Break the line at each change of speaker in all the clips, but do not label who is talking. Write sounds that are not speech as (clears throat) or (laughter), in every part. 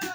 Mm,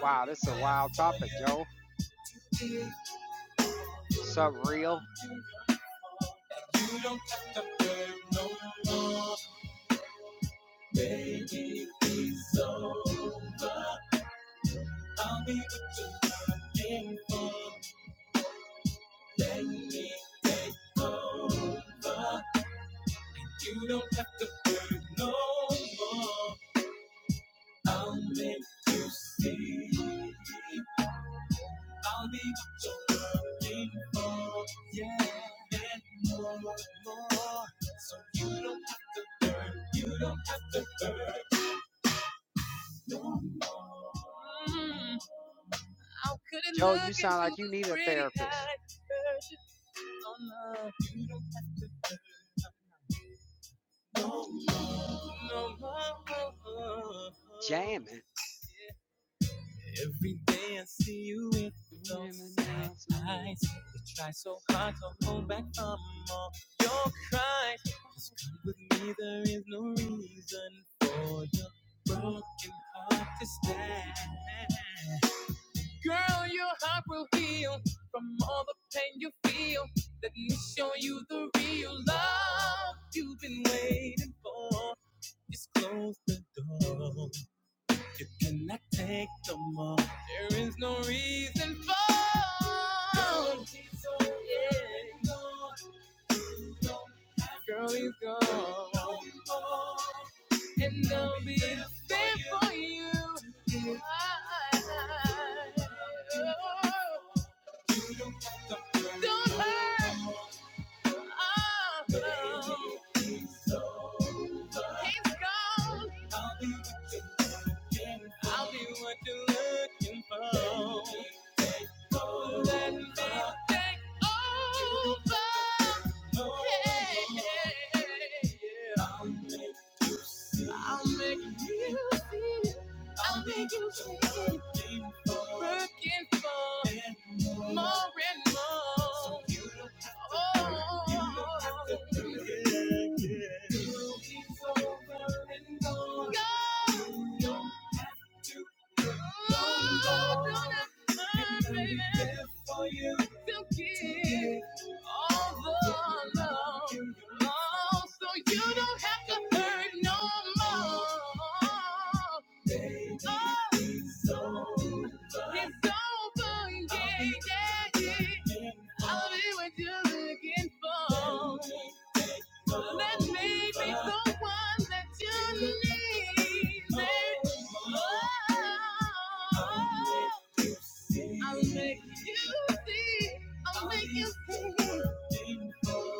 Wow, this is a wild topic, Joe. Subreal.
I'm good at
Joe, you
looking
sound
through
like you
those
need a
pretty
therapist.
eyes.
Jamming.
There is no reason for. She's so yeah. Girl, he's gone. And I'll be for you. Oh, oh, oh. He's gone. Take over. Looking for and Oh, to give all, all, so you don't have to work no more. Don't forget I'll be what you're looking for. Let me be the one that you need. I'll make you see. I'll make you see.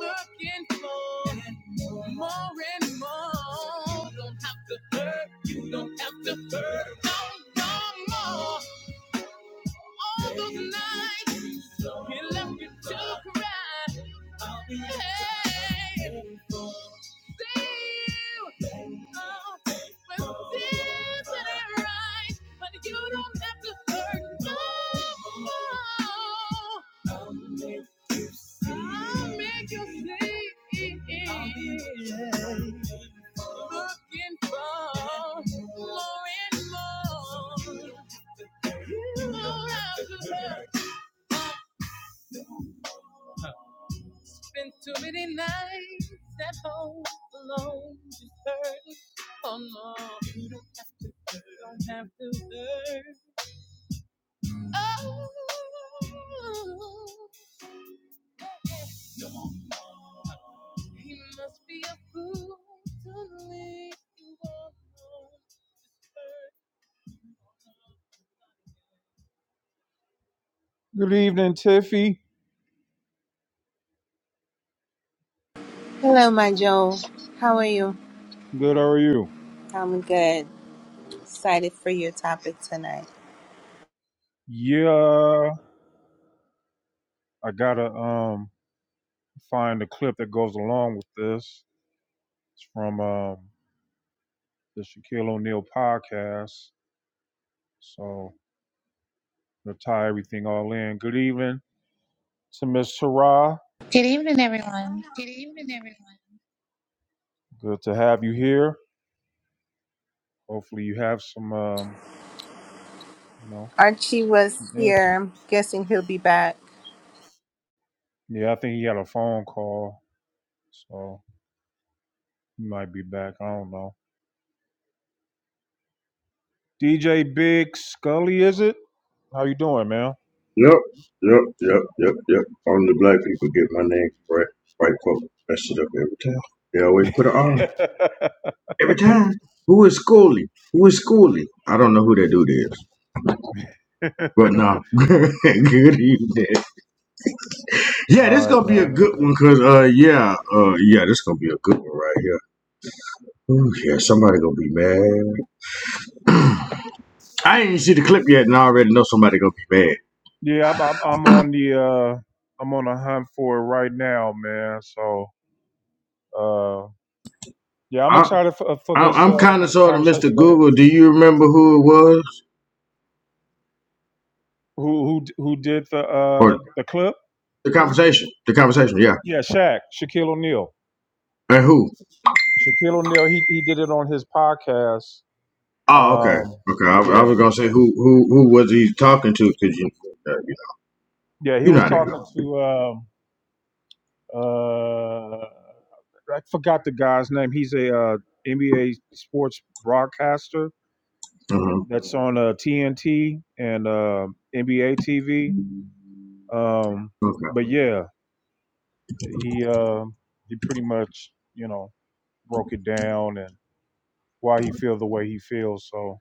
Looking for more and more. You don't have to hurt. You don't have to hurt. No, no more. All those nights you left me to cry. Hey, see you. Oh, but this ain't right. But you don't have to hurt no more. I'll make you see. it. Looking for more and more. around the world. Been too many nights at home alone, just hurting. Oh no, you don't have to, you don't have to hurt. Oh, he must be a fool to leave you alone. Good evening, Tiffy.
Hello, my Joe. How are you?
Good, how are you?
I'm good. Excited for your topic tonight.
Yeah, I gotta um find the clip that goes along with this. It's from um the Shaquille O'Neal podcast. So to tie everything all in. Good evening to Miss Sarah.
Good evening, everyone.
Good evening, everyone. Good to have you here. Hopefully you have some um you know
Archie
some
was
in-
here. Guessing he'll be back.
yeah. I think he had a phone call, so he might be back. I don't know. DJ Big Scully, is it? How you doing, man?
Yep, yep, yep, yep, yep. Only black people get my name correct. White folk mess it up every time. They always put an R.
(laughs)
Every time. Who is Schooley? Who is Schooley? I don't know who that dude is. But no. (laughs) good evening. Yeah,
all
this
right,
gonna
man.
be a good one, cause uh yeah, uh yeah, this gonna be a good one right here. Ooh, yeah, somebody gonna be mad. I ain't even see the clip yet and I already know somebody gonna be mad.
Yeah, I'm, I'm I'm on the uh I'm on a hunt for it right now, man. So uh yeah, I'm
I,
excited for, for
I
this
I'm
uh
kinda sorta
conversation.
Mr.
Go ahead.
Google. Do you remember who it was?
Who who who did the uh
or?
the clip?
The conversation. The conversation. Yeah.
Yeah, Shaq, Shaquille O'Neal.
And who?
Shaquille O'Neal, he he did it on his podcast.
Oh, okay.
Um
Okay. I, I
yeah.
was gonna say who who who was he talking to? Cause you uh, you know
Yeah, he
you know
was
how they
talking
go.
to um uh I forgot the guy's name. He's a uh NBA sports broadcaster
Uh-huh.
that's on uh, TNT and uh, NBA TV. Um,
Okay.
but yeah, he uh, he pretty much you know broke it down and why he feels the way he feels. So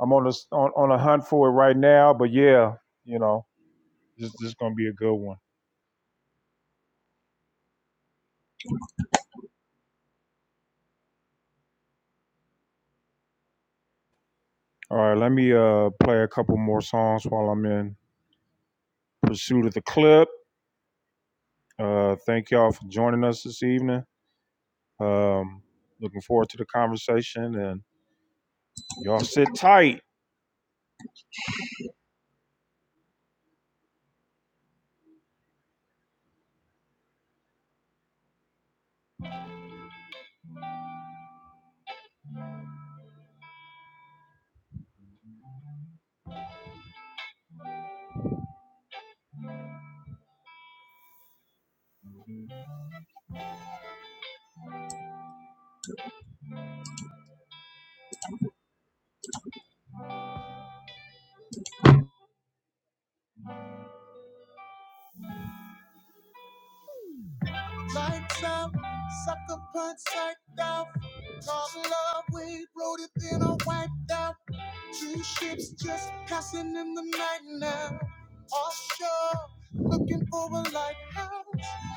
I'm on a on, on a hunt for it right now. But yeah, you know this this is gonna be a good one. All right, let me uh, play a couple more songs while I'm in pursuit of the clip. Uh, thank y'all for joining us this evening. Um, looking forward to the conversation and y'all sit tight. Lights out, sucker punch psyched out. Call love, we wrote it, then I wiped out. Two ships just passing in the night now. Offshore, looking for a lighthouse.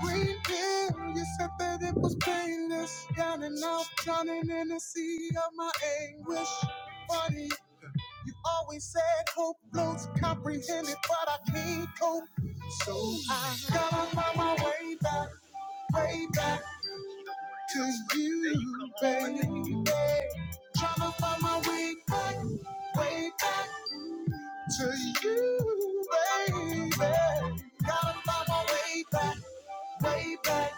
Green pill, you said that it was painless. Down and out, drowning in the sea of my anguish. Funny, you always said hope floats comprehended, but I can't cope. So I got to find my way back way back to you, baby. Trying to find my way back, way back to you, baby. Gotta find my way back, way back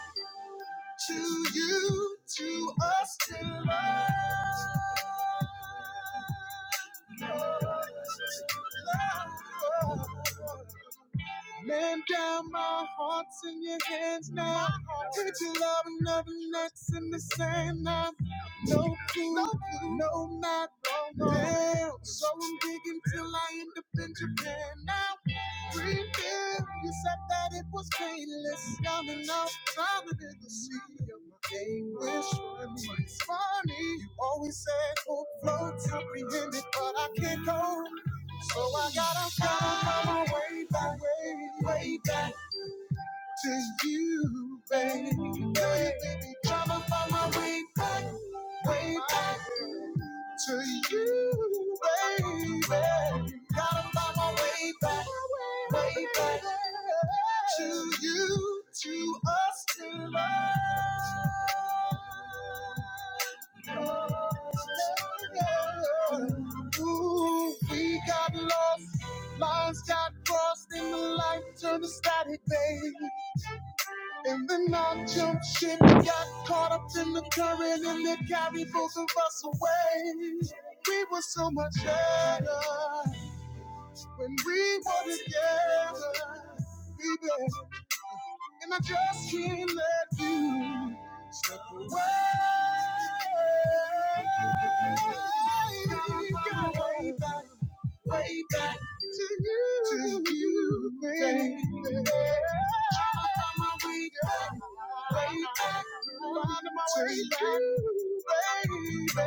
to you, to us, to love. love. Man down, my heart's in your hands now. Put your love and nothing that's in the sand now. No clue, no not wrong. Now, so I'm digging till I end up in Japan now. Dream big, you said that it was painless. Young enough, time to the sea of my anguish. It's funny, you always said hope floats, comprehend it, but I can't go. So I gotta find my way back, way, way back to you, baby. Girl, you find my way back, way back to you, baby. Gotta find my way back, way back to you, to us, to love. Ooh, we got lost, lines got crossed, and the light turned to static, babe. And then I jumped ship, got caught up in the current, and it carried both of us away. We were so much better when we were together, baby. And I just can't let you. Way back, way back to you, to you, baby. Tryna find my way back, way back, find my way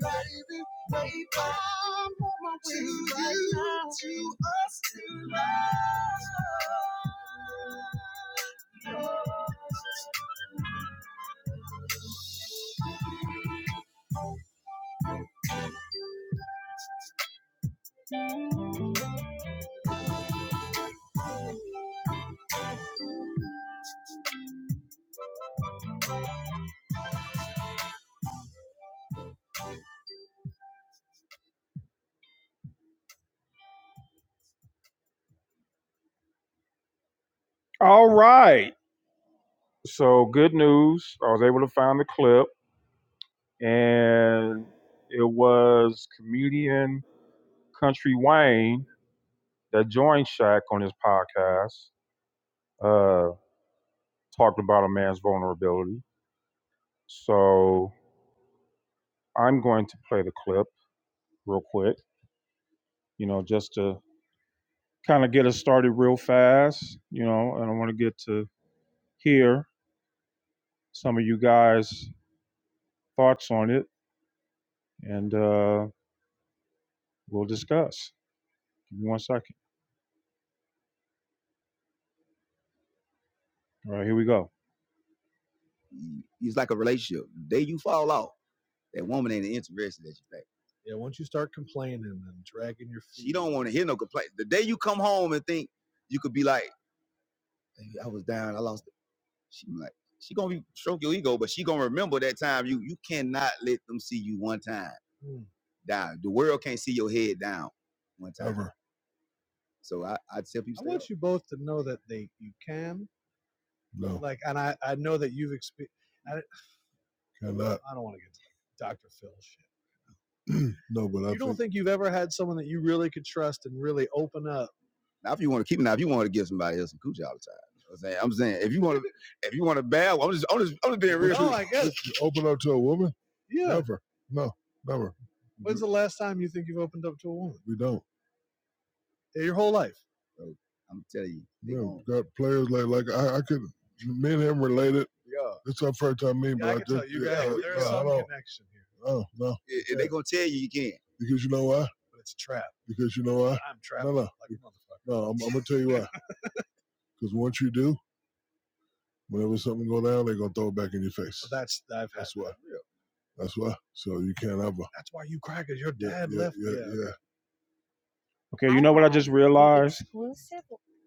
back, you, baby. Tryna find my way back, way back I'm on my way back to right you, All right. So good news. I was able to find the clip. and it was comedian Country Wayne that joined Shaq on his podcast, uh, talked about a man's vulnerability. So I'm going to play the clip real quick, you know, just to kind of get us started real fast, you know, and I want to get to hear some of you guys' thoughts on it, and uh, we'll discuss. Give me one second. All right, here we go. It's like a relationship. The day you fall off. That woman ain't interested that you think. don't want to hear no complaint. The day you come home and think you could be like, "Hey, I was down, I lost it. She like, she gonna be stroke your ego, but she gonna remember that time you you cannot let them see you one time down. The world can't see your head down one time. So I, I tell people No, cannot. No, but now if you want to keep it, now, if you want to give somebody else some coochie all the time. you know what I'm saying, I'm saying if you want to if you want to bad, I'm just I'm just I'm just being we real. open up to a woman? Never. No, never. We don't. bro. I'm telling you, they No, gon' got players like like I, I could me and him related. It's our first time meeting. Oh no, and yeah, they gonna tell you you can't. because you know why? Because you know why? no, no I'm, I'm gonna tell you why. Because (laughs) once you do, whenever something go down, they gonna throw it back in your face. That's why. So you can't ever. Yeah. Okay, you know what I just realized,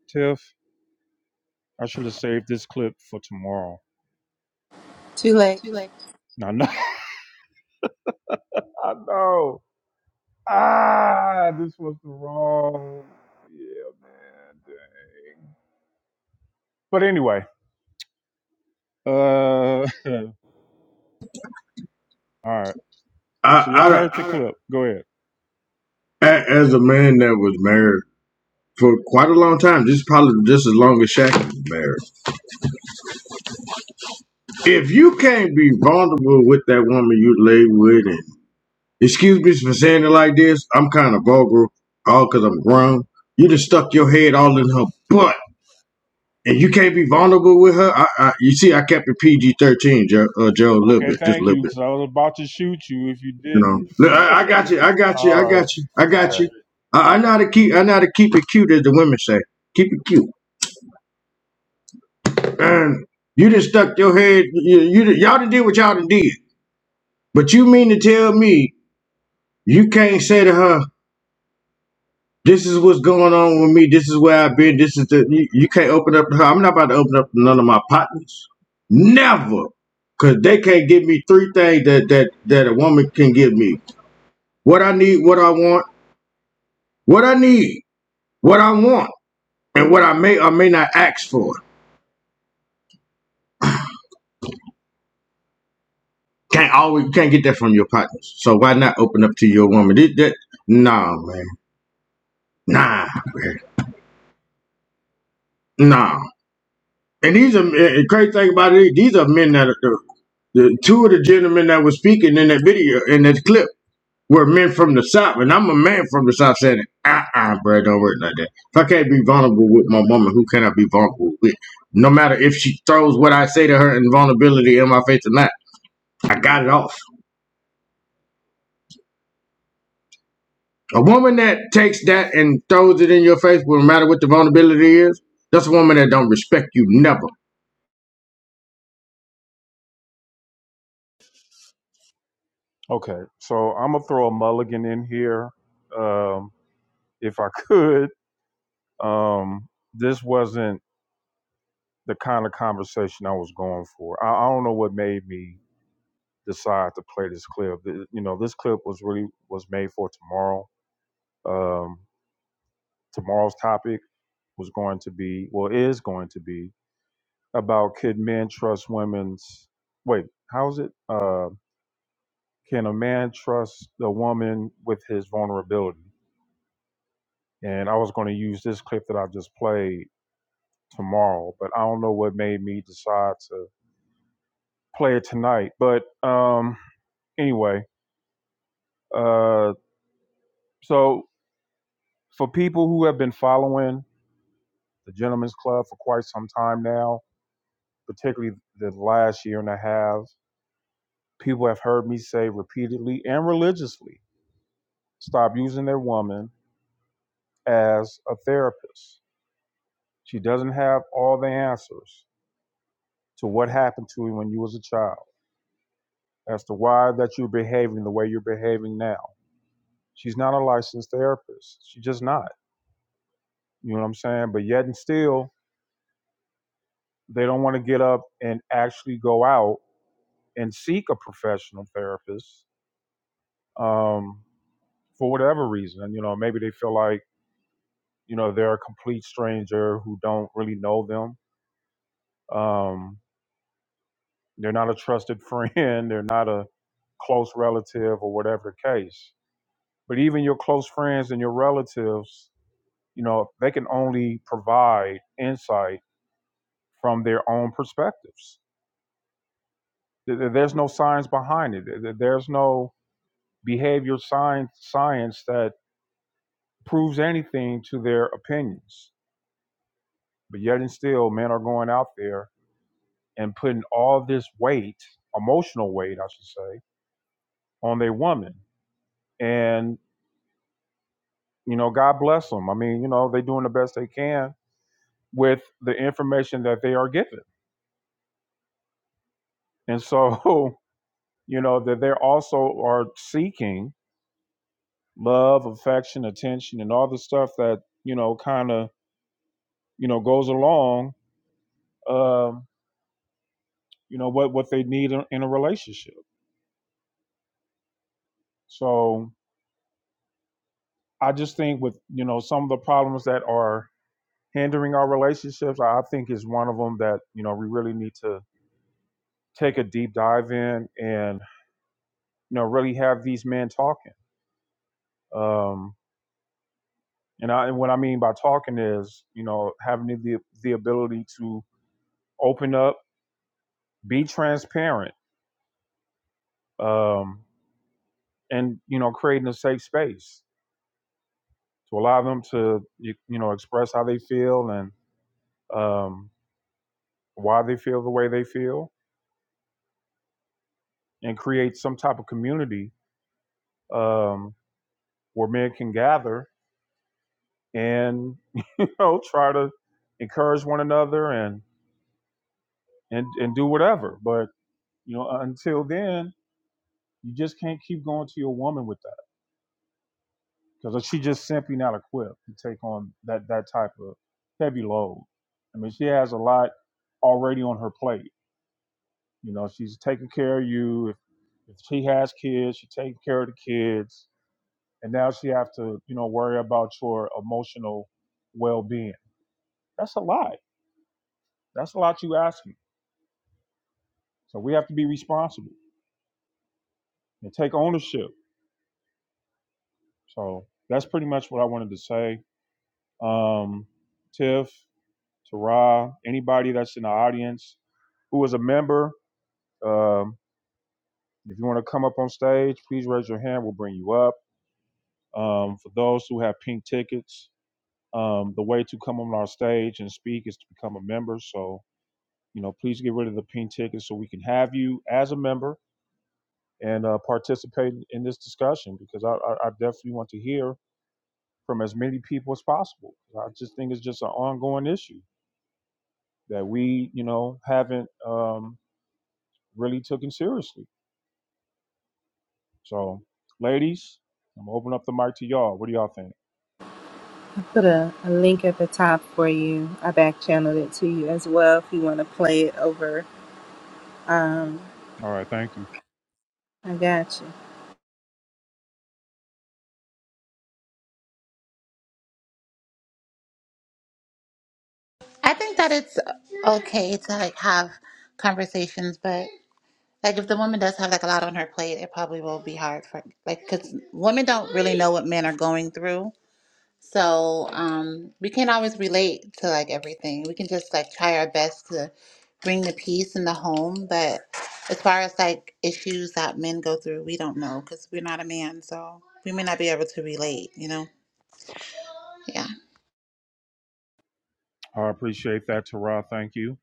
Tiff? I should have saved this clip for tomorrow.
Too late.
Too late. No, no. (laughs) I know. Ah, this was the wrong. Yeah, man. Dang. But anyway, uh, (laughs) all right.
I,
So y'all
I
heard the clip. Go ahead.
a- as a man that was married for quite a long time, this is probably just as long as Shaq was married. If you can't be vulnerable with that woman you lay with, and excuse me for saying it like this, I'm kind of vulgar, all because I'm grown. You just stuck your head all in her butt and you can't be vulnerable with her. I, I you see, I kept it PG thirteen, Joe, uh, Joe, a little
Okay,
bit, just a
thank
little
you,
bit.
because I was about to shoot you if you
You
didn't.
know, Look, I, I got you, I
(laughs)
got you,
all
I got
right.
you, I got
Okay.
you. I, I know how to keep, I know how to keep it cute, as the women say, keep it cute. And you just stuck your head, you, you y'all done did what y'all done did, but you mean to tell me you can't say to her? This is what's going on with me. This is where I've been. This is the you, you can't open up to her. I'm not about to open up to none of my partners. Never. Cause they can't give me three things that that that a woman can give me. What I need, what I want, what I need, what I want, and what I may or may not ask for. Can't always can't get that from your partners. So why not open up to your woman? Did that nah man. Nah, man. Nah. And these are the crazy thing about it, these are men that are The two of the gentlemen that were speaking in that video in that clip were men from the South, and I'm a man from the South saying, "Uh-uh, bro, don't work like that. If I can't be vulnerable with my woman, who can I be vulnerable with? No matter if she throws what I say to her in vulnerability in my face or not, I got it off. A woman that takes that and throws it in your face, no matter what the vulnerability is, that's a woman that don't respect you never.
Okay. So I'm gonna throw a mulligan in here, um, if I could. Um, this wasn't the kind of conversation I was going for. I, I don't know what made me decide to play this clip. Th- You know, this clip was really was made for tomorrow. Um, Tomorrow's topic was going to be, well, is going to be about could men trust women's? Wait, how's it? Uh, can a man trust a woman with his vulnerability? And I was going to use this clip that I just played tomorrow, but I don't know what made me decide to play it tonight. But um, anyway, uh, so for people who have been following the Gentlemen's Club for quite some time now, particularly the last year and a half. People have heard me say repeatedly and religiously stop using their woman as a therapist. She doesn't have all the answers to what happened to you when you was a child, as to why that you're behaving the way you're behaving now. She's not a licensed therapist. She's just not. You know what I'm saying? But yet and still, they don't want to get up and actually go out and seek a professional therapist um, for whatever reason. You know, maybe they feel like you know they're a complete stranger who don't really know them um, they're not a trusted friend (laughs) they're not a close relative or whatever the case but even your close friends and your relatives you know they can only provide insight from their own perspectives There- there- there's no science behind it There- there- there's no behavior science science that proves anything to their opinions but yet and still men are going out there and putting all this weight, emotional weight, I should say, on their woman. And, you know, God bless them. I mean, you know, they're doing the best they can with the information that they are given. And so, (laughs) you know, that they also are seeking love, affection, attention, and all the stuff that, you know, kind of, you know, goes along, um, you know, what, what they need in, in a relationship. So I just think with, you know, some of the problems that are hindering our relationships i think is one of them that you know we really need to take a deep dive in and you know really have these men talking um and i and what i mean by talking is you know having the the ability to open up be transparent um and you know creating a safe space to allow them to you, you know express how they feel and um why they feel the way they feel and create some type of community um where men can gather and (laughs) you know try to encourage one another and and and do whatever but you know uh, until then you just can't keep going to your woman with that because she's just simply not equipped to take on that that type of heavy load i mean she has a lot already on her plate you know she's taking care of you if, if she has kids she's taking care of the kids and now she have to you know worry about your emotional well-being that's a lot that's a lot you asking So we have to be responsible and take ownership. So that's pretty much what I wanted to say. Um, Tiff, Tara, anybody that's in the audience who is a member, um, if you want to come up on stage, please raise your hand. We'll bring you up. Um, for those who have pink tickets, um, the way to come on our stage and speak is to become a member. So, you know, please get rid of the pink tickets so we can have you as a member and uh, participate in this discussion because I, I, I definitely want to hear from as many people as possible. I just think it's just an ongoing issue that we, you know, haven't um, really taken seriously. So, ladies, I'm gonna open up the mic to y'all. What do y'all think?
I put a, a link at the top for you. I back channeled it to you as well if you want to play it over. Um,
All right, thank you.
I got you.
I think that it's okay to like have conversations, but like if the woman does have like a lot on her plate, it probably will be hard for like because women don't really know what men are going through. So um, we can't always relate to like everything. We can just like try our best to bring the peace in the home, but as far as like issues that men go through, we don't know because we're not a man, so we may not be able to relate. You know? Yeah.
I appreciate that, Tara. Thank you,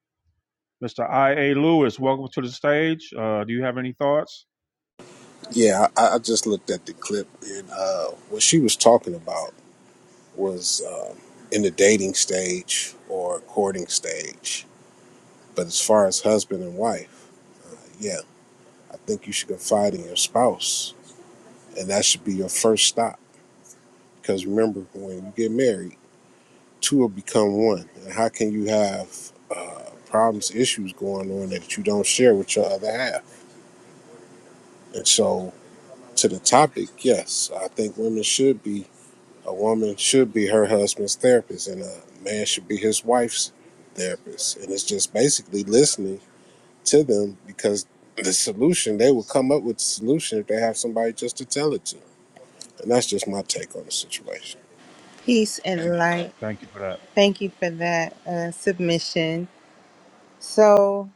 Mr. I. A. Lewis. Welcome to the stage. Uh, do you have any thoughts?
Yeah, I, I just looked at the clip, and uh, what she was talking about was um, in the dating stage or courting stage. But as far as husband and wife, yeah, I think you should confide in your spouse, and that should be your first stop. Because remember, when you get married, two will become one. And how can you have uh, problems, issues going on that you don't share with your other half? And so, to the topic, yes, I think women should be A woman should be her husband's therapist, and a man should be his wife's therapist. And it's just basically listening to them because the solution they will come up with the solution if they have somebody just to tell it to. And that's just my take on the situation.
Peace and light.
Thank you for that.
Thank you for that uh, submission. So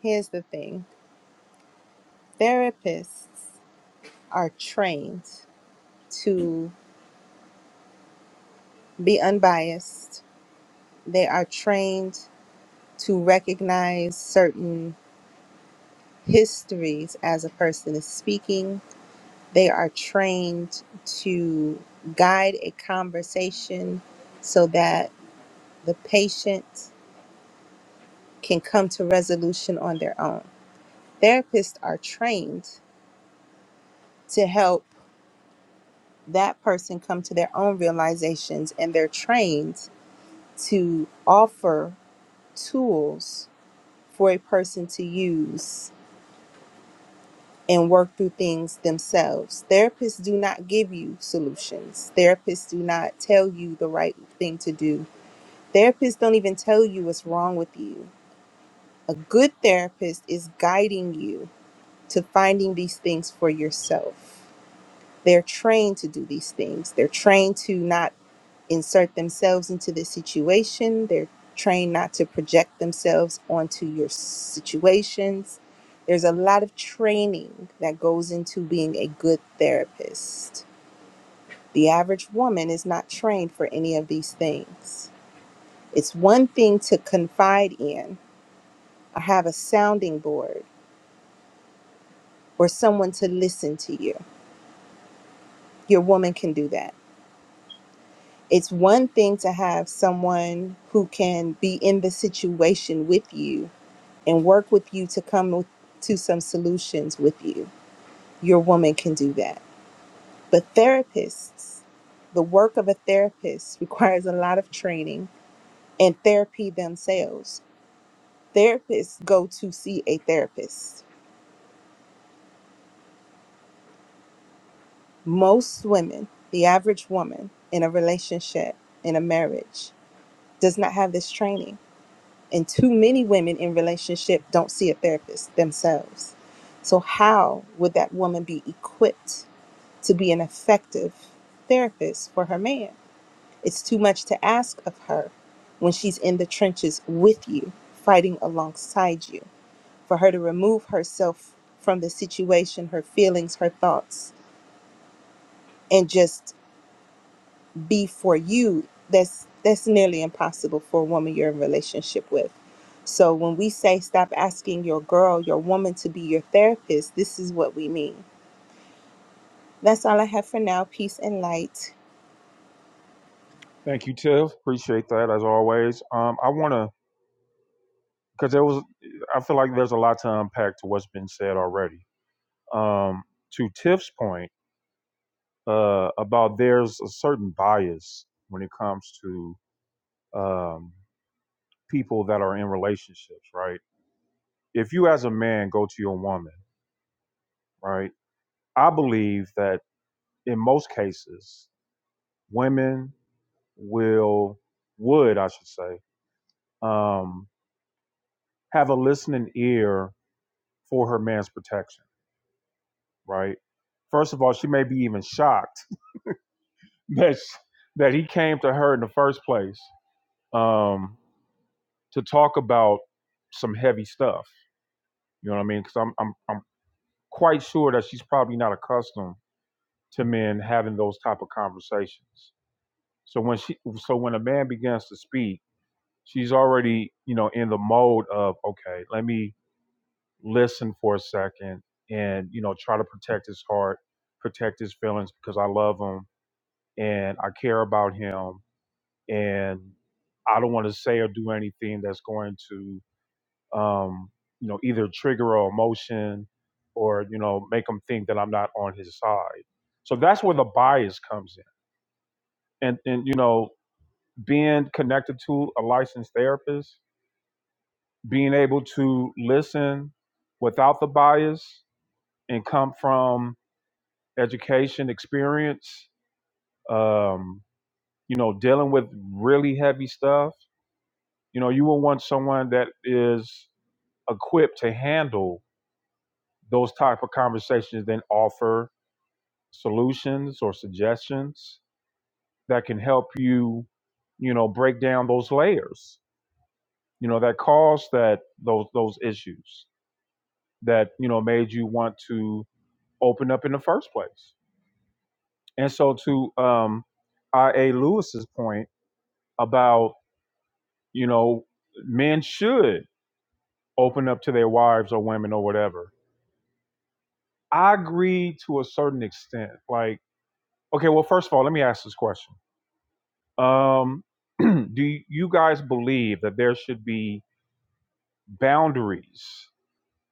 here's the thing therapists are trained to be unbiased, they are trained to recognize certain histories as a person is speaking. They are trained to guide a conversation so that the patient can come to resolution on their own. Therapists are trained to help that person come to their own realizations, and they're trained to offer tools for a person to use and work through things themselves. Therapists do not give you solutions. Therapists do not tell you the right thing to do. Therapists don't even tell you what's wrong with you. A good therapist is guiding you to finding these things for yourself. They're trained to do these things. They're trained to not insert themselves into the situation. They're trained not to project themselves onto your situations. There's a lot of training that goes into being a good therapist. The average woman is not trained for any of these things. It's one thing to confide in or have a sounding board or someone to listen to you. Your woman can do that. It's one thing to have someone who can be in the situation with you and work with you to come with, to some solutions with you. Your woman can do that. But therapists, the work of a therapist (laughs) requires a lot of training and therapy themselves. Therapists go to see a therapist. Most women, the average woman in a relationship, in a marriage, does not have this training. And too many women in relationship don't see a therapist themselves. So how would that woman be equipped to be an effective therapist for her man. It's too much to ask of her when she's in the trenches with you, fighting alongside you, for her to remove herself from the situation, her feelings, her thoughts, and just be for you. That's that's nearly impossible for a woman you're in a relationship with. So when we say stop asking your girl, your woman to be your therapist, this is what we mean. That's all I have for now. Peace and light.
Thank you, Tiff. Appreciate that as always. Um, I want to because there was i feel like there's a lot to unpack to what's been said already um, to tiff's point uh, about there's a certain bias when it comes to um, people that are in relationships right if you as a man go to your woman right i believe that in most cases women will would I should say um, have a listening ear for her man's protection, right? First of all, she may be even shocked that that he came to her in the first place um, to talk about some heavy stuff. You know what I mean? Because I'm I'm I'm quite sure that she's probably not accustomed to men having those type of conversations. So when she so when a man begins to speak, she's already you know in the mode of okay, let me listen for a second and you know try to protect his heart, protect his feelings because I love him and I care about him and I don't want to say or do anything that's going to, um, you know, either trigger a emotion or you know make him think that I'm not on his side. So that's where the bias comes in, and and you know, being connected to a licensed therapist, being able to listen without the bias and come from education experience, um, you know, dealing with really heavy stuff. You know, you will want someone that is equipped to handle those type of conversations then offer solutions or suggestions that can help you you know break down those layers you know that caused that those those issues that you know made you want to open up in the first place and so to um ia lewis's point about you know men should open up to their wives or women or whatever i agree to a certain extent like Okay, well, first of all, let me ask this question. Um, (clears throat) do you guys believe that there should be boundaries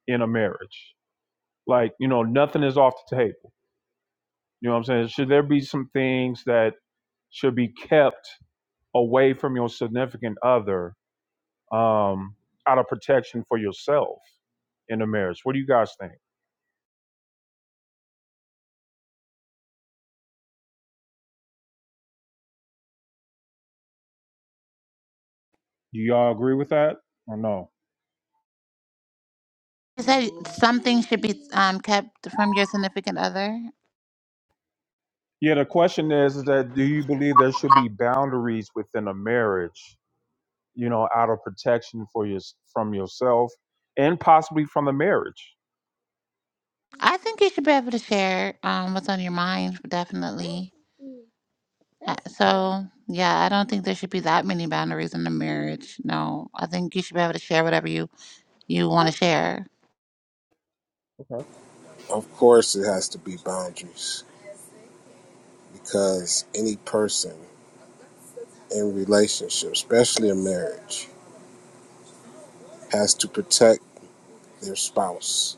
in a marriage? Like, you know, nothing is off the table. You know what I'm saying? Should there be some things that should be kept away from your significant other um, out of protection for yourself in a marriage? What do you guys think? Do y'all agree with that or no?
You said something should be um, kept from your significant other.
Yeah, the question is, is that do you believe there should be boundaries within a marriage, you know, out of protection for your from yourself and possibly from the marriage?
I think you should be able to share um, what's on your mind, definitely. Uh, So, yeah, I don't think there should be that many boundaries in a marriage. No, I think you should be able to share whatever you, you want to share.
Of course, it has to be boundaries because any person in relationship, especially a marriage, has to protect their spouse,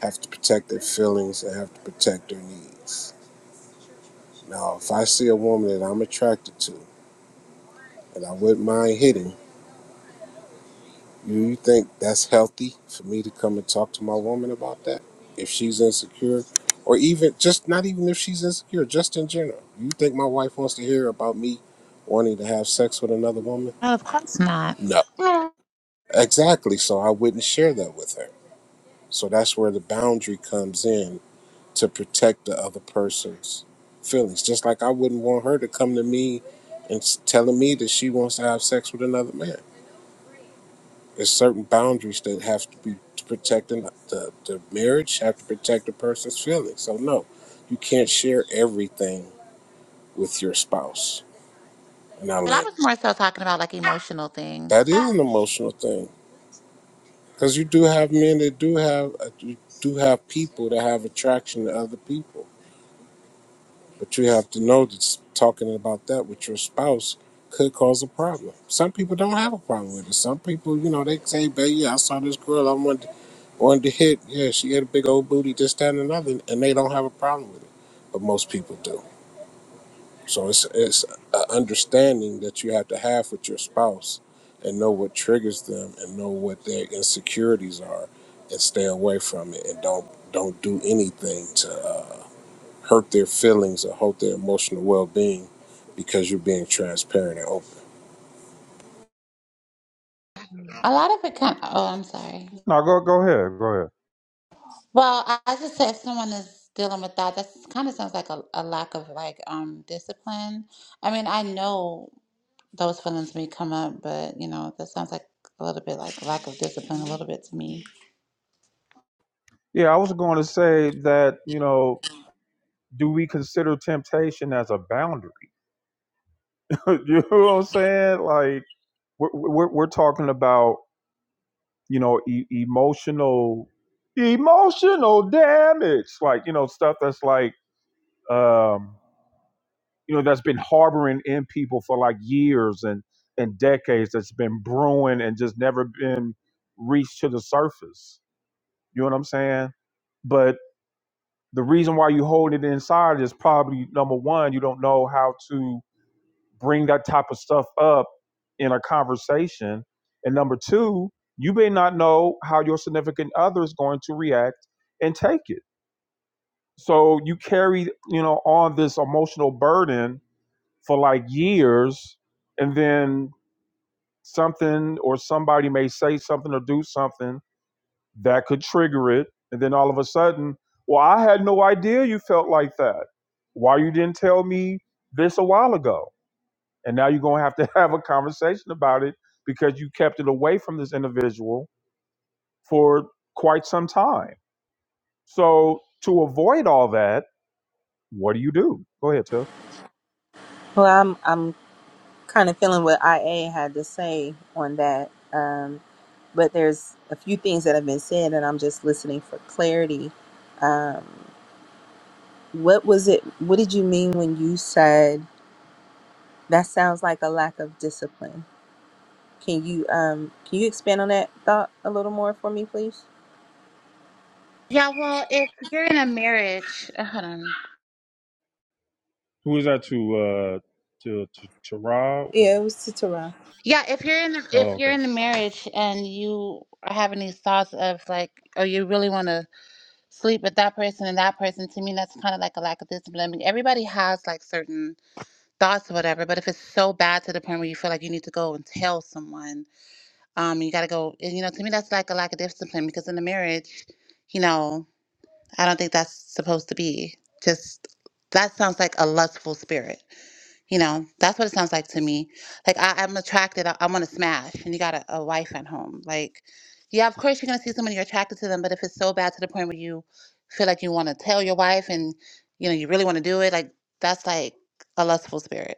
have to protect their feelings, and have to protect their needs. Now, if I see a woman that I'm attracted to and I wouldn't mind hitting. You, think that's healthy for me to come and talk to my woman about that? If she's insecure, or even just not even if she's insecure, just in general. You think my wife wants to hear about me wanting to have sex with another woman?
Oh, of course not.
No.
But
Exactly. So I wouldn't share that with her. So that's where the boundary comes in to protect the other person's feelings. Just like I wouldn't want her to come to me and s- telling me that she wants to have sex with another man. There's certain boundaries that have to be to protect the, the, the marriage, have to protect the person's feelings. So, no, you can't share everything with your spouse. And I
I
learned
was more so talking about like emotional things.
that is an emotional thing because you do have men that do have, uh, you do have people that have attraction to other people. But you have to know that talking about that with your spouse could cause a problem. Some people don't have a problem with it. Some people, you know, they say, baby, yeah, I saw this girl, I wanted to Wanted to hit, yeah, she had a big old booty, this, that, and another, and they don't have a problem with it. But most people do. So it's it's an understanding that you have to have with your spouse and know what triggers them and know what their insecurities are and stay away from it and don't don't do anything to uh, hurt their feelings or hurt their emotional well-being because you're being transparent and open.
A lot of it kind oh, I'm sorry.
No, go go ahead, go ahead.
Well, I, I just said if someone is dealing with that, that kind of sounds like a, a lack of like um discipline. I mean, I know. those feelings may come up, but you know, that sounds like a little bit like lack of discipline, a little bit to me.
Yeah, I was going to say that, you know, do we consider temptation as a boundary? (laughs) you know what I'm saying? Like we're we're, we're talking about, you know, e- emotional emotional damage, like, you know, stuff that's like um you know that's been harboring in people for like years and and decades that's been brewing and just never been reached to the surface you know what i'm saying but the reason why you hold it inside is probably number one you don't know how to bring that type of stuff up in a conversation and number two you may not know how your significant other is going to react and take it so you carry you know on this emotional burden for like years and then something or somebody may say something or do something that could trigger it and then all of a sudden well i had no idea you felt like that why you didn't tell me this a while ago and now you're going to have to (laughs) have a conversation about it because you kept it away from this individual for quite some time so to avoid all that what do you do go ahead Tiff.
Well, I'm I'm kind of feeling what IA had to say on that. Um, but there's a few things that have been said, and I'm just listening for clarity. Um, what was it? What did you mean when you said that sounds like a lack of discipline? Can you um, can you expand on that thought a little more for me, please?
Yeah, well, if you're in a marriage, uh, hold on.
Who is that to? Uh, to to, to Ra? Or,
Yeah, it was to Tara.
Yeah, if you're in the, if
oh, okay.
you're in a marriage and you are having these thoughts of like, oh, you really want to sleep with that person and that person, to me, that's kind of like a lack of discipline. I mean, everybody has like certain thoughts or whatever, but if it's so bad to the point where you feel like you need to go and tell someone, um, you got to go, and, you know, to me, that's like a lack of discipline because in a marriage, you know. I don't think that's supposed to be. Just that sounds like a lustful spirit. You know, that's what it sounds like to me. Like I, I'm attracted. I, I want to smash, and you got a, a wife at home. Like, yeah, of course you're gonna see someone you're attracted to them, but if it's so bad to the point where you feel like you want to tell your wife, and you know you really want to do it, like that's like a lustful spirit.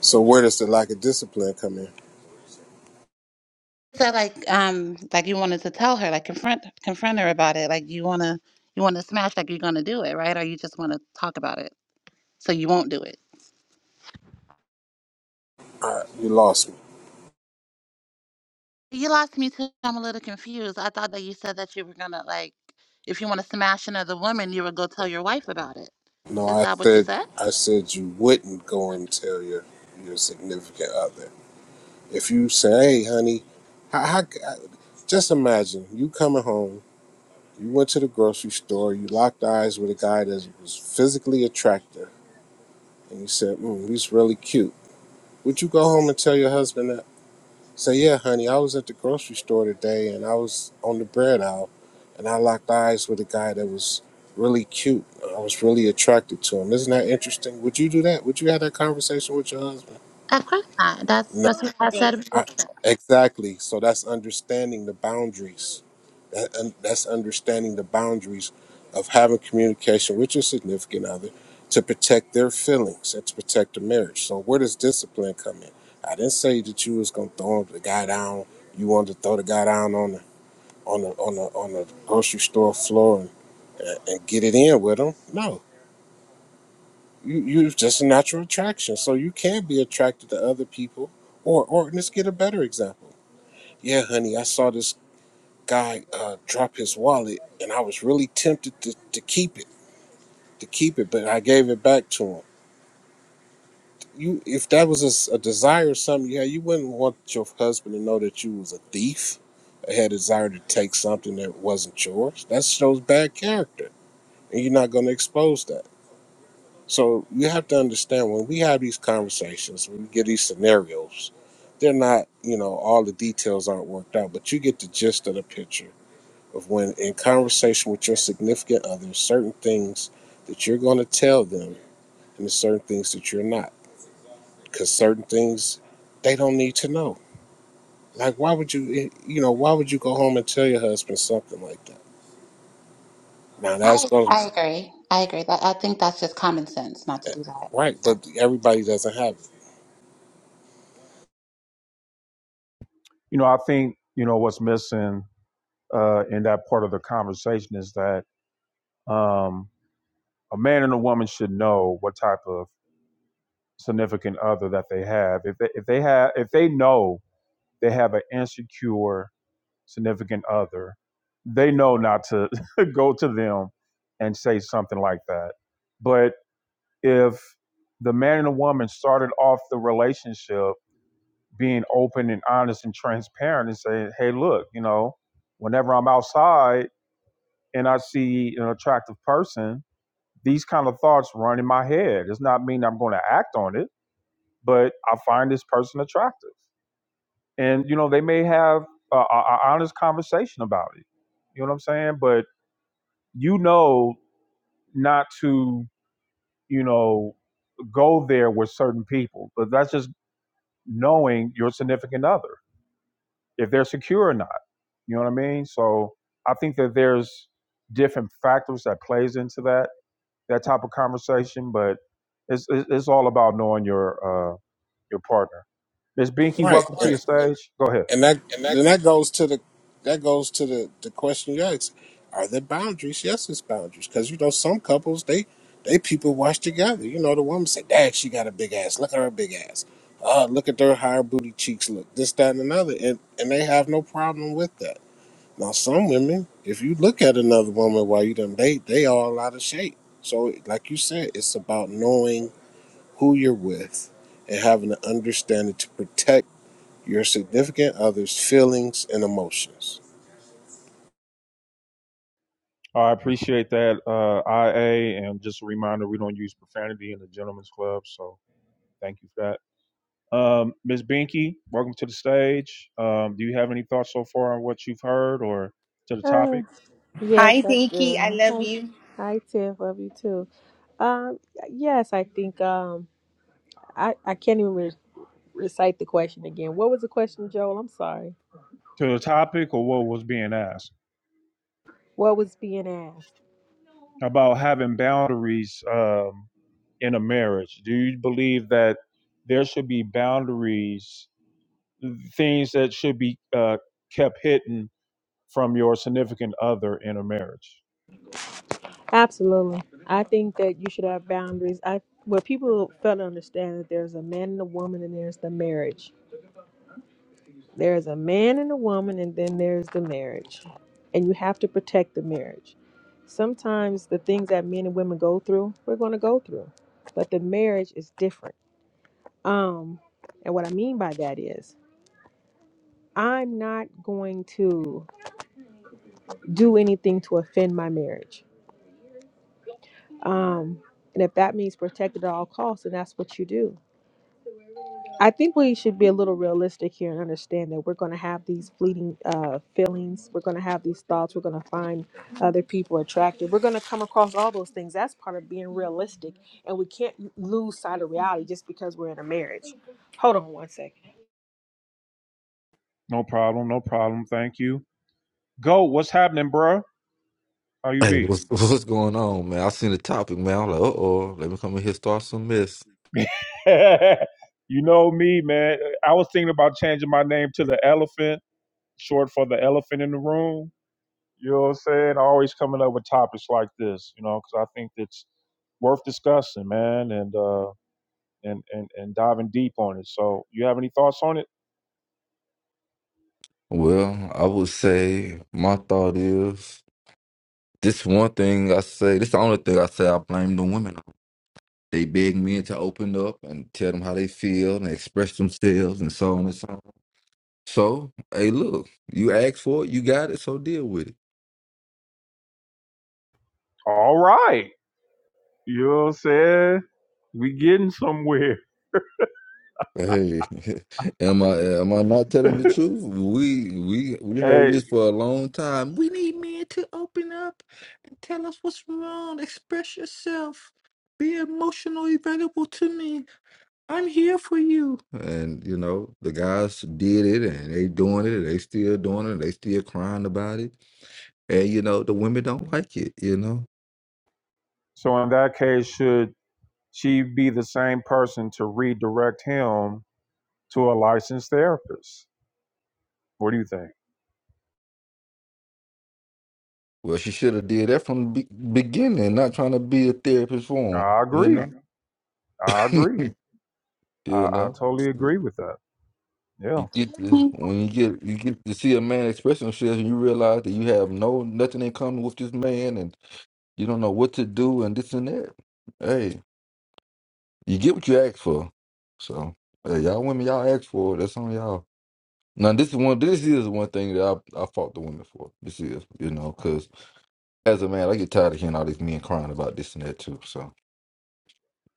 So where does the lack of discipline come in?
So like, um, like you wanted to tell her, like confront confront her about it. Like you wanna you wanna smash, like you're gonna do it, right? Or you just wanna talk about it, so you won't do it.
Uh, you lost me.
You lost me too. I'm a little confused. I thought that you said that you were gonna like, if you want to smash another woman, you would go tell your wife about it.
No,
Is
I
that what you
said
said?
I said you wouldn't go and tell your your significant other. If you say, "Hey, honey," how, how, just imagine you coming home. You went to the grocery store. You locked eyes with a guy that was physically attractive, and you said, mm, "He's really cute." Would you go home and tell your husband that? So yeah, honey, I was at the grocery store today and I was on the bread aisle and I locked eyes with a guy that was really cute. I was really attracted to him. Isn't that interesting? Would you do that? Would you have that conversation with your husband?
Of course not. That's
No.
that's what I said. before.
I, exactly. So that's understanding the boundaries. That, and that's understanding the boundaries of having communication with your significant other to protect their feelings and to protect the marriage. So where does discipline come in? I didn't say that you was gonna throw the guy down. You wanted to throw the guy down on the on the on the on the grocery store floor and, and get it in with him. No, you you're just a natural attraction. So you can be attracted to other people, or or let's get a better example. Yeah, honey, I saw this guy uh, drop his wallet, and I was really tempted to, to keep it, to keep it, but I gave it back to him. You, if that was a, s- a desire or something, yeah, you wouldn't want your husband to know that you was a thief, or had a desire to take something that wasn't yours. That shows bad character, and you're not going to expose that. So you have to understand when we have these conversations, when we get these scenarios, they're not, you know, all the details aren't worked out, but you get the gist of the picture of when in conversation with your significant other, certain things that you're going to tell them and certain things that you're not. Because certain things they don't need to know. Like, why would you, eh, you know, why would you go home and tell your husband something like that? Now, that's
I,
going
I
to,
agree. I agree. That I think that's just common sense not to do that.
right, but everybody doesn't have it.
you know, I think, you know, what's missing uh, in that part of the conversation is that um, a man and a woman should know what type of significant other that they have. If they, if they have, if they know they have an insecure significant other, they know not to (laughs) go to them and say something like that. But if the man and the woman started off the relationship being open and honest and transparent and saying, "Hey, look, you know, whenever I'm outside." and I see an attractive person, these kind of thoughts run in my head. It's not mean I'm going to act on it, but I find this person attractive, and you know they may have a, honest conversation about it. You know what I'm saying? But you know not to you know go there with certain people, but that's just knowing your significant other if they're secure or not. You know what I mean? So I think that there's different factors that plays into that that type of conversation. But it's it's, it's all about knowing your uh, your partner. Ms. Binky,
Right.
welcome
And
to your Right. stage. Go ahead.
and that then that goes to the that goes to the the question you asked are there boundaries yes it's boundaries because you know some couples they they people watch together you know the woman say dad she got a big ass look at her big ass uh look at their higher booty cheeks look this that and another and and they have no problem with that now some women if you look at another woman while you done date they all out of shape so like you said it's about knowing who you're with and having an understanding to protect your significant other's feelings and emotions.
I appreciate that, uh, IA, and just a reminder we don't use profanity in the Gentlemen's Club, so thank you for that. Um, Ms. Binky, welcome to the stage. Um, do you have any thoughts so far on what you've heard, or to the topic,
Oh, yes,
Hi,
I
Nikki. I
do. Hi,
mean,
hi, Tiff. Love you too. Um, yes, I think um, I I can't even re- recite the question again. What was the question, Joel? I'm sorry.
to the topic, or what was being asked
What was being asked?
about having boundaries um, in a marriage? Do you believe that there should be boundaries things that should be uh, kept hidden from your significant other in a marriage.
Absolutely. I think that you should have boundaries. I what people fail to understand that there's a man and a woman and there's the marriage. There's a man and a woman, and then there's the marriage. And you have to protect the marriage. Sometimes the things that men and women go through, we're going to go through, but the marriage is different. Um, and what I mean by that is, I'm not going to do anything to offend my marriage. Um, and if that means protect at all costs, then that's what you do. I think we should be a little realistic here and understand that we're going to have these fleeting uh, feelings. We're going to have these thoughts. We're going to find other people attractive. We're going to come across all those things. That's part of being realistic. And we can't lose sight of reality just because we're in a marriage. Hold on one second.
No problem, no problem. Thank you. Go. What's happening, bruh? How you
Hey,
be?
what's (laughs) what's going on, man? I seen the topic, man. I'm like, uh oh, let me come in here start some mess.
(laughs) you know me, man. I was thinking about changing my name to the elephant, short for the elephant in the room. You know what I'm saying? Always coming up with topics like this, you know, because I think it's worth discussing, man, and uh, and and and diving deep on it. So, you have any thoughts on it?
Well, I would say my thought is this one thing I say, this the only thing I say I blame the women on. They beg men to open up and tell them how they feel and express themselves and so on and so on. So, hey, look, you asked for it, you got it, so deal with it.
All right. You know what I'm saying? We getting somewhere.
Hey, (laughs) am I am I not telling the truth? We we we heard
Hey,
this for a long time. We need men to open up and tell us what's wrong. Express yourself. Be emotionally available to me. I'm here for you. And you know, the guys did it and they doing it, they still doing it, they still crying about it. And you know, the women don't like it, you know.
so in that case, should she be the same person to redirect him to a licensed therapist? What do you think?
Well, she should have did that from the be- beginning, not trying to be a therapist for 'em,
I
you
agree. I
know.
agree.
(laughs)
I,
you
I
know.
totally agree with that. Yeah.
you get this when you get you get to see a man express himself and you realize that you have no nothing in common with this man and you don't know what to do and this and that. Hey, you get what you ask for. So hey, y'all women, y'all ask for it. That's on y'all. Now this is one. This is one thing that I I fought the women for. This is you know because as a man, I get tired of hearing all these men crying about this and that too. So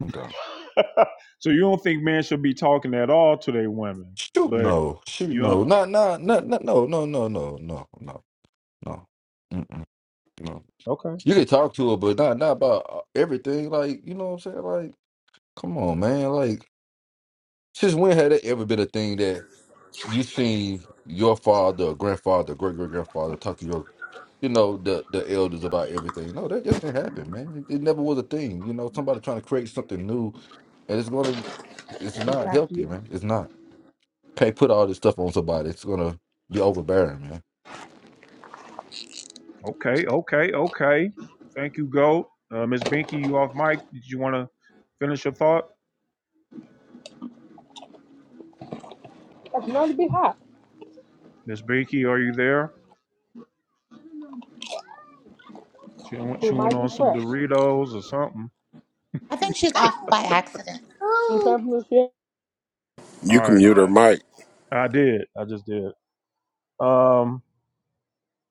I'm done.
(laughs) so you don't think men should be talking at all to their women,
Shoot
but
no, shoot
you don't.
no,
know.
not not not not no no no no no no no. Mm-mm, no.
Okay.
You can talk to her, but not not about uh, everything. Like you know what I'm saying? Like, come on, man. Like, since when had it ever been a thing that you seen your father, grandfather, great great grandfather talk to your, you know, the the elders about everything? No, that just didn't happen, man. It, it never was a thing. You know, somebody trying to create something new, and it's gonna, it's
We
not
got
healthy,
here.
man. It's not. Can't put all this stuff on somebody. It's gonna be overbearing, man.
Okay. Okay. Okay. Thank you, Goat. Uh, Miss Binky, you off mic. Did you want to finish your thought?
It's going to be hot.
Miss Binky, are you there? Chewing,
It
chewing
might be
on some
fresh.
Doritos or something.
I think she's off by accident.
In terms of
All
You can
right,
mute her mic.
I did. I just did. Um,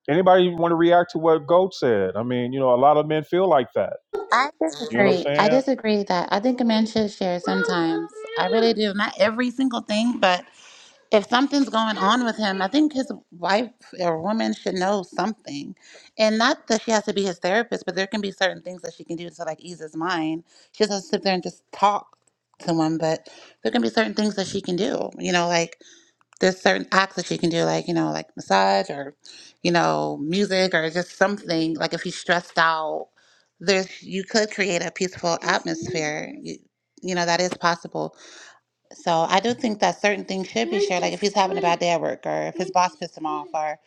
anybody want to react to what Goat said? I mean, you know, a lot of men feel like that.
I
You know what I'm
disagree. I
saying?
disagree that I think a man should share sometimes. I really do. Not every single thing, but if something's going on with him, I think his wife or woman should know something. And not that she has to be his therapist, but there can be certain things that she can do to like ease his mind. She doesn't sit there and just talk to him, but there can be certain things that she can do. You know, like there's certain acts that she can do, like, you know, like massage or, you know, music or just something. Like if he's stressed out, there's you could create a peaceful atmosphere. You, you know, that is possible so I do think that certain things should be shared. Like if he's having a bad day at work or if his boss pissed him off or,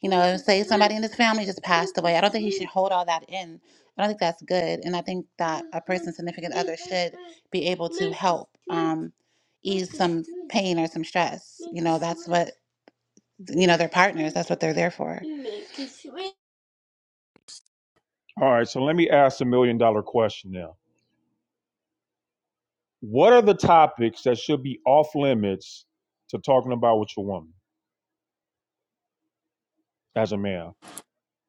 you know, say somebody in his family just passed away. I don't think he should hold all that in. I don't think that's good. And I think that a person's significant other should be able to help um, ease some pain or some stress. You know, that's what, you know, they're partners. That's what they're there for.
All right, so let me ask the million dollar question now. What are the topics that should be off limits to talking about with your woman as a man?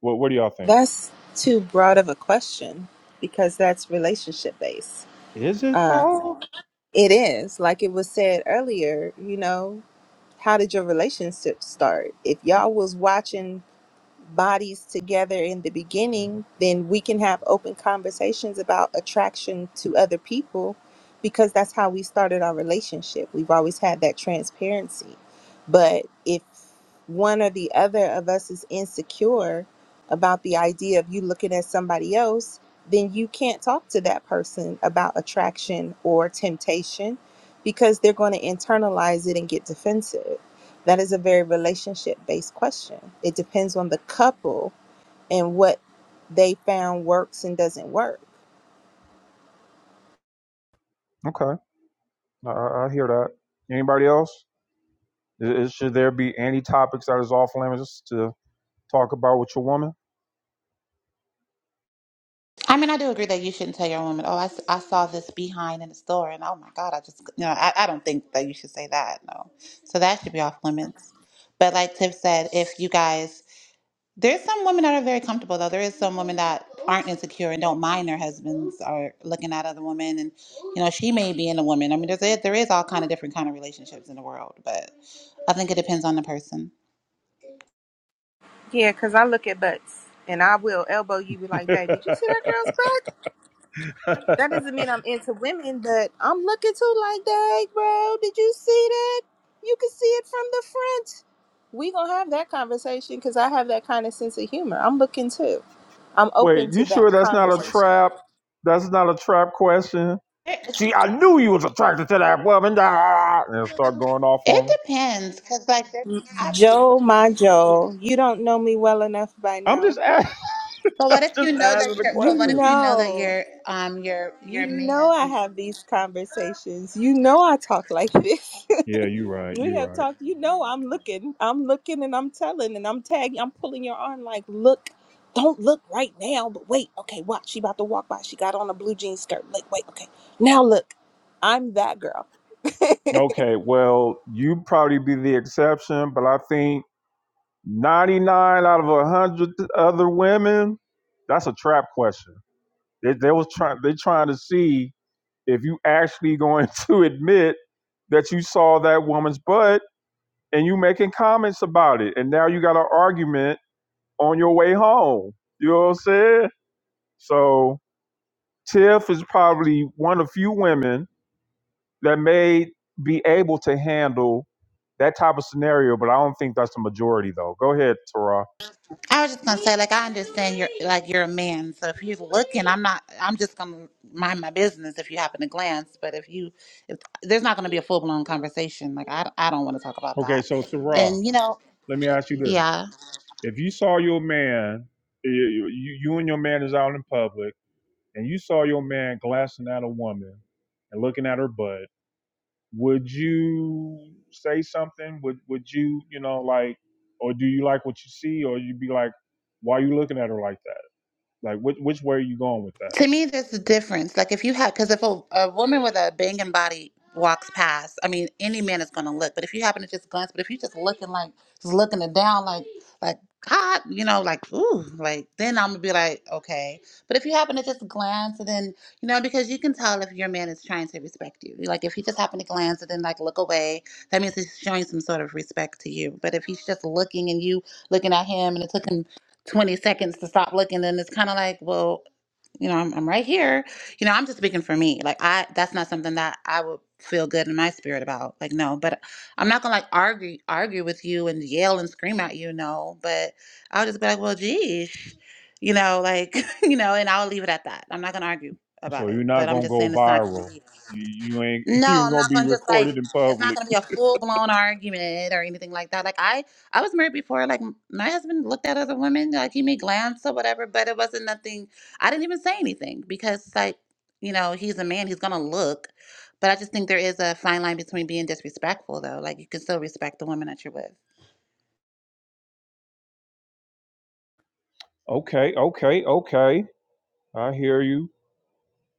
What What do y'all think?
That's too broad of a question because that's relationship based.
Is it
Um,
though?
it is like it was said earlier. You know, How did your relationship start? If y'all was watching bodies together in the beginning, then we can have open conversations about attraction to other people because that's how we started our relationship. We've always had that transparency. But if one or the other of us is insecure about the idea of you looking at somebody else, then you can't talk to that person about attraction or temptation because they're going to internalize it and get defensive. That is a very relationship based question. It depends on the couple and what they found works and doesn't work.
Okay, I, I hear that. Anybody else? I- is- should there be any topics that is off limits to talk about with your woman?
I mean, I do agree that you shouldn't tell your woman, oh, I, s- I saw this behind in the store, and oh my God, I just, you know, I, I don't think that you should say that, no. So that should be off limits. But like Tiff said, if you guys, there's some women that are very comfortable, though. There is some women that aren't insecure and don't mind their husbands are looking at other women, and, you know, she may be in a woman. I mean, there's, there is all kind of different kind of relationships in the world, but I think it depends on the person.
Yeah, because I look at butts and I will elbow you, be like,
(laughs)
babe, did you see that girl's butt? That doesn't mean I'm into women, but I'm looking too like, dang, bro, did you see that? You can see it from the front. We gonna have that conversation because I have that kind of sense of humor. I'm looking too. I'm
Wait,
open to
you sure
that
that's not a
conversation.
trap? That's not a trap question.
It,
See, I knew you was attracted to that woman. Ah, And start going off on
it
them.
depends, because, like, there, I believe
Joe, my Joe, you don't know me well enough by
I'm
now.
just asking,
But what
(laughs)
if you
just
know that
asking the
you're
You
but what
question.
if you know that
know,
you're um you're you're
you
a
know, I
man?
have these conversations. You know, I talk like this.
Yeah, you're right.
(laughs) we
You're
have
right.
talked. You know, I'm looking, I'm looking, and I'm telling, and I'm tagging, I'm pulling your arm, like, look, don't look right now, but wait, okay, watch. She about to walk by. She got on a blue jean skirt. Like, wait, okay, now look, I'm that girl.
Okay, well, you probably be the exception, but I think 99 out of 100 other women, that's a trap question. They, they was trying. They trying to see if you actually (laughs) going to admit that you saw that woman's butt and you making comments about it, and now you got an argument on your way home. You know what I'm saying? So Tiff is probably one of few women that may be able to handle that type of scenario, but I don't think that's the majority though. Go ahead, Tara.
I was just gonna say, like I understand you're like you're a man, so if you're looking, I'm not I'm just gonna mind my business if you happen to glance, but if you if there's not gonna be a full blown conversation, like I I don't wanna talk about
Okay,
that.
so Tara,
And you know,
let me ask you this.
yeah.
If you saw your man, you, you you and your man is out in public, and you saw your man glancing at a woman and looking at her butt, would you say something? Would would you, you know, like or do you like what you see or you'd be like, why are you looking at her like that? Like which which way are you going with that?
To me, there's a difference. Like if you have, because if a, a woman with a banging body walks past, I mean, any man is going to look. But if you happen to just glance, but if you just looking like just looking it down, like like God, you know, like ooh, like then I'm gonna be like okay. But if you happen to just glance, and then you know, because you can tell if your man is trying to respect you. Like if he just happened to glance and then like look away, that means he's showing some sort of respect to you. But if he's just looking and you looking at him, and it took him 20 seconds to stop looking, then it's kind of like well you know, I'm, I'm right here. You know, I'm just speaking for me. Like, I that's not something that I would feel good in my spirit about. Like, no, but I'm not gonna like argue argue with you and yell and scream at you. No, but I'll just be like, well, geez, you know, like, (laughs) you know, and I'll leave it at that. I'm not gonna argue
So
about it.
you're not
But I'm
gonna
just
go
saying it's not gonna
viral.
be.
You you ain't (laughs)
No,
you're
I'm
gonna
not
be
gonna just like
recorded in
it's not
public.
gonna be a full blown argument or anything like that. Like I, I was married before. Like m- my husband looked at other women, like he made glance or whatever, but it wasn't nothing. I didn't even say anything because like you know he's a man, he's gonna look. But I just think there is a fine line between being disrespectful though. Like you can still respect the woman that you're with.
Okay, okay, okay. I hear you.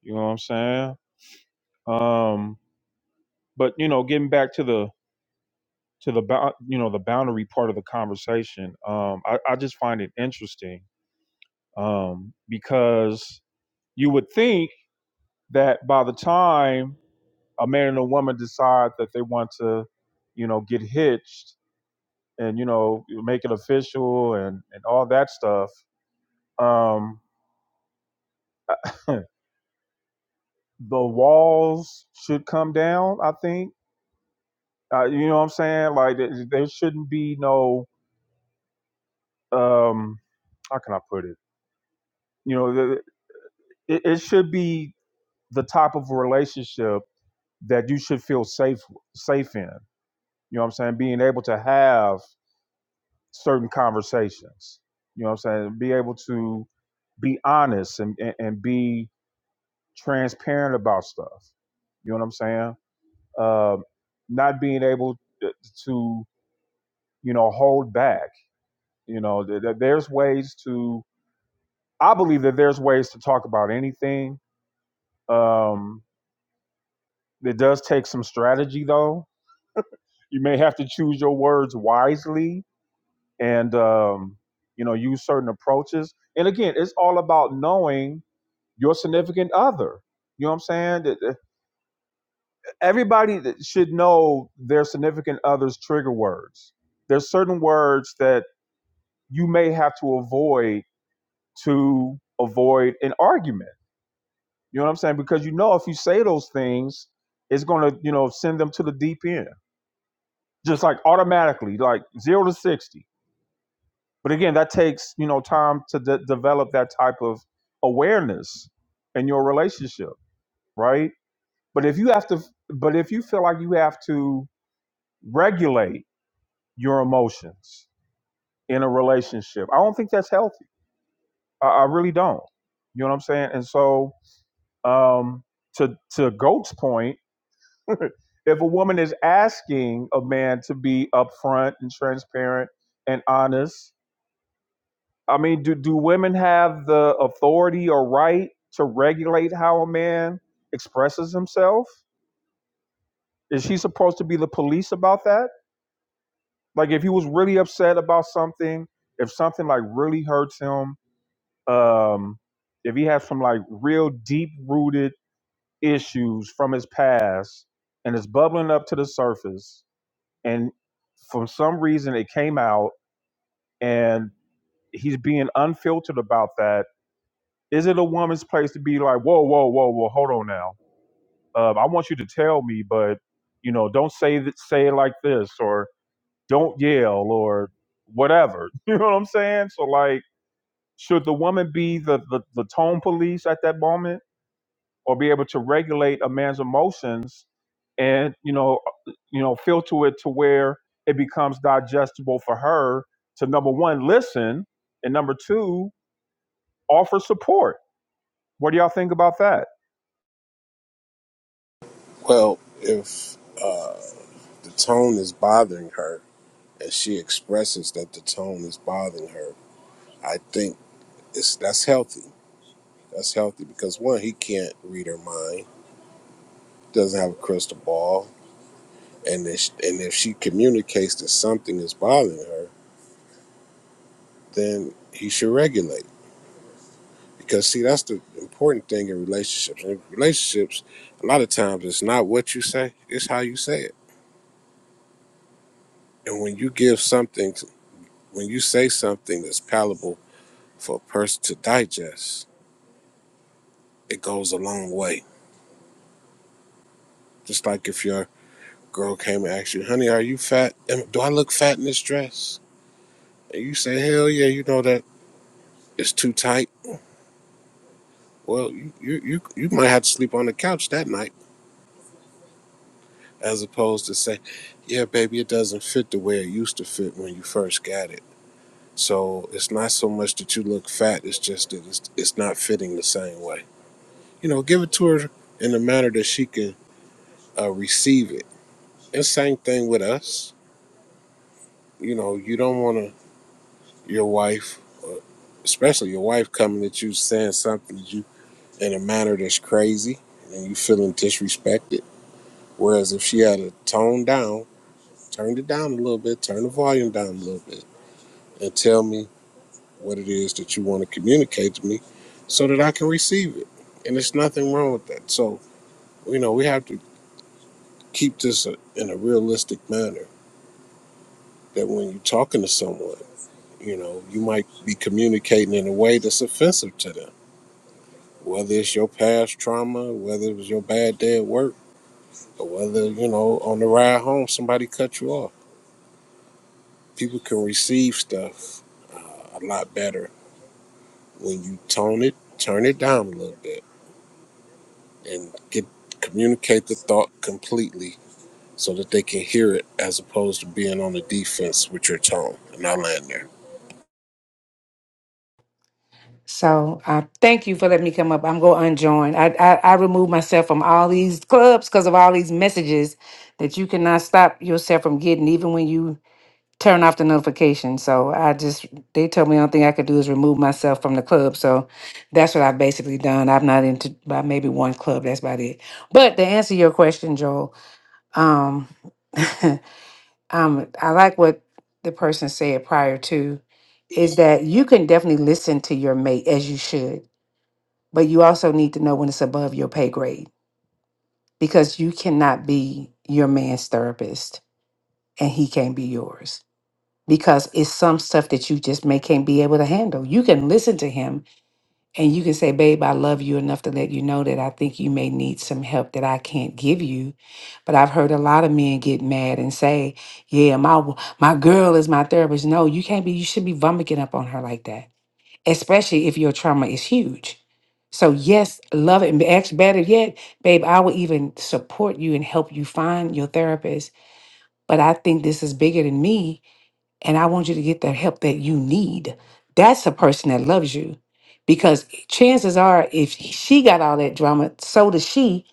You know what I'm saying? Um but you know, getting back to the to the bou- you know the boundary part of the conversation, um, I, I just find it interesting um, because you would think that by the time a man and a woman decide that they want to, you know, get hitched and you know make it official and and all that stuff, um, (laughs) the walls should come down. I think uh, you know what I'm saying. Like there shouldn't be no um, how can I put it? You know, it, it should be the type of relationship that you should feel safe safe in. You know what I'm saying? Being able to have certain conversations. You know what I'm saying? Be able to be honest and, and, and be transparent about stuff. You know what I'm saying? Um, not being able to, you know, hold back. You know, th- there's ways to, I believe that there's ways to talk about anything. Um, it does take some strategy, though. You may have to choose your words wisely and, um, you know, use certain approaches. And again, it's all about knowing your significant other. You know what I'm saying? Everybody should know their significant other's trigger words. There's certain words that you may have to avoid to avoid an argument. You know what I'm saying? Because you know if you say those things, it's gonna, you know, send them to the deep end. Just like automatically, like zero to sixty. But again, that takes, you know, time to de- develop that type of awareness in your relationship, right? But if you have to, but if you feel like you have to regulate your emotions in a relationship, I don't think that's healthy. I, I really don't. You know what I'm saying? And so, um, to to Goat's point, (laughs) if a woman is asking a man to be upfront and transparent and honest, I mean, do do women have the authority or right to regulate how a man expresses himself? Is she supposed to be the police about that? Like if he was really upset about something, if something like really hurts him, um, if he has some like real deep rooted issues from his past and it's bubbling up to the surface, and for some reason it came out and he's being unfiltered about that, is it a woman's place to be like, whoa, whoa, whoa, whoa, hold on now. Um, I want you to tell me, but you know, don't say that, say it like this, or. don't yell or whatever. (laughs) You know what I'm saying? So like, should the woman be the, the, the tone police at that moment or be able to regulate a man's emotions and, you know, uh, you know, filter it to where it becomes digestible for her to number one, listen, and number two, offer support. What do y'all think about that?
Well, if uh, the tone is bothering her and she expresses that the tone is bothering her, I think it's that's healthy. That's healthy because one, he can't read her mind, doesn't have a crystal ball, and if, and if she communicates that something is bothering her, then he should regulate. Because see, that's the important thing in relationships. In relationships, a lot of times it's not what you say; it's how you say it And when you give something, to, when you say something that's palatable for a person to digest, it goes a long way. Just like if your girl came and asked you, honey, are you fat? Do I look fat in this dress? And you say, hell yeah, you know that it's too tight. Well, you, you, you, you might have to sleep on the couch that night as opposed to say, yeah, baby, it doesn't fit the way it used to fit when you first got it. So it's not so much that you look fat, it's just that it's, it's not fitting the same way. you know, give it to her in a manner that she can uh, receive it. And same thing with us. You know, you don't want to your wife, uh, especially your wife, coming at you saying something to you in a manner that's crazy and you feeling disrespected. Whereas if she had a tone down, turned it down a little bit, turn the volume down a little bit, and tell me what it is that you want to communicate to me, so that I can receive it. And there's nothing wrong with that. So you know, we have to keep this uh, in a realistic manner that when you're talking to someone, you know, you might be communicating in a way that's offensive to them, whether it's your past trauma, whether it was your bad day at work, or whether, you know, on the ride home, somebody cut you off. People can receive stuff uh, a lot better when you tone it, turn it down a little bit, and get communicate the thought completely so that they can hear it as opposed to being on the defense with your tone. And I land there.
So uh, thank you for letting me come up. I'm going to unjoin. I, I, I remove myself from all these clubs because of all these messages that you cannot stop yourself from getting, even when you turn off the notification. So I just, they told me the only thing I could do is remove myself from the club. So that's what I've basically done. I'm not into by maybe one club. That's about it. But to answer your question, Joel, um, (laughs) um, I like what the person said prior to is that you can definitely listen to your mate as you should but you also need to know when it's above your pay grade because you cannot be your man's therapist and he can't be yours because it's some stuff that you just may can't be able to handle. You can listen to him and you can say, "Babe, I love you enough to let you know that I think you may need some help that I can't give you." But I've heard a lot of men get mad and say, "Yeah, my my girl is my therapist." No, you can't be. You should be vomiting up on her like that especially if your trauma is huge. So, yes, love it. And actually, better yet, babe, I will even support you and help you find your therapist. But I think this is bigger than me. And I want you to get the help that you need. That's a person that loves you. Because chances are, if she got all that drama, so does she.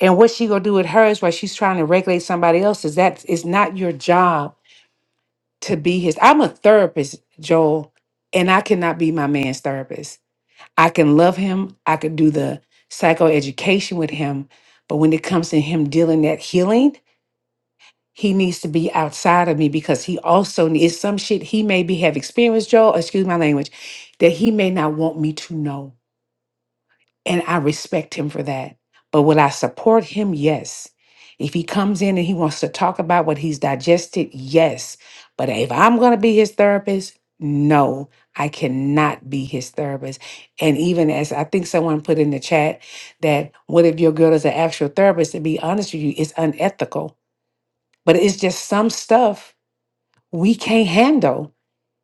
And what she gonna do with hers while she's trying to regulate somebody else's? That is not your job to be his. I'm a therapist, Joel, and I cannot be my man's therapist I can love him. I could do the psychoeducation with him. But when it comes to him dealing that healing, he needs to be outside of me because he also needs some shit he maybe have experienced, Joel, excuse my language, that he may not want me to know and I respect him for that. But will I support him? Yes. If he comes in and he wants to talk about what he's digested, yes. But if I'm going to be his therapist, no, I cannot be his therapist. And even as I think someone put in the chat that what if your girl is an actual therapist? To be honest with you, it's unethical. But it's just some stuff we can't handle.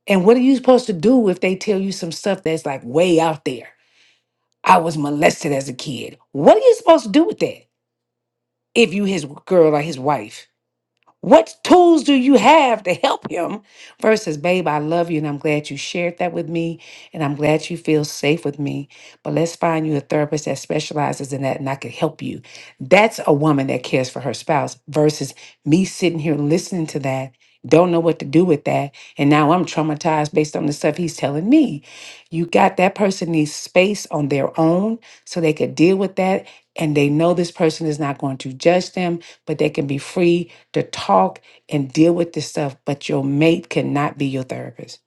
And what are you supposed to do if they tell you some stuff that's like way out there? I was molested as a kid. What are you supposed to do with that if you his girl or his wife? What tools do you have to help him? Versus, babe, I love you and I'm glad you shared that with me and I'm glad you feel safe with me. But let's find you a therapist that specializes in that and I could help you. That's a woman that cares for her spouse versus me sitting here listening to that, don't know what to do with that. And now I'm traumatized based on the stuff he's telling me. You got that person needs space on their own so they could deal with that and they know this person is not going to judge them but they can be free to talk and deal with this stuff. But your mate cannot be your therapist.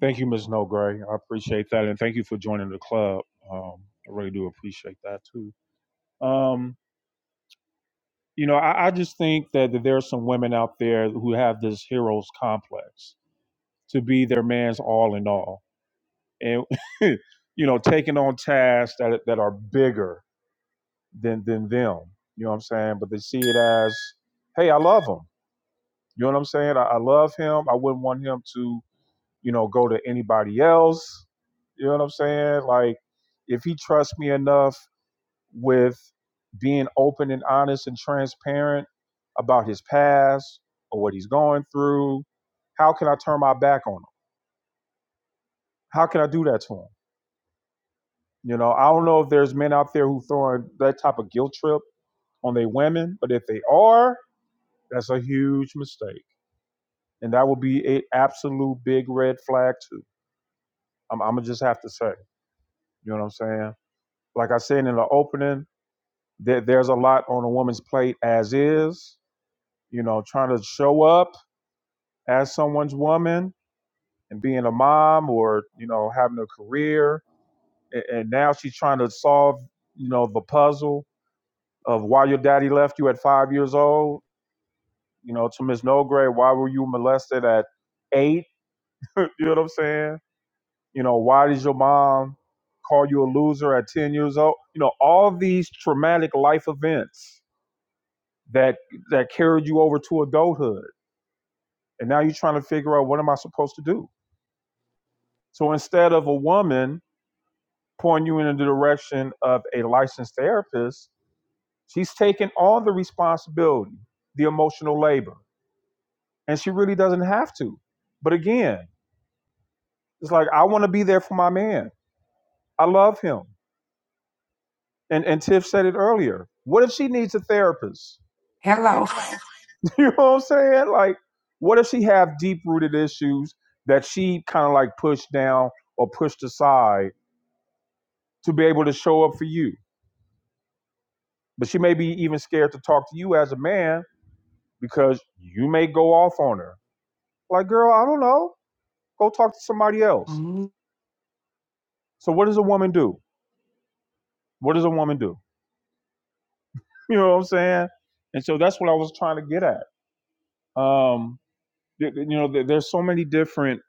Thank you, Ms. No Gray. I appreciate that. And thank you for joining the club. Um, I really do appreciate that too. Um, you know, I, I just think that, that there are some women out there who have this hero's complex to be their man's all in all, and (laughs) you know, taking on tasks that that are bigger than than them. You know what I'm saying? But they see it as, hey, I love him. You know what I'm saying? I, I love him. I wouldn't want him to, you know, go to anybody else. You know what I'm saying? Like, if he trusts me enough with being open and honest and transparent about his past or what he's going through. How can I turn my back on him? How can I do that to him? You know, I don't know if there's men out there who throwing that type of guilt trip on their women, but if they are, that's a huge mistake. And that would be a absolute big red flag too. I'm, I'm gonna just have to say, you know what I'm saying? Like I said in the opening, there, there's a lot on a woman's plate as is. You know, trying to show up as someone's woman and being a mom or you know having a career and, and now she's trying to solve you know the puzzle of why your daddy left you at five years old you know to miss no grade why were you molested at eight (laughs) you know what i'm saying you know why did your mom call you a loser at 10 years old you know all these traumatic life events that that carried you over to adulthood and now you're trying to figure out what am i supposed to do so instead of a woman pouring you in the direction of a licensed therapist, she's taking all the responsibility, the emotional labor, and she really doesn't have to. But again, it's like I want to be there for my man. I love him. And and Tiff said it earlier. What if she needs a therapist?
Hello.
Hello, (laughs) you know what I'm saying? Like, what if she have deep rooted issues that she kind of like pushed down or pushed aside to be able to show up for you? But she may be even scared to talk to you as a man because you may go off on her. Like, girl, I don't know. Go talk to somebody else.
Mhm.
So, what does a woman do? What does a woman do? (laughs) You know what I'm saying? And so that's what I was trying to get at. Um, you know, there's so many different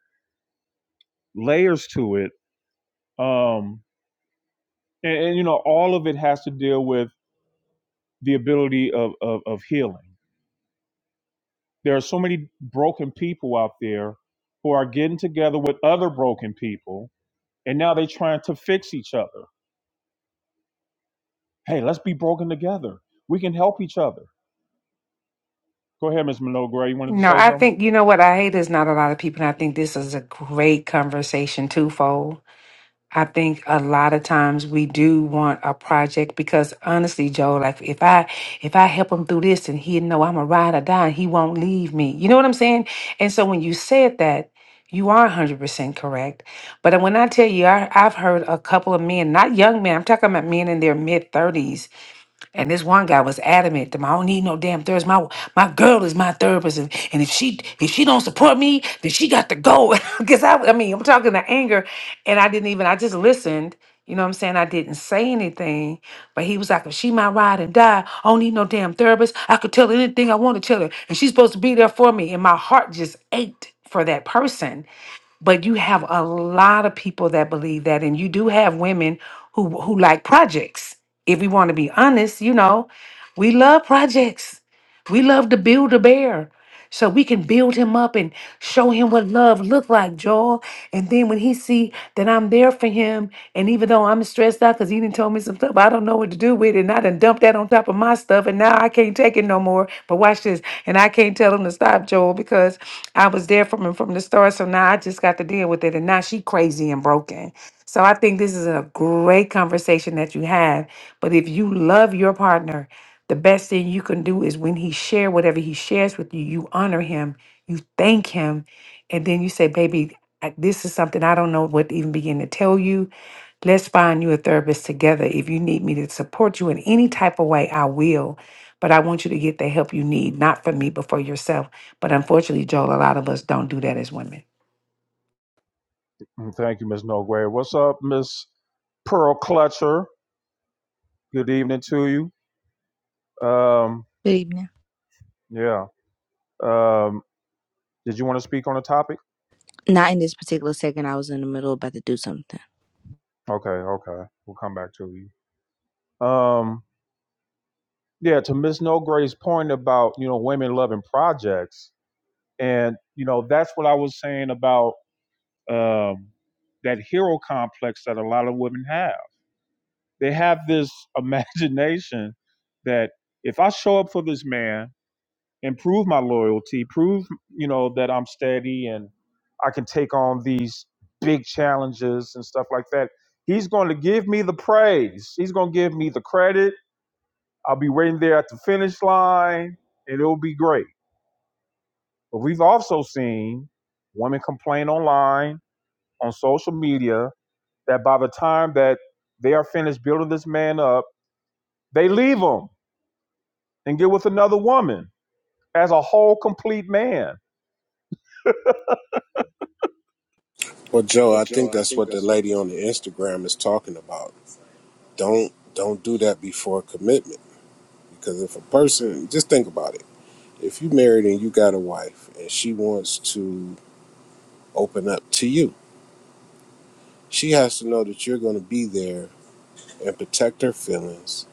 layers to it, um, and, and you know, all of it has to deal with the ability of, of of healing. There are so many broken people out there who are getting together with other broken people, and now they're trying to fix each other Hey, let's be broken together. We can help each other. Go ahead, Ms. Minogue Gray. You wanted to
No,
say
I
something?
think you know what I hate is not a lot of people. And I think this is a great conversation twofold I think a lot of times we do want a project because honestly, Joe, like if I if I help him through this and he know I'm a ride or die, he won't leave me. You know what I'm saying? And so when you said that, you are 100% correct. But when I tell you, I, I've heard a couple of men, not young men, I'm talking about men in their mid 30s and this one guy was adamant that I don't need no damn therapist. My my girl is my therapist, and, and if she if she don't support me, then she got to go. (laughs) Because I I mean I'm talking to anger, and I didn't even I just listened. You know what I'm saying? I didn't say anything, but he was like, if she my ride and die, I don't need no damn therapist. I could tell her anything I want to tell her, and she's supposed to be there for me. And my heart just ached for that person but you have a lot of people that believe that, and you do have women who who like projects. If we want to be honest, you know, we love projects. We love to build a bear so we can build him up and show him what love look like, Joel. And then when he see that I'm there for him, and even though I'm stressed out because he didn't told me some stuff, I don't know what to do with it, and I done dumped that on top of my stuff, and now I can't take it no more. But watch this, and I can't tell him to stop, Joel, because I was there for him from the start. So now I just got to deal with it, and now she crazy and broken. So I think this is a great conversation that you had. But if you love your partner the best thing you can do is when he share whatever he shares with you you honor him you thank him and then you say baby I- this is something i don't know what to even begin to tell you let's find you a therapist together if you need me to support you in any type of way i will but i want you to get the help you need not for me but for yourself but unfortunately joel a lot of us don't do that as women
Mm, Thank you, Ms. Minogue Gray. What's up, Miss Pearl Clutcher? Good evening to you. Um,
Good evening.
yeah. Um, did you want to speak on a topic?
Not in this particular second. I was in the middle about to do something.
Okay, okay. We'll come back to you. Um, yeah, to Miss No Gray's point about, you know, women loving projects. And you know, that's what I was saying about um, that hero complex that a lot of women have. They have this (laughs) imagination that if I show up for this man and prove my loyalty, prove you know that I'm steady and I can take on these big challenges and stuff like that, he's going to give me the praise. He's going to give me the credit. I'll be waiting there at the finish line, and it'll be great. But we've also seen women complain online on social media that by the time that they are finished building this man up, they leave him and get with another woman as a whole complete man.
Well, Joe, I think that's what the lady on the Instagram is talking about Don't don't do that before a commitment because if a person just think about it. If you married and you got a wife and she wants to open up to you, she has to know that you're going to be there and protect her feelings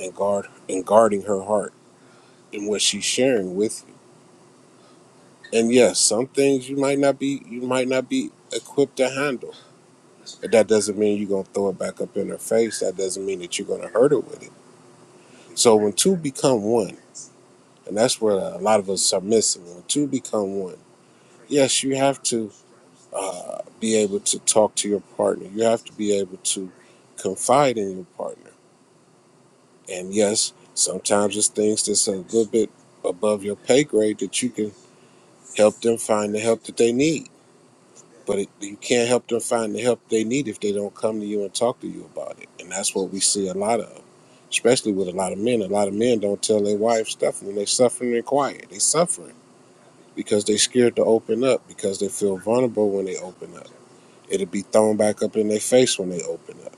and guard and guarding her heart and what she's sharing with you. And yes, some things you might not be you might not be equipped to handle. But that doesn't mean you're gonna throw it back up in her face. That doesn't mean that you're gonna hurt her with it. So when two become one, And that's where a lot of us are missing. When two become one, yes, you have to uh, be able to talk to your partner. You have to be able to confide in your partner. And yes, sometimes it's things that's a little bit above your pay grade that you can help them find the help that they need. But it, you can't help them find the help they need if they don't come to you and talk to you about it. And that's what we see a lot of, especially with a lot of men. A lot of men don't tell their wives stuff and they suffering in quiet. They suffering because they are scared to open up because they feel vulnerable when they open up. It'll be thrown back up in their face when they open up,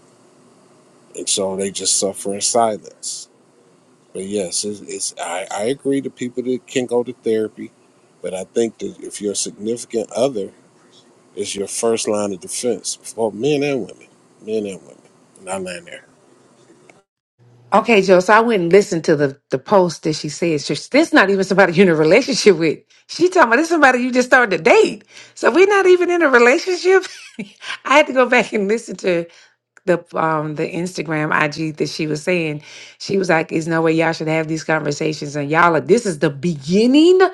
and so they just suffer in silence. But yes, it's, it's I, I agree to people that can go to therapy, but I think that if your significant other is your first line of defense for men and women, men and women, and I land there.
Okay, Joe. So I went and listened to the, the post that she said. She, this not even somebody you're in a relationship with. She talking about this somebody you just started to date. So we're not even in a relationship. (laughs) I had to go back and listen to the um the Instagram IG that she was saying. She was like, "There's no way y'all should have these conversations." And y'all, are, this is the beginning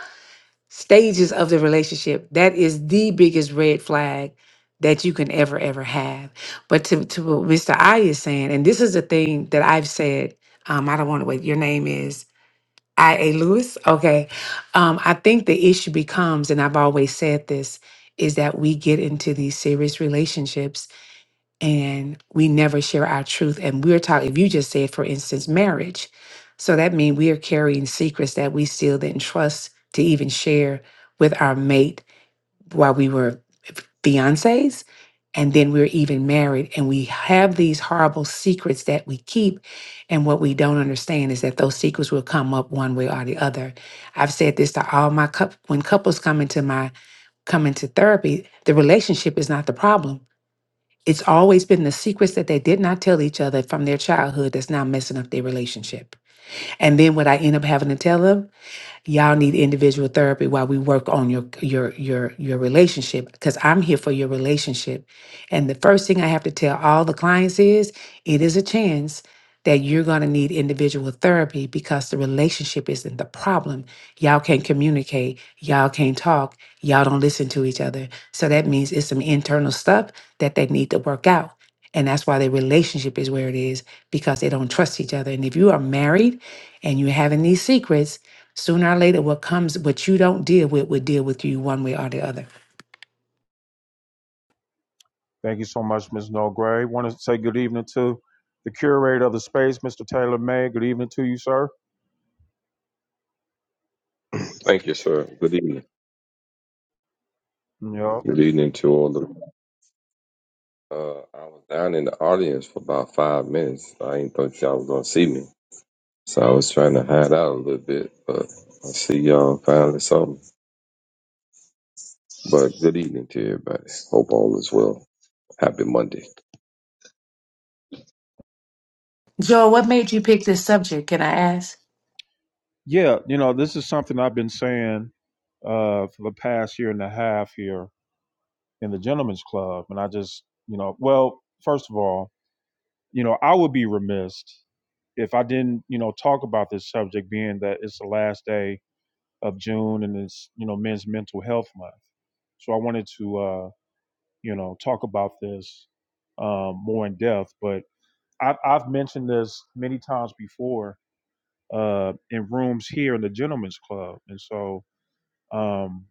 stages of the relationship that is the biggest red flag that you can ever ever have but to, to what mr i is saying and this is the thing that i've said um i don't want to wait your name is i a lewis okay um i think the issue becomes and i've always said this is that we get into these serious relationships and we never share our truth. And we're talking, if you just said, for instance, marriage. So that means we are carrying secrets that we still didn't trust to even share with our mate while we were fiancés. And then we're even married, and we have these horrible secrets that we keep. And what we don't understand is that those secrets will come up one way or the other. I've said this to all my cou- when couples come into my come into therapy, the relationship is not the problem it's always been the secrets that they did not tell each other from their childhood that's now messing up their relationship. And then what I end up having to tell them y'all need individual therapy while we work on your your your your relationship because i'm here for your relationship and the first thing i have to tell all the clients is it is a chance that you're going to need individual therapy because the relationship isn't the problem y'all can't communicate y'all can't talk y'all don't listen to each other so that means it's some internal stuff that they need to work out and that's why their relationship is where it is because they don't trust each other and if you are married and you're having these secrets Sooner or later, what comes, what you don't deal with, will deal with you one way or the other.
Thank you so much, Ms. Noel I Want to say good evening to the curator of the space, Mr. Taylor May. Good evening to you, sir.
Thank you, sir. Good evening.
Yeah.
Good evening to all the. Uh, I was down in the audience for about five minutes. I didn't think y'all was gonna see me, so I was trying to hide out a little bit. But I see y'all finally saw me. But good evening to everybody. Hope all is well. Happy Monday.
Joel, what made you pick this subject? Can I ask?
Yeah, you know, this is something I've been saying uh, for the past year and a half here in the Gentlemen's Club. And I just, you know, well, first of all, You know, I would be remiss if I didn't, you know, talk about this subject being that it's the last day of June and it's, you know, men's mental health month. So I wanted to, uh, you know, talk about this um, more in depth. But I've, I've mentioned this many times before uh, in rooms here in the Gentlemen's Club. And so um,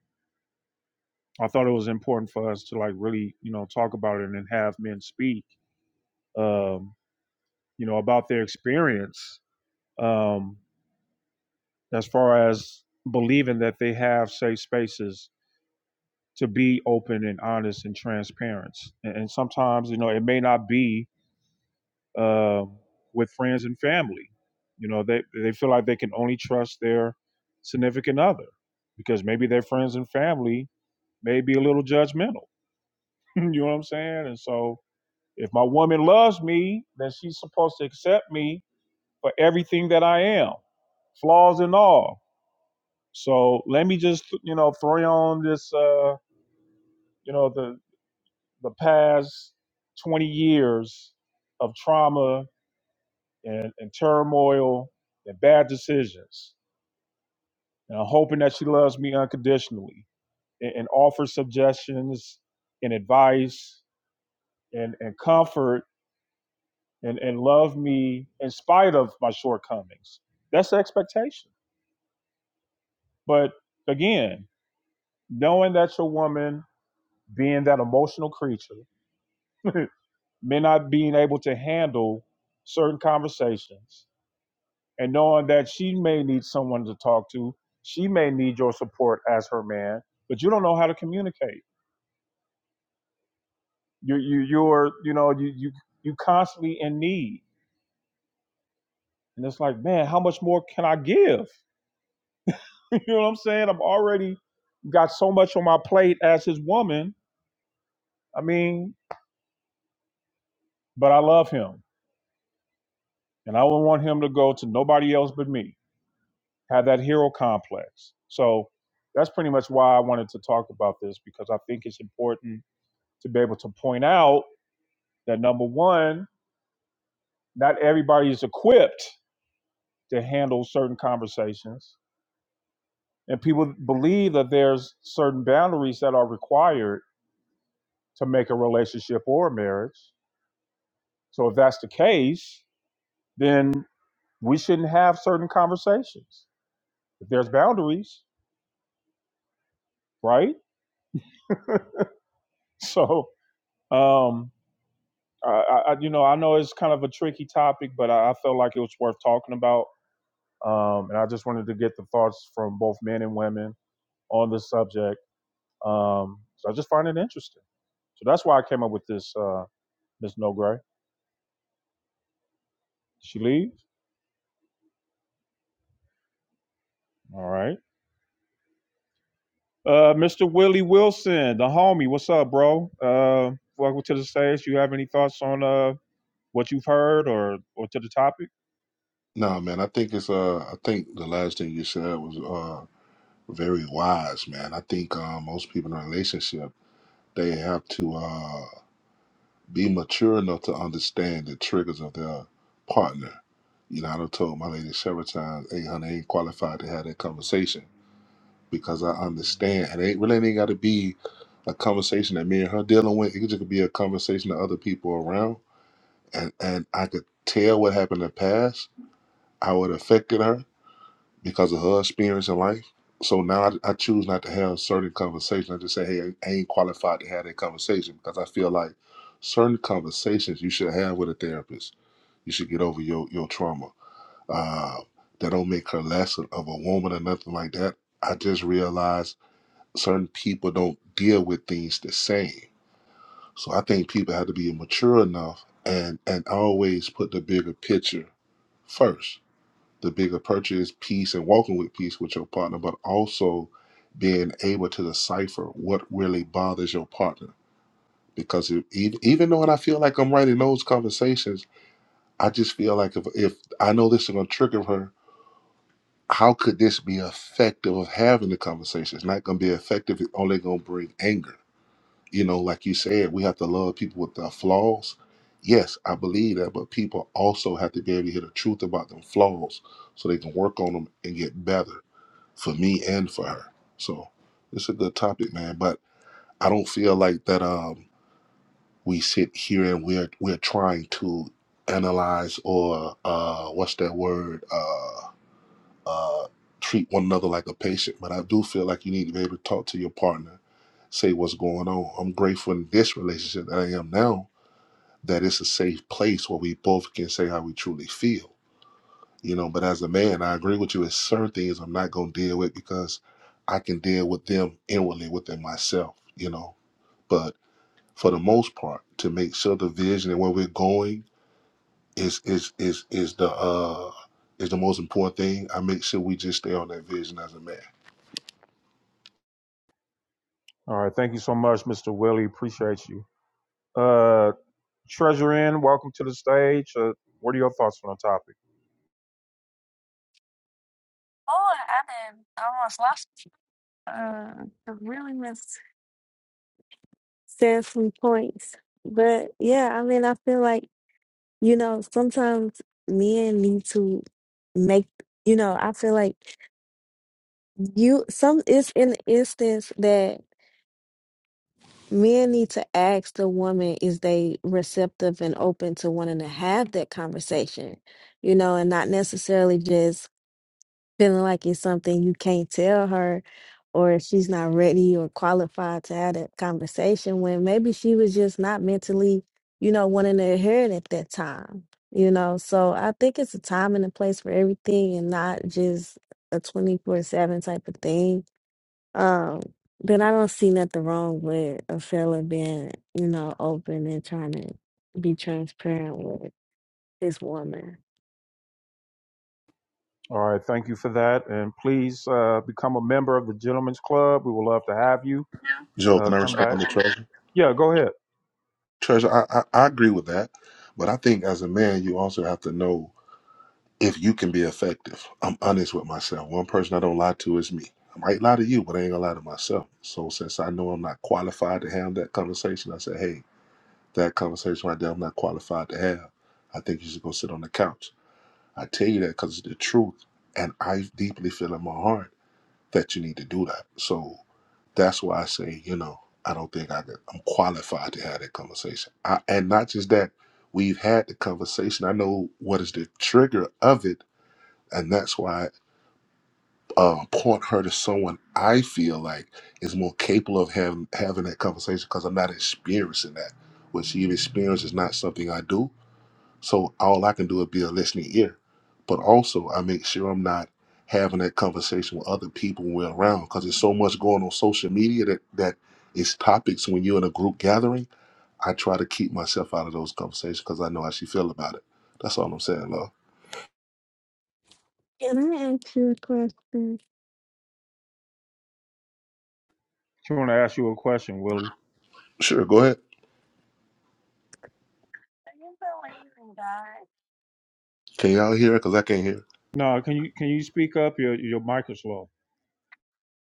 I thought it was important for us to like really, you know, talk about it and then have men speak, um, you know, about their experience. Um, as far as believing that they have safe spaces to be open and honest and transparent. And, and sometimes, you know, it may not be uh, with friends and family. You know, they they feel like they can only trust their significant other because maybe their friends and family may be a little judgmental. (laughs) you know what I'm saying? And so, if my woman loves me, then she's supposed to accept me for everything that I am, flaws and all So let me just you know throw you on this uh, you know the the past 20 years of trauma and, and turmoil and bad decisions. And I'm hoping that she loves me unconditionally and, and offers suggestions and advice and, and comfort and, and love me in spite of my shortcomings. That's the expectation. But again, knowing that your woman being that emotional creature (laughs) men not being able to handle certain conversations and knowing that she may need someone to talk to she may need your support as her man but you don't know how to communicate you you you're you know you you you constantly in need and it's like man how much more can i give (laughs) you know what i'm saying i've already got so much on my plate as his woman i mean but i love him and i don't want him to go to nobody else but me have that hero complex. So that's pretty much why I wanted to talk about this because I think it's important to be able to point out that number one, not everybody is equipped to handle certain conversations. And people believe that there's certain boundaries that are required to make a relationship or a marriage. So if that's the case, then we shouldn't have certain conversations. If there's boundaries, right? (laughs) So um, I, I, you know, I know it's kind of a tricky topic, but I, I felt like it was worth talking about. Um, and I just wanted to get the thoughts from both men and women on this subject. Um, so I just find it interesting. So that's why I came up with this, uh, Miss No Gray. Did she leave? All right. Uh, Mr. Willie Wilson, the homie, what's up, bro? Uh, welcome to the stage. Do You have any thoughts on uh, what you've heard or, or to the topic?
No, man, I think it's uh I think the last thing you said was uh very wise, man. I think uh, most people in a relationship they have to uh be mature enough to understand the triggers of their partner. You know, I done told my lady several times, hey honey, I ain't qualified to have that conversation because I understand and it ain't- really ain't gotta be a conversation that me and her dealing with. It could just be a conversation that other people around and and I could tell what happened in the past, how it affected her because of her experience in life. So now I, I choose not to have certain conversations. I just say, hey, I ain't qualified to have that conversation because I feel like certain conversations you should have with a therapist. You should get over your your trauma. Uh, that don't make her less of a woman or nothing like that. I just realized certain people don't deal with things the same. So I think people have to be mature enough and and always put the bigger picture first the bigger purchase peace and walking with peace with your partner, but also being able to decipher what really bothers your partner. Because if, even even though I feel like I'm right in those conversations, I just feel like if, if I know this is going to trigger her, how could this be effective of having the conversation? It's not going to be effective. It's only going to bring anger. You know, like you said, we have to love people with their flaws. Yes, I believe that, but people also have to be able to hear the truth about them flaws so they can work on them and get better for me and for her. So it's a good topic, man. But I don't feel like that um we sit here and we're we're trying to analyze or uh what's that word? Uh uh treat one another like a patient. But I do feel like you need to be able to talk to your partner, say what's going on. I'm grateful in this relationship that I am now that it's a safe place where we both can say how we truly feel you know. But as a man, I agree with you. It's certain things I'm not gonna deal with because I can deal with them inwardly within myself, you know. But for the most part, to make sure the vision and where we're going is is is is the uh is the most important thing. I make sure we just stay on that vision as a man.
All right. Thank you so much, Mr. Willie. Appreciate you. Uh, Treasure Inn, welcome to the stage. Uh, what are your thoughts on the topic?
Oh, I did almost lost. Uh, I really missed said some points, but yeah, I mean, I feel like you know sometimes men need to make. You know, I feel like you some it's an instance that men need to ask the woman is they receptive and open to wanting to have that conversation, you know, and not necessarily just feeling like it's something you can't tell her or if she's not ready or qualified to have that conversation when maybe she was just not mentally, you know, wanting to hear it at that time. You know, so I think it's a time and a place for everything and not just a 24/7 type of thing. Um but I don't see nothing wrong with a fella being, you know, open and trying to be transparent with his woman.
All right, thank you for that. And please uh, become a member of the Gentlemen's Club. We would love to have you.
Joe,
Uh,
can I
come back.
respond to Treasure?
Yeah, go ahead.
Treasure, I I, I agree with that, but I think as a man, you also have to know. if you can be effective. I'm honest with myself. One person I don't lie to is me. I might lie to you, but I ain't gonna lie to myself. So since I know I'm not qualified to have that conversation, I said, hey, that conversation right there, I'm not qualified to have. I think you should go sit on the couch. I tell you that because it's the truth, and I deeply feel in my heart that you need to do that. So that's why I say, you know, I don't think I could, I'm qualified to have that conversation. I, and not just that, we've had the conversation. I know what is the trigger of it, and that's why uh, port her to someone I feel like is more capable of having having that conversation because I'm not experiencing that. What she experiences is not something I do. So all I can do is be a listening ear. But also, I make sure I'm not having that conversation with other people when we're around because there's so much going on social media that that is topics when you're in a group gathering. I try to keep myself out of those conversations because I know how she feel about it. That's all I'm saying, love.
Can I ask you a question?
I want to ask you a question, Willie.
Sure, go ahead. Can y'all hear? it? Because I can't hear.
No, can you can you speak up? Your your mic is low.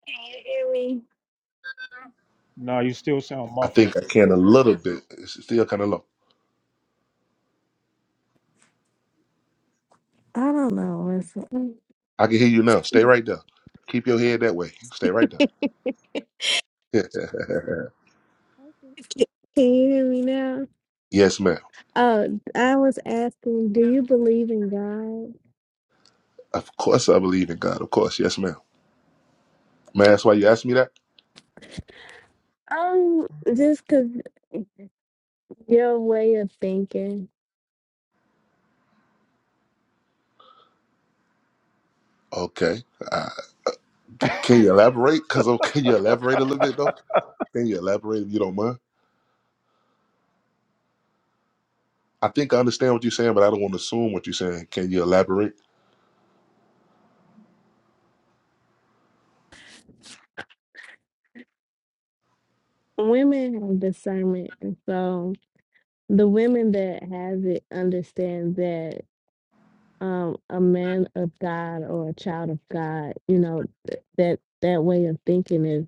Can you hear me?
No, you still sound
I
muffled.
think I can a little bit. It's still kind of low.
I don't know. what's Can
I can hear you now. Stay right there. Keep your head that way. Stay right there. (laughs)
can you hear me now?
yes, ma'am.
Oh, I was asking, do you believe in God?
Of course, I believe in God. Of course, yes, ma'am. May I ask why you asked me that?
Um, just 'cause your way of thinking,
Okay. Uh, can you elaborate? Cause oh, can you elaborate a little bit though? Can you elaborate if you don't mind? I think I understand what you're saying, but I don't want to assume what you're saying. Can you elaborate?
women have discernment, and so the women that have it understand that um a man of God or a child of God, you know, th- that that way of thinking is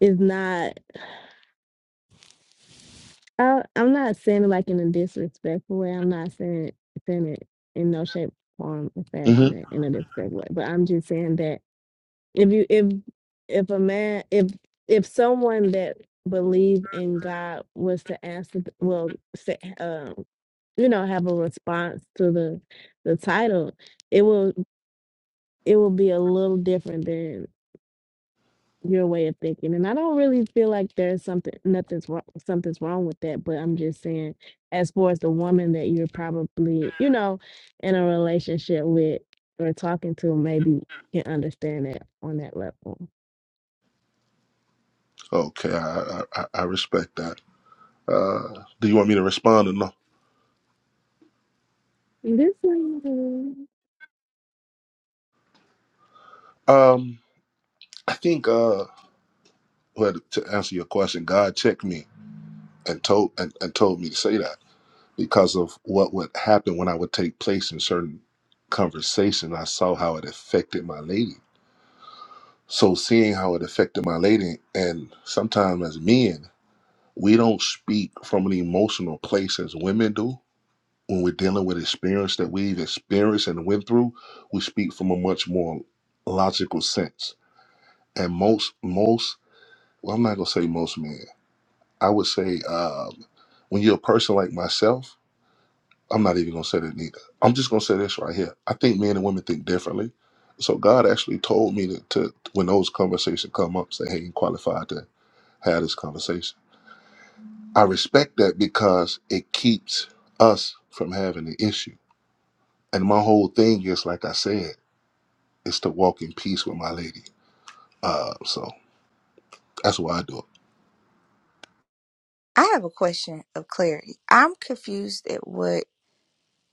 is not. I, I'm not saying it like in a disrespectful way. I'm not saying it, saying it in no shape, form, or
hmm
fashion in in a disrespectful way. But I'm just saying that if you if if a man if if someone that believe in God was to answer, th- well, say, um, you know, have a response to the the title, it will it will be a little different your way of thinking and i don't really feel like there's something nothing's wrong something's wrong with that but i'm just saying as far as the woman that you're probably you know in a relationship with or talking to maybe can understand that on that level
Okay, I, I I I respect that. Uh, do you want me to respond or no?
this lady
Um, I think uh, well, to answer your question, God checked me and told and, and told me to say that because of what would happen when I would take place in certain conversation. I saw how it affected my lady. So seeing how it affected my lady, and sometimes as men, we don't speak from an emotional place as women do. When we're dealing with experience that we've experienced and went through, we speak from a much more logical sense. And most, most, well, I'm not gonna say most men. I would say um, when you're a person like myself, I'm not even gonna say that neither. I'm just gonna say this right here. I think men and women think differently. So God actually told me to, to when those conversations come up, say, "Hey, you qualified to have this conversation." I respect that because it keeps us from having the issue. And my whole thing is, like I said, is to walk in peace with my lady. Uh, so that's why I do it.
I have a question of clarity. I'm confused at what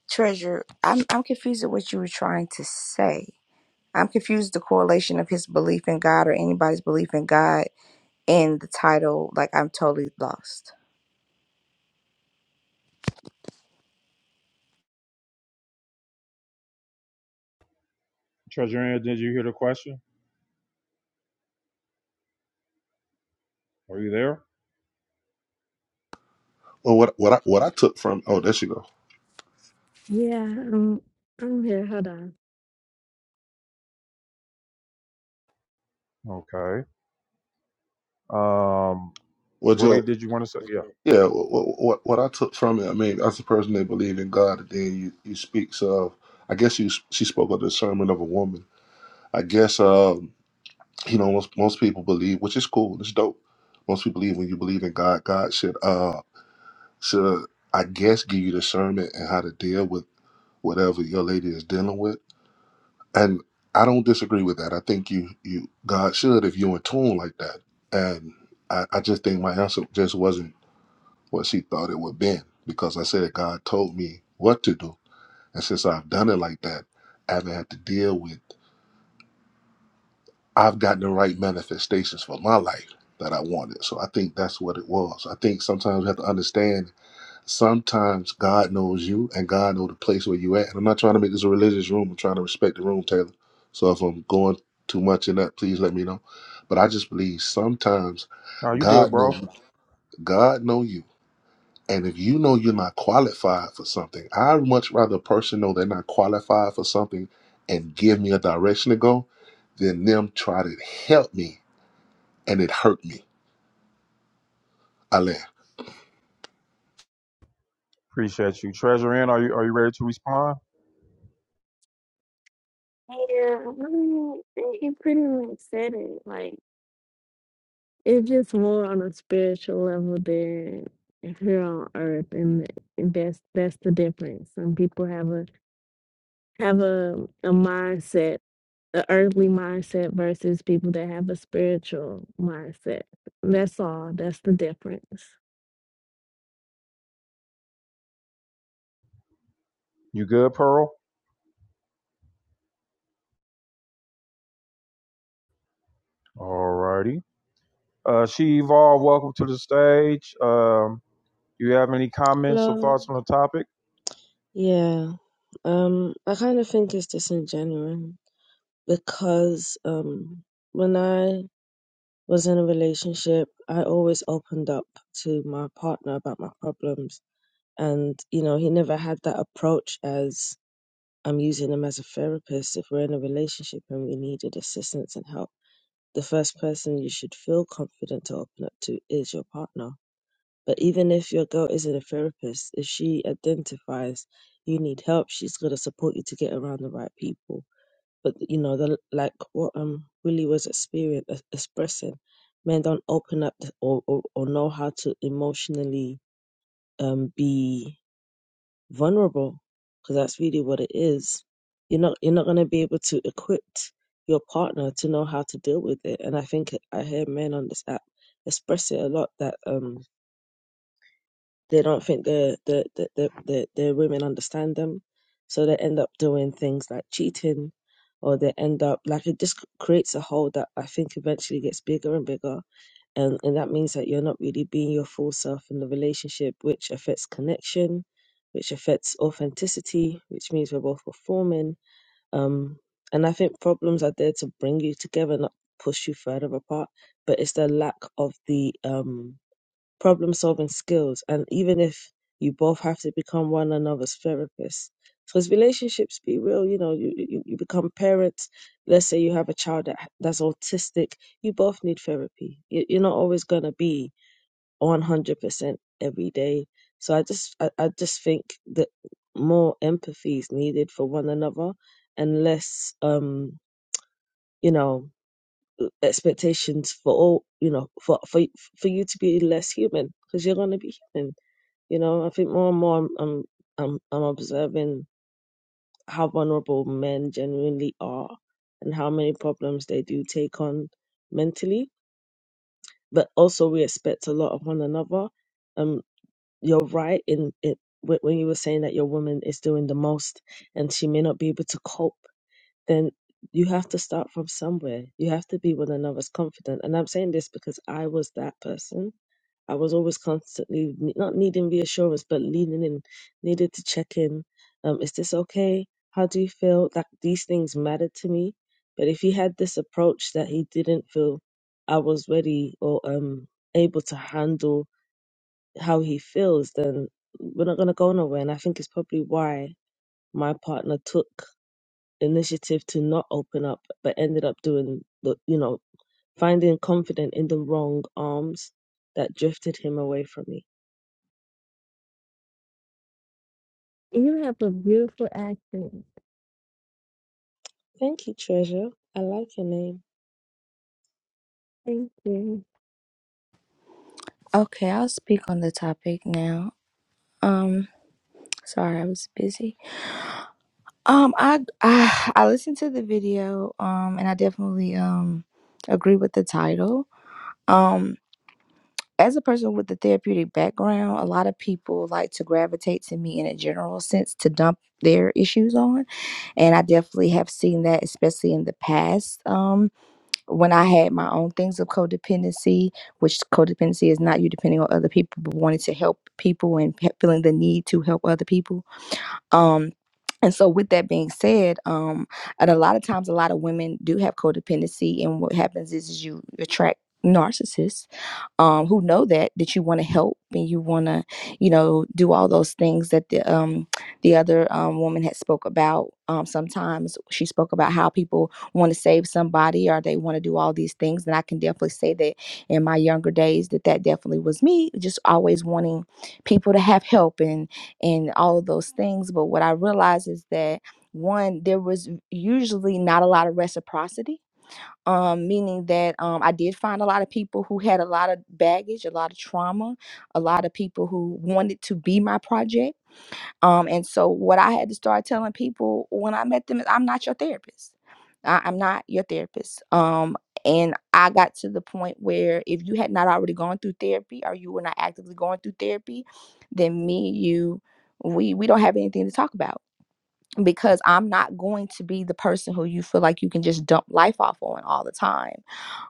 treasure. I'm I'm confused at what you were trying to say. I'm confused the correlation of his belief in God or anybody's belief in God and the title. Like I'm totally lost.
Treasure Ann, did you hear the question? Are you there?
Well, what what I, what I took from oh, there she go.
yeah um, i'm here hold on
Okay. Um,
Well,
Willie,
Joe.
did you want to say? Yeah.
Yeah, what, what what I took from it, I mean, as a person that believe in God, and then you, you speaks of, I guess you she spoke of the sermon of a woman. I guess um, you know most most people believe, which is cool, it's dope. Most people believe when you believe in God, God should uh should I guess give you discernment and how to deal with whatever your lady is dealing with. And I don't disagree with that. I think you you God should if you're in tune like that. And I, I just think my answer just wasn't. what she thought it would been because I said God told me what to do. And since I've done it like that, I haven't had to deal with I've gotten the right manifestations for my life that I wanted. So I think that's what it was. I think sometimes we have to understand sometimes God knows you and God knows the place where you at. And I'm not trying to make this a religious room. I'm trying to respect the room, Taylor. So if I'm going too much in that, please let me know. But I just believe sometimes
No, you good,
God knows
bro.
you. God knows you And if you know you're not qualified for something, I'd much rather a person know they're not qualified for something and give me a direction to go than them try to help me and it hurt me. Alain.
Appreciate you. Treasure Ann, are you are you ready to respond?
yeah I mean, he pretty much said it like It's just more on a spiritual level than here on earth, and, and that's that's the difference. Some people have a have a a mindset, a earthly mindset, versus people that have a spiritual mindset. That's all. That's the difference.
You good, Pearl? All righty. Uh, she evolved. Welcome to the stage. Um, Do you have any comments or
Hello.
thoughts on the topic?
Yeah. Um, I kind of think it's disingenuous because um, when I was in a relationship, I always opened up to my partner about my problems. And, you know, he never had that approach as I'm using him as a therapist. If we're in a relationship and we needed assistance and help, the first person you should feel confident to open up to is your partner. But even if your girl isn't a therapist, if she identifies you need help, she's gonna support you to get around the right people. But you know, the, like what um Willie was experience ex- expressing, men don't open up or, or or know how to emotionally um be vulnerable because that's really what it is. You're not you're not gonna be able to equip your partner to know how to deal with it. And I think I hear men on this app express it a lot that um They don't think the the the the, the, the women understand them, so they end up doing things like cheating, or they end up like it just creates a hole that I think eventually gets bigger and bigger, and and that means that you're not really being your full self in the relationship, which affects connection, which affects authenticity, which means we're both performing. Um, and I think problems are there to bring you together, not push you further apart. But it's the lack of the um problem solving skills, and even if you both have to become one another's therapists. Because relationships, be real, you know, you, you, you become parents. Let's say you have a child that, that's autistic. You both need therapy. You, you're not always going to be 100% every day. So I just, I, I just think that more empathy is needed for one another and less, um, you know, expectations for all, you know, for, for, for you to be less human because you're going to be human you know, I think more and more I'm I'm I'm, I'm observing how vulnerable men genuinely are and how many problems they do take on mentally. But also we expect a lot of one another. Um, you're right in it when when you were saying that your woman is doing the most and she may not be able to cope then you have to start from somewhere. You have to be one another's confidant. And I'm saying this because I was that person. I was always constantly ne- not needing reassurance, but leaning in, needed to check in. Um, is this okay? How do you feel? Like these things mattered to me. But if he had this approach that he didn't feel I was ready or um able to handle how he feels, then we're not gonna go nowhere. And I think it's probably why my partner took initiative to not open up, but ended up doing the, you know, finding confident in the wrong arms that drifted him away from me.
You have a beautiful accent.
Thank you, Treasure. I like your name.
Thank you.
Okay, I'll speak on the topic now. Um, sorry, I was busy. Um, I I, I listened to the video. Um, and I definitely um agree with the title. Um, as a person with a therapeutic background, a lot of people like to gravitate to me in a general sense to dump their issues on, and I definitely have seen that, especially in the past. Um, when I had my own things of codependency, which codependency is not you depending on other people, but wanting to help people and pe- feeling the need to help other people. Um, and so, with that being said, um, and a lot of times, a lot of women do have codependency, and what happens is, is you attract narcissists um, who know that that you want to help and you want to you know do all those things that the um, the other um, woman had spoke about um, sometimes she spoke about how people want to save somebody or they want to do all these things and i can definitely say that in my younger days that that definitely was me just always wanting people to have help and and all of those things but what i realized is that one there was usually not a lot of reciprocity um, meaning that um, I did find a lot of people who had a lot of baggage, a lot of trauma, a lot of people who wanted to be my project. Um, and so, what I had to start telling people when I met them is, I'm not your therapist. I, I'm not your therapist. Um, and I got to the point where if you had not already gone through therapy or you were not actively going through therapy, then me, you, we we don't have anything to talk about because I'm not going to be the person who you feel like you can just dump life off on all the time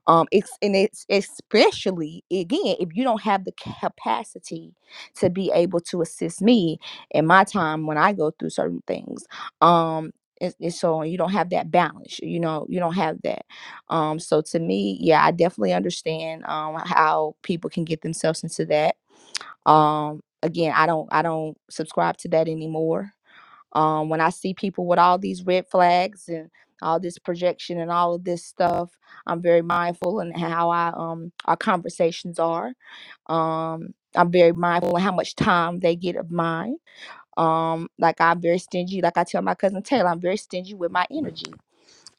um it's and it's especially again if you don't have the capacity to be able to assist me in my time when i go through certain things um and, and so you don't have that balance you know you don't have that um so to me yeah i definitely understand um how people can get themselves into that um again i don't i don't subscribe to that anymore um, when I see people with all these red flags and all this projection and all of this stuff, I'm very mindful in how I um our conversations are. Um, I'm very mindful of how much time they get of mine. Um, like I'm very stingy. Like I tell my cousin Taylor, I'm very stingy with my energy.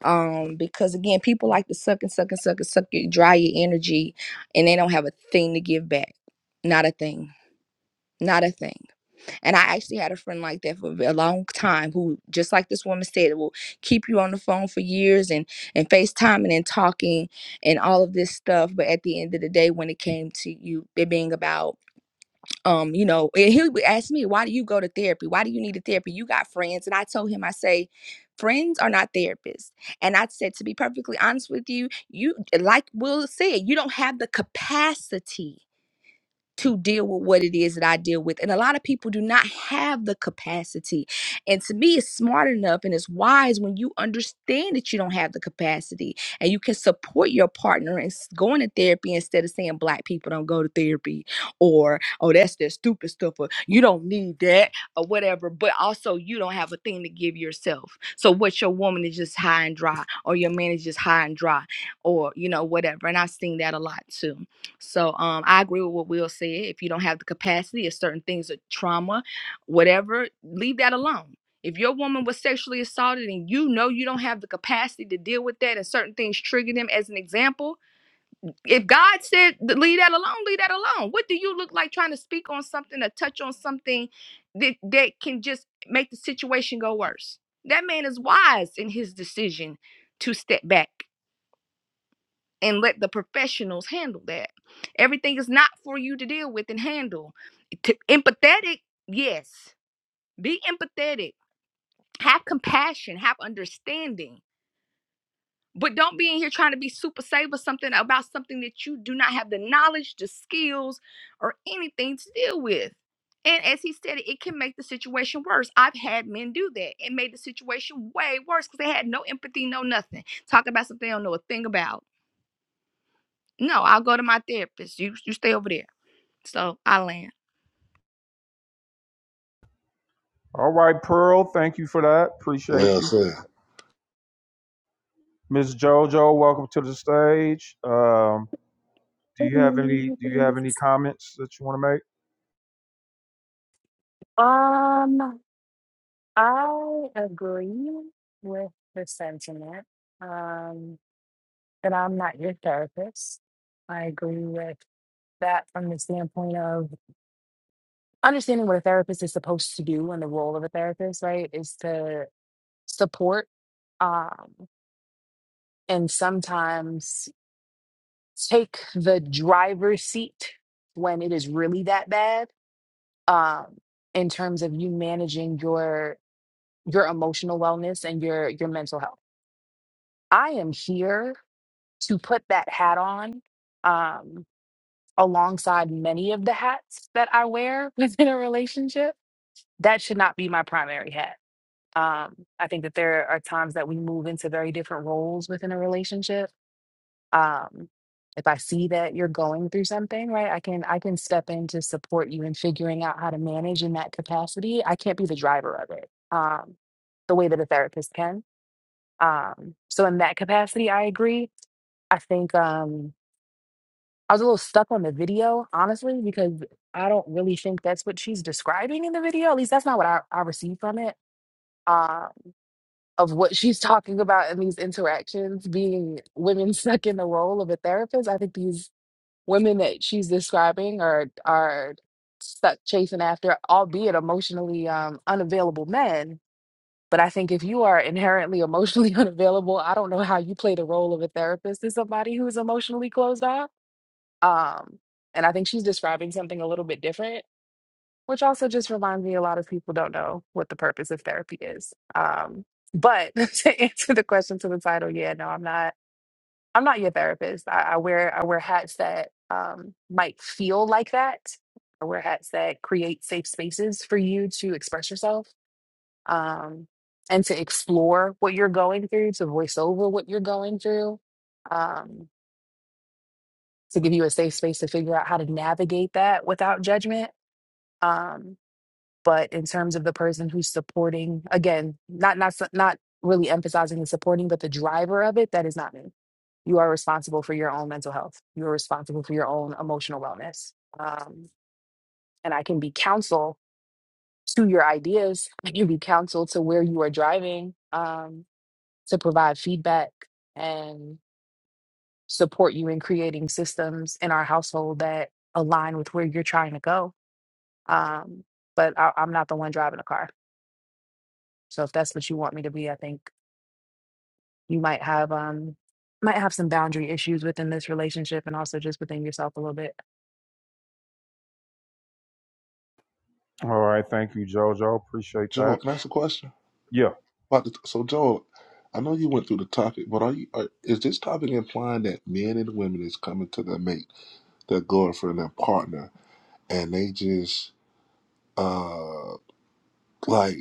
Um, because again, people like to suck and suck and suck and suck you dry your energy, and they don't have a thing to give back. Not a thing. Not a thing. And I actually had a friend like that for a long time who, just like this woman said, will keep you on the phone for years and and FaceTiming and talking and all of this stuff. But at the end of the day, when it came to you it being about um, you know, and he would ask me, why do you go to therapy? Why do you need a therapy? You got friends. And I told him, I say, friends are not therapists. And I said, to be perfectly honest with you, you like Will said, you don't have the capacity to deal with what it is that I deal with. And a lot of people do not have the capacity. And to me, it's smart enough and it's wise when you understand that you don't have the capacity and you can support your partner and s- going to therapy instead of saying black people don't go to therapy or oh that's that stupid stuff or you don't need that or whatever. But also you don't have a thing to give yourself. So what your woman is just high and dry or your man is just high and dry or you know whatever. And I've seen that a lot too. So um, I agree with what Will said. If you don't have the capacity, if certain things are trauma, whatever, leave that alone. If your woman was sexually assaulted and you know you don't have the capacity to deal with that and certain things trigger them, as an example, if God said th- leave that alone, leave that alone. What do you look like trying to speak on something or touch on something that, that can just make the situation go worse? That man is wise in his decision to step back and let the professionals handle that. Everything is not for you to deal with and handle. To, empathetic, yes. Be empathetic. Have compassion. Have understanding. But don't be in here trying to be super safe or something about something that you do not have the knowledge, the skills, or anything to deal with. And as he said, it can make the situation worse. I've had men do that. It made the situation way worse because they had no empathy, no nothing. Talk about something they don't know a thing about No, I'll go to my therapist. You you stay over there. So I land.
All right, Pearl, thank you for that. Appreciate
Well
you.
said.
Miss Jojo, welcome to the stage. Um, do you have any do you have any comments that you want to make?
Um, I agree with the sentiment um, that I'm not your therapist. I agree with that from the standpoint of understanding what a therapist is supposed to do and the role of a therapist, right, is to support um, and sometimes take the driver's seat when it is really that bad um, in terms of you managing your your emotional wellness and your your mental health. I am here to put that hat on um alongside many of the hats that I wear (laughs) within a relationship. That should not be my primary hat. Um I think that there are times that we move into very different roles within a relationship. Um if I see that you're going through something, right? I can I can step in to support you in figuring out how to manage in that capacity. I can't be the driver of it. Um the way that a therapist can Um, so in that capacity, I agree. I think um, I was a little stuck on the video, honestly, because I don't really think that's what she's describing in the video. At least that's not what I, I received from it. Um, of what (laughs) she's talking about in these interactions being women (laughs) stuck in the role of a therapist. I think these women that she's describing are are stuck chasing after, albeit emotionally um, unavailable men but I think if you are inherently emotionally (laughs) unavailable, I don't know how you play the role of a therapist to somebody who is emotionally closed off. Um, and I think she's describing something a little bit different, which also just reminds me a lot of people don't know what the purpose of therapy is. Um, but (laughs) to answer the question to the title, yeah, no, I'm not. I'm not your therapist. I, I wear I wear hats that um, might feel like that. I wear hats that create safe spaces for you to express yourself um, and to explore what you're going through, to voice over what you're going through, um, to give you a safe space to figure out how to navigate that without judgment. Um, but in terms of the person who's supporting, again, not not su- not really emphasizing the supporting, but the driver of it, that is not me. You are responsible for your own mental health. You are responsible for your own emotional wellness. Um, and I can be counsel to your ideas. I can be counsel to where you are driving. Um, to provide feedback and support you in creating systems in our household that align with where you're trying to go. Um, but I, I'm not the one driving the car, so if that's what you want me to be, I think you might have um might have some boundary issues within this relationship and also just within yourself a little bit.
All right, thank you, Jojo. Appreciate
Joel,
that.
can I ask a question?
Yeah.
About the, so, Joel, I know you went through the topic, but are you are, is this topic implying that men and women is coming to their mate, their girlfriend, their partner, and they just uh Like,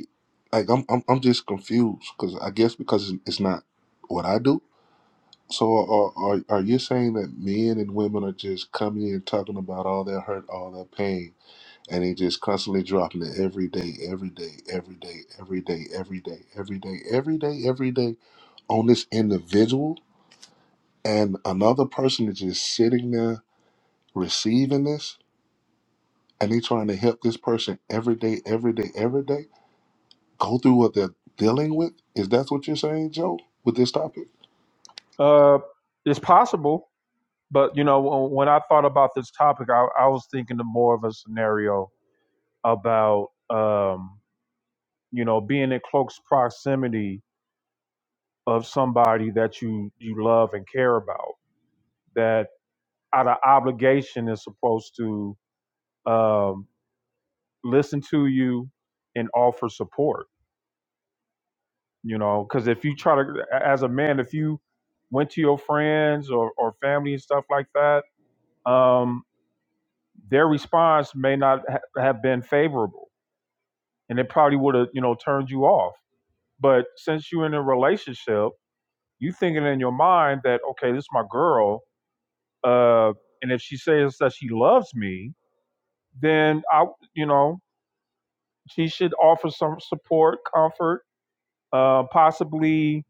like I'm I'm, I'm just confused because I guess because it's it's not what I do. So are, are are you saying that men and women are just coming in talking about all their hurt, all their pain, and they just constantly dropping it every day, every day, every day, every day, every day, every day, every day, every day on this individual, and another person is just sitting there receiving this, and they trying to help this person every day, every day, every day go through what they're dealing with? Is that what you're saying, Joe, with this topic?
Uh it's possible. But you know, w- when I thought about this topic, I, I was thinking of more of a scenario about um, you know being in close proximity of somebody that you you love and care about. That out of obligation is supposed to um, listen to you and offer support. You know, because if you try to, as a man, if you went to your friends or, or family and stuff like that, um, their response may not ha- have been favorable and it probably would have you know turned you off but since you're in a relationship you thinking in your mind that okay this is my girl uh and if she says that she loves me then i you know she should offer some support comfort uh possibly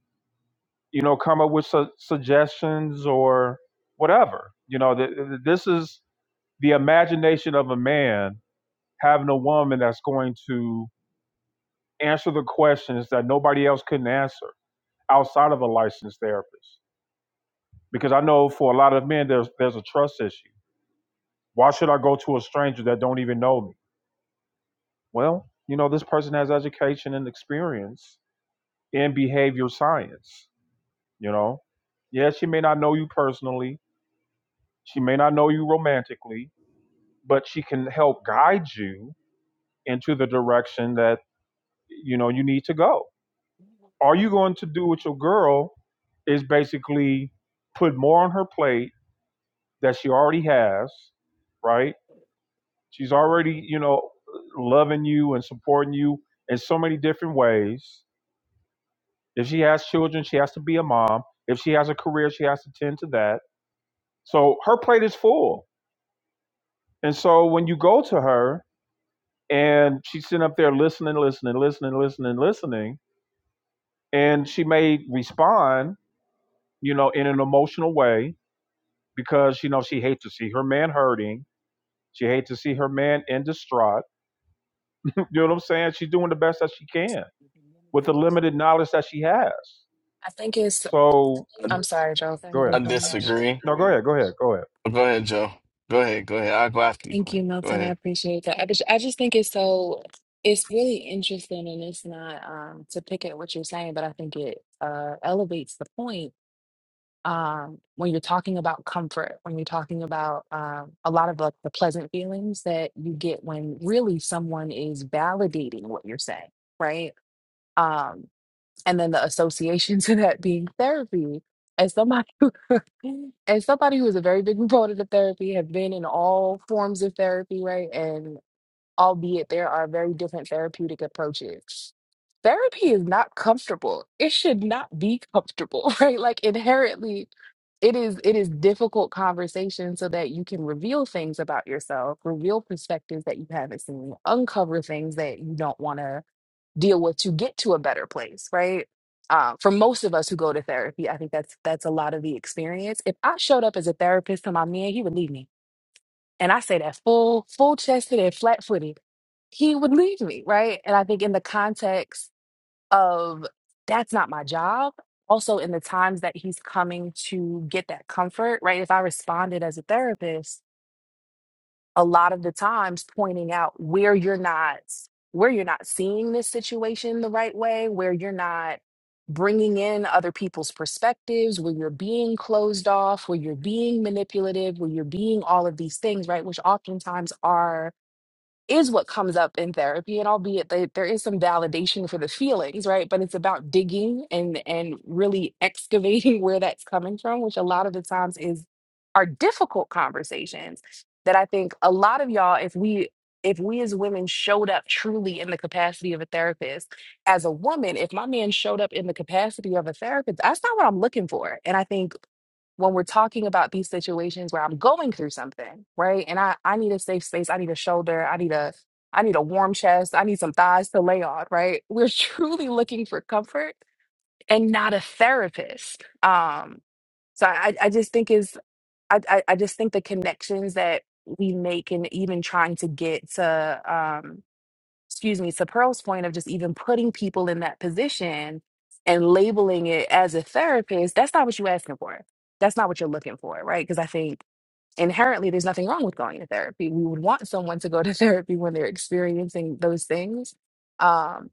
you know come up with su- suggestions or whatever you know th- th- this is the imagination of a man having a woman that's going to answer the questions that nobody else couldn't answer outside of a licensed therapist? Because I know for a lot of men, there's there's a trust issue. Why should I go to a stranger that don't even know me? Well, you know, this person has education and experience in behavior science. You know, yeah, she may not know you personally, she may not know you romantically, but she can help guide you into the direction that you know you need to go. Are you going to do with your girl is basically put more on her plate that she already has, right? She's already, you know, loving you and supporting you in so many different ways. If she has children, she has to be a mom. If she has a career, she has to tend to that. So her plate is full. And so when you go to her and she's sitting up there listening, listening, listening, listening, listening, and she may respond, you know, in an emotional way because, you know, she hates to see her man hurting. She hates to see her man in distraught You know what I'm saying? She's doing the best that she can with the limited knowledge that she has.
I think it's.
So
I,
I'm sorry, Joe. Go
go
ahead
ahead.
I
and finish.
disagree.
No, go ahead. Go ahead. Go ahead.
Oh, go ahead, Joe. Go ahead. Go ahead. I'll go after you,
Thank you,
Quinn. Go
Milton. I
ahead.
appreciate that. I just, I just think it's so, it's really interesting and it's not um, to pick at what you're saying, but I think it uh, elevates the point um, when you're talking about comfort, when you're talking about um, a lot of like the pleasant feelings that you get when really someone is validating what you're saying, right? Um, and then the association (laughs) to that being therapy. As somebody, as somebody who is a very big proponent of therapy, have been in all forms of therapy, right? And albeit there are very different therapeutic approaches. Therapy is not comfortable. It should not be comfortable, (laughs) right? Like inherently it is it is difficult conversation so that you can reveal things about yourself, reveal perspectives that you haven't seen, uncover things that you don't want to deal with to get to a better place, right? Uh, for most of us who go to therapy, I think that's that's a lot of the experience. If I showed up as a therapist to my man, he would leave me and I say that full, full chested and flat footed, he would leave me, right? And I think in the context of that's not my job, also in the times that he's coming to get that comfort, right? If I responded as a therapist, a lot of the times pointing out where you're not where you're not seeing this situation the right way where you're not bringing in other people's perspectives where you're being closed off where you're being manipulative where you're being all of these things right which oftentimes are is what comes up in therapy and albeit that there is some validation for the feelings right but it's about digging and and really excavating (laughs) where that's coming from which a lot of the times is are difficult conversations that i think a lot of y'all if we if we as women showed up truly in the capacity of a therapist as a woman if my man showed up in the capacity of a therapist that's not what i'm looking for and i think when we're talking about these situations where I'm going through something, right? And I, I need a safe space, I need a shoulder, I need a I need a warm chest, I need some thighs to lay on, right? We're (laughs) truly looking for comfort and not a therapist. Um, so I, I just think is I, I I just think the connections that we make and even trying to get to um, excuse me, to Pearl's point of just even putting people in that position and labeling it as a therapist, that's not what you're asking for. That's not what you're looking for, right? Because I think inherently there's nothing wrong with going to therapy. We would want someone to go to (laughs) therapy when they're experiencing those things. Um,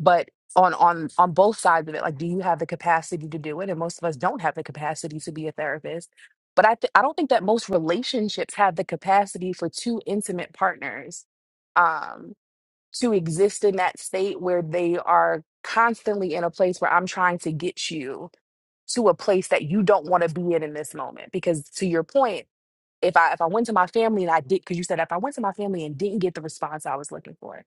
but on on on both sides of it, like, do you have the capacity to do it? And most of us don't have the capacity to be a therapist. But I th- I don't think that most relationships have the capacity for two intimate partners um to exist in that state where they are constantly in a place where I'm trying to get you to a place that you don't want to be in in this moment. Because to your point, if I if I went to my family and I did, because you said if I went to my family and didn't get the response I was looking for,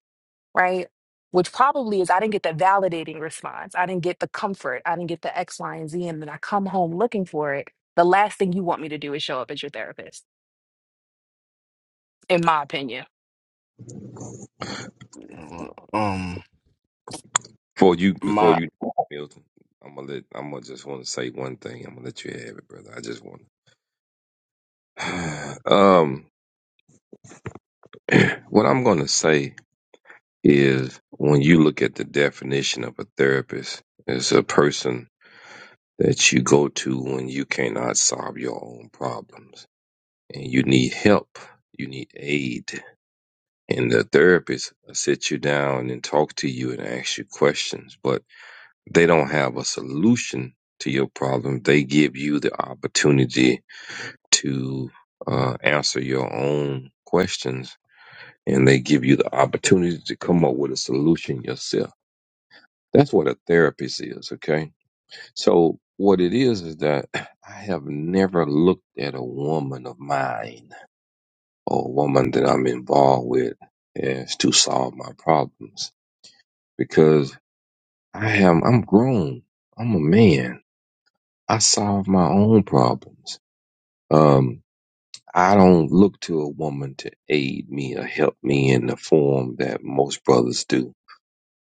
right? Which probably is I didn't get the validating response. I didn't get the comfort. I didn't get the X, Y, and Z. And then I come home looking for it. The last thing you want me to do is show up as your therapist, in my opinion.
Um,
Before you, before
my
you, Milton, I'm gonna let. I'm gonna just want to say one thing. I'm gonna let you have it, brother. I just want. (sighs) um, what I'm gonna say is when you look at the definition of a therapist, it's a person that you go to when you cannot solve your own problems and you need help, you need aid. And the therapist sits you down and talk to you and ask you questions, but they don't have a solution to your problem. They give you the opportunity to uh, answer your own questions and they give you the opportunity to come up with a solution yourself That's what a therapist is, okay? So what it is is that (clears throat) I have never looked at a woman of mine or a woman that I'm involved with as to solve my problems because I am I'm grown. I'm a man. I solve my own problems. Um I don't look to a woman to aid me or help me in the form that most brothers do.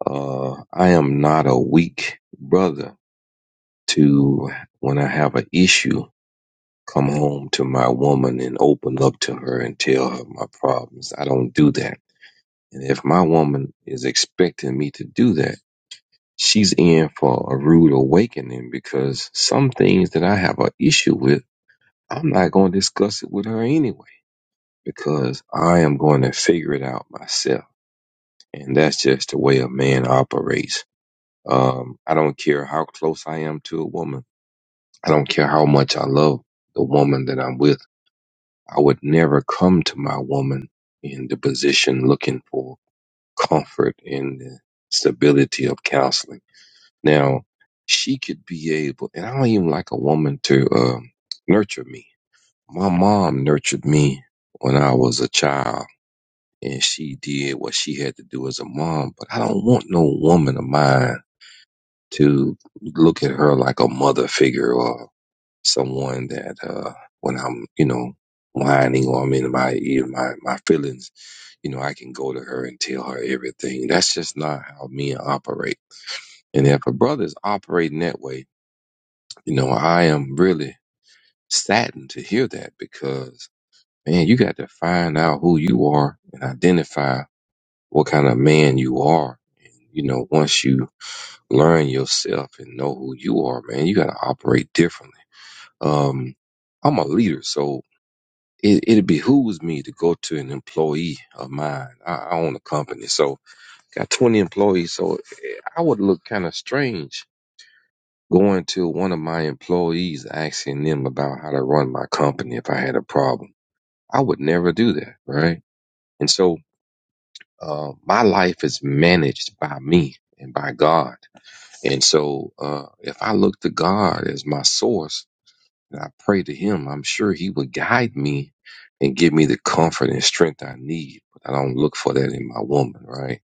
Uh I am not a weak brother. to when I have an issue, come home to my woman and open up to her and tell her my problems. I don't do that. And if my woman is expecting me to do that, she's in for a rude awakening because some things that I have an issue with, I'm not going to discuss it with her anyway because I am going to figure it out myself. And that's just the way a man operates. Um, I don't care how close I am to a woman. I don't care how much I love the woman that I'm with. I would never come to my woman in the position looking for comfort and the stability of counseling. Now, she could be able, and I don't even like a woman to um, nurture me. My mom nurtured me when I was a child, and she did what she had to do as a mom. But I don't want no woman of mine to look at her like a mother figure or. someone that uh when I'm, you know, whining or I'm in my ear, my my feelings, you know, I can go to her and tell her everything. That's just not how men operate. And if a brother's operating that way, you know, I am really saddened to hear that because man, you got to find out who you are and identify what kind of man you are. And you know, once you learn yourself and know who you are, man, you gotta operate differently. Um I'm a leader, so it, it behooves me to go to an employee of mine. I, I own a company, so got 20 employees. So eh, I would look kind of strange going to one of my employees asking them about how to run my company if I had a problem. I would never do that, right? And so uh, my life is managed by me and by God. And so uh, if I look to God as my source, And I pray to him. I'm sure he would guide me and give me the comfort and strength I need. But I don't look for that in my woman, right?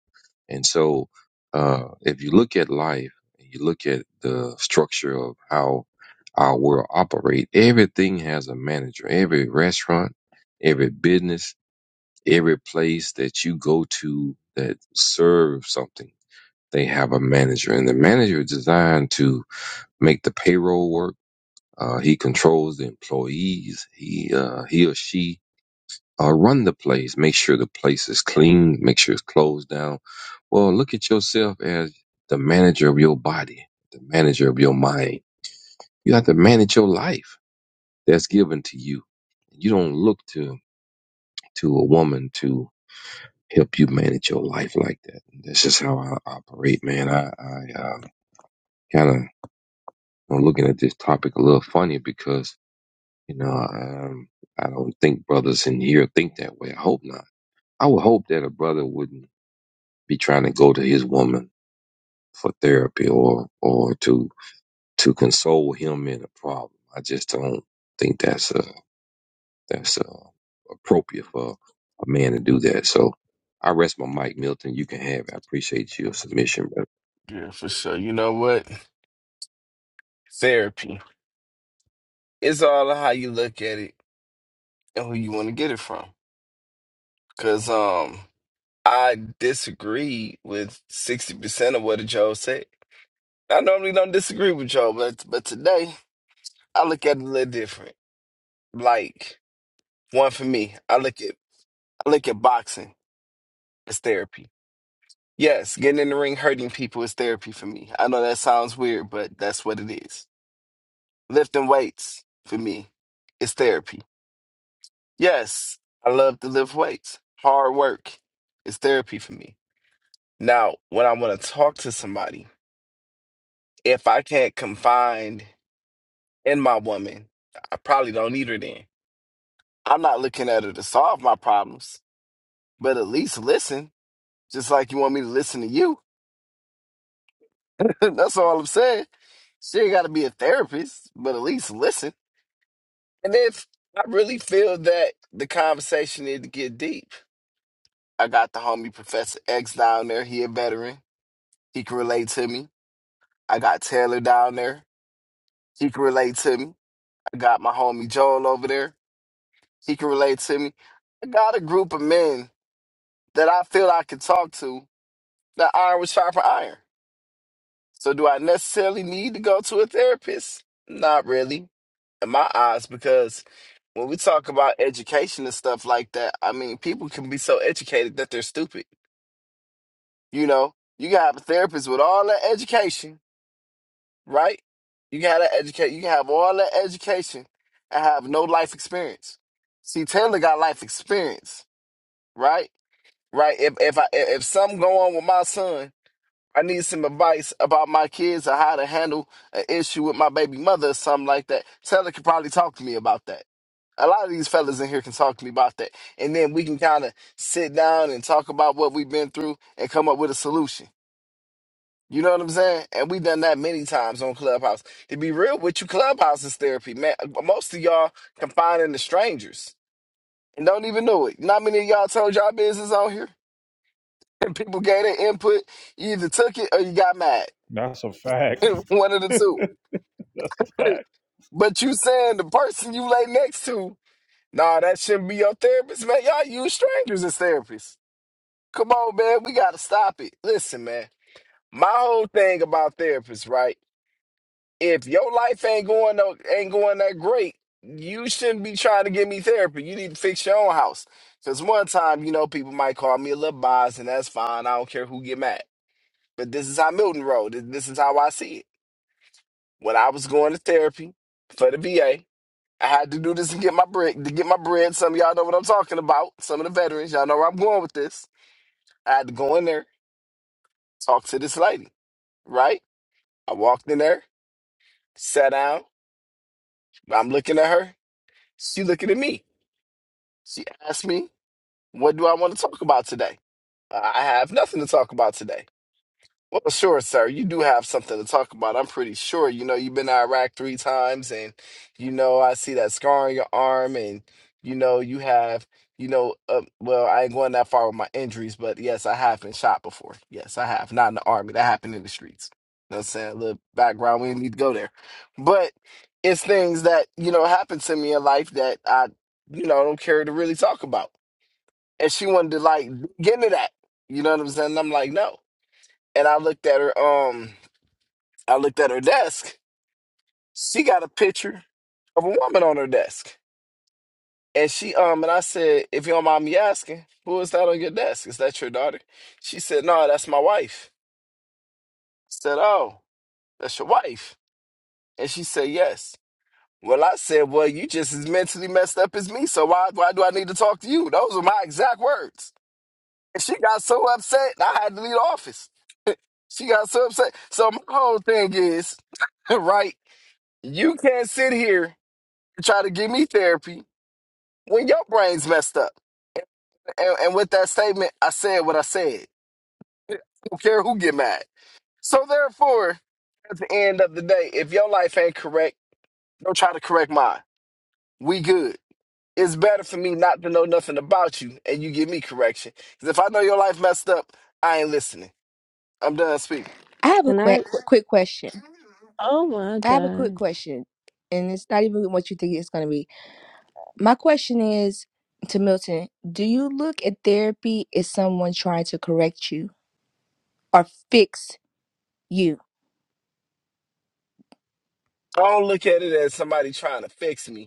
And so, uh, if you look at life and you look at the structure of how our world operate, everything has a manager. Every restaurant, every business, every place that you go to that serve something, they have a manager, and the manager is designed to make the payroll work uh, he controls the employees. He uh, he or she uh, run the place, make sure the place is clean, make sure it's closed down. Well, look at yourself as the manager of your body, the manager of your mind. You have to manage your life that's given to you. You don't look to to a woman to help you manage your life like that. That's just how I operate, man. I I uh, kind of I'm looking at this topic a little funny because You know, um, I don't think brothers in here think that way. I hope not. I would hope that a brother wouldn't be trying to go to his woman for therapy or or to to console him in a problem. I just don't think that's uh that's uh appropriate for a man to do that. So I rest my mic, Milton. You can have. It. I appreciate your submission, but
yeah, for sure. You know what? Therapy. It's all how you look at it and who you want to get it from. Cause um, I disagree with sixty percent of what Joe said. I normally don't disagree with Joe, but but today I look at it a little different. Like one for me, I look at I look at boxing as therapy. Yes, getting in the ring hurting people is therapy for me. I know that sounds weird, but that's what it is. Lifting weights for me is therapy. Yes, I love to lift weights. Hard work is therapy for me. Now, when I want to talk to somebody, if I can't confide in my woman, I probably don't need her then. I'm not looking at her to solve my problems, but at least listen, just like you want me to listen to you. (laughs) that's all I'm saying. She ain't got to be a therapist, but at least listen. And if I really feel that the conversation need to get deep, I got the homie Professor X down there. He a veteran. He can relate to me. I got Taylor down there. He can relate to me. I got my homie Joel over there. He can relate to me. I got a group of men that I feel I can talk to that iron was sharper iron. So do I necessarily need to go to a therapist? Not really, in my eyes, because when we talk about education and stuff like that, I mean, people can be so educated that they're stupid. You know, you can have a therapist with all that education, right? You can have that educate. You can have all that education and have no life experience. See, Taylor got life experience, right? Right. If if I if if something go on with my son, I need some advice about my kids or how to handle an issue with my baby mother or something like that. Taylor could probably talk to me about that a lot of these fellas in here can talk to me about that. And then we can kind of sit down and talk about what we've been through and come up with a solution. You know what I'm saying? And we've done that many times on Clubhouse. To be real with you, Clubhouse is therapy, man. Most of y'all confining to strangers and don't even know it. Not many of y'all told y'all business on here. (laughs) And people gave their input. You either took it or you got mad.
That's a fact.
(laughs) One of the two. But you saying the person you lay next to, nah, that shouldn't be your therapist, man. Y'all use strangers as therapists. Come on, man. We got to stop it. Listen, man. My whole thing about therapists, right? If your life ain't going no, ain't going that great, you shouldn't be trying to give me therapy. You need to fix your own house. Because one time, you know, people might call me a little biased, and that's fine. I don't care who get mad. But this is how Milton rolled. This this is how I see it. When I was going to therapy for the VA, I had to do this to get my bread. To get my bread, some of y'all know what I'm talking about. Some of the veterans, y'all know where I'm going with this. I had to go in there, talk to this lady right? I walked in there, sat down. I'm looking at her. She looking at me. She asked me, "What do I want to talk about today?" I have nothing to talk about today. Well, sure, sir. You do have something to talk about. I'm pretty sure. You know, you've been to Iraq three times, and you know, I see that scar on your arm, and you know, you have, you know, uh, well, I ain't going that far with my injuries, but yes, I have been shot before. Yes, I have. Not in the army. That happened in the streets. You know what I'm saying? A little background. We didn't need to go there, but it's things that you know happened to me in life that I, you know, don't care to really talk about. And she wanted to like get into that. You know what I'm saying? I'm like, no and I looked at her um I looked at her desk. She got a picture of a woman on her desk. And she um and I said, if you don't mind me asking, who is that on your desk? Is that your daughter? She said, No, that's my wife. I said, Oh, that's your wife. And she said, Yes. Well, I said, Well, you just as mentally messed up as me, so why why do I need to talk to you? Those were my exact words. And she got so upset I had to leave the office. She got so upset. So my whole thing is, (laughs) right? You can't sit here and try to give me therapy when your brain's messed up. And, and with that statement, I said what I said. I don't care who get mad. So therefore, at the end of the day, if your life ain't correct, don't try to correct mine. We good. It's better for me not to know nothing about you and you give me correction. Because if I know your life messed up, I ain't listening. I'm done speaking.
I have a
Can I,
quick quick quick question.
Oh my
I have a quick
gosh.
question, and it's not even what you think it's going to be. My question is to Milton: Do you look at therapy as someone trying to correct you or fix you?
I don't look at it as somebody trying to fix me.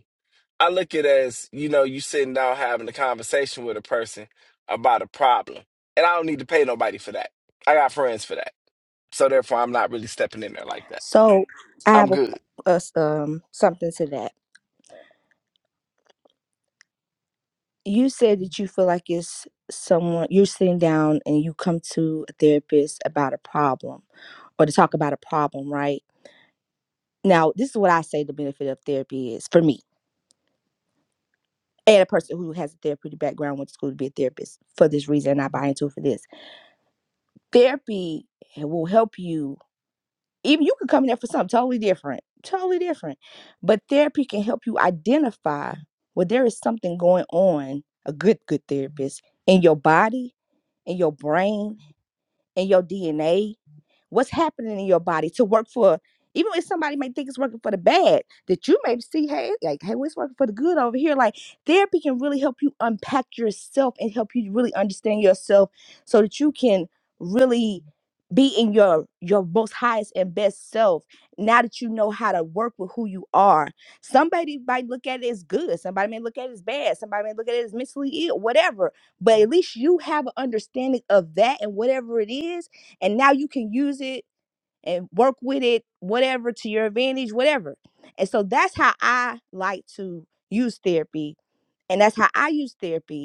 I look at it as, you know, you sitting down having a conversation with a person about a problem. And I don't need to pay nobody for that. I got friends for that. So therefore I'm not really stepping in there like that.
So I
I'm
have a,
good.
a s- um something to that. You said that you feel like it's someone you're sitting down and you come to a therapist about a problem or to talk about a problem, right? Now, this is what I say the benefit of therapy is for me and a person who has a therapeutic background, went to school to be a therapist for this reason, and I buy into it for this. Therapy will help you, even you could come in there for something totally different, totally different. But therapy can help you identify where there is something going on, a good, good therapist, in your body, in your brain, in your DNA what's happening in your body to work for even if somebody may think it's working for the bad that you may see hey like hey what's working for the good over here like therapy can really help you unpack yourself and help you really understand yourself so that you can really be in your your most highest and best self now that you know how to work with who you are somebody might look at it as good somebody may look at it as bad somebody may look at it as mentally ill whatever but at least you have an understanding of that and whatever it is and now you can use it and work with it whatever to your advantage whatever and so that's how i like to use therapy and that's how i use therapy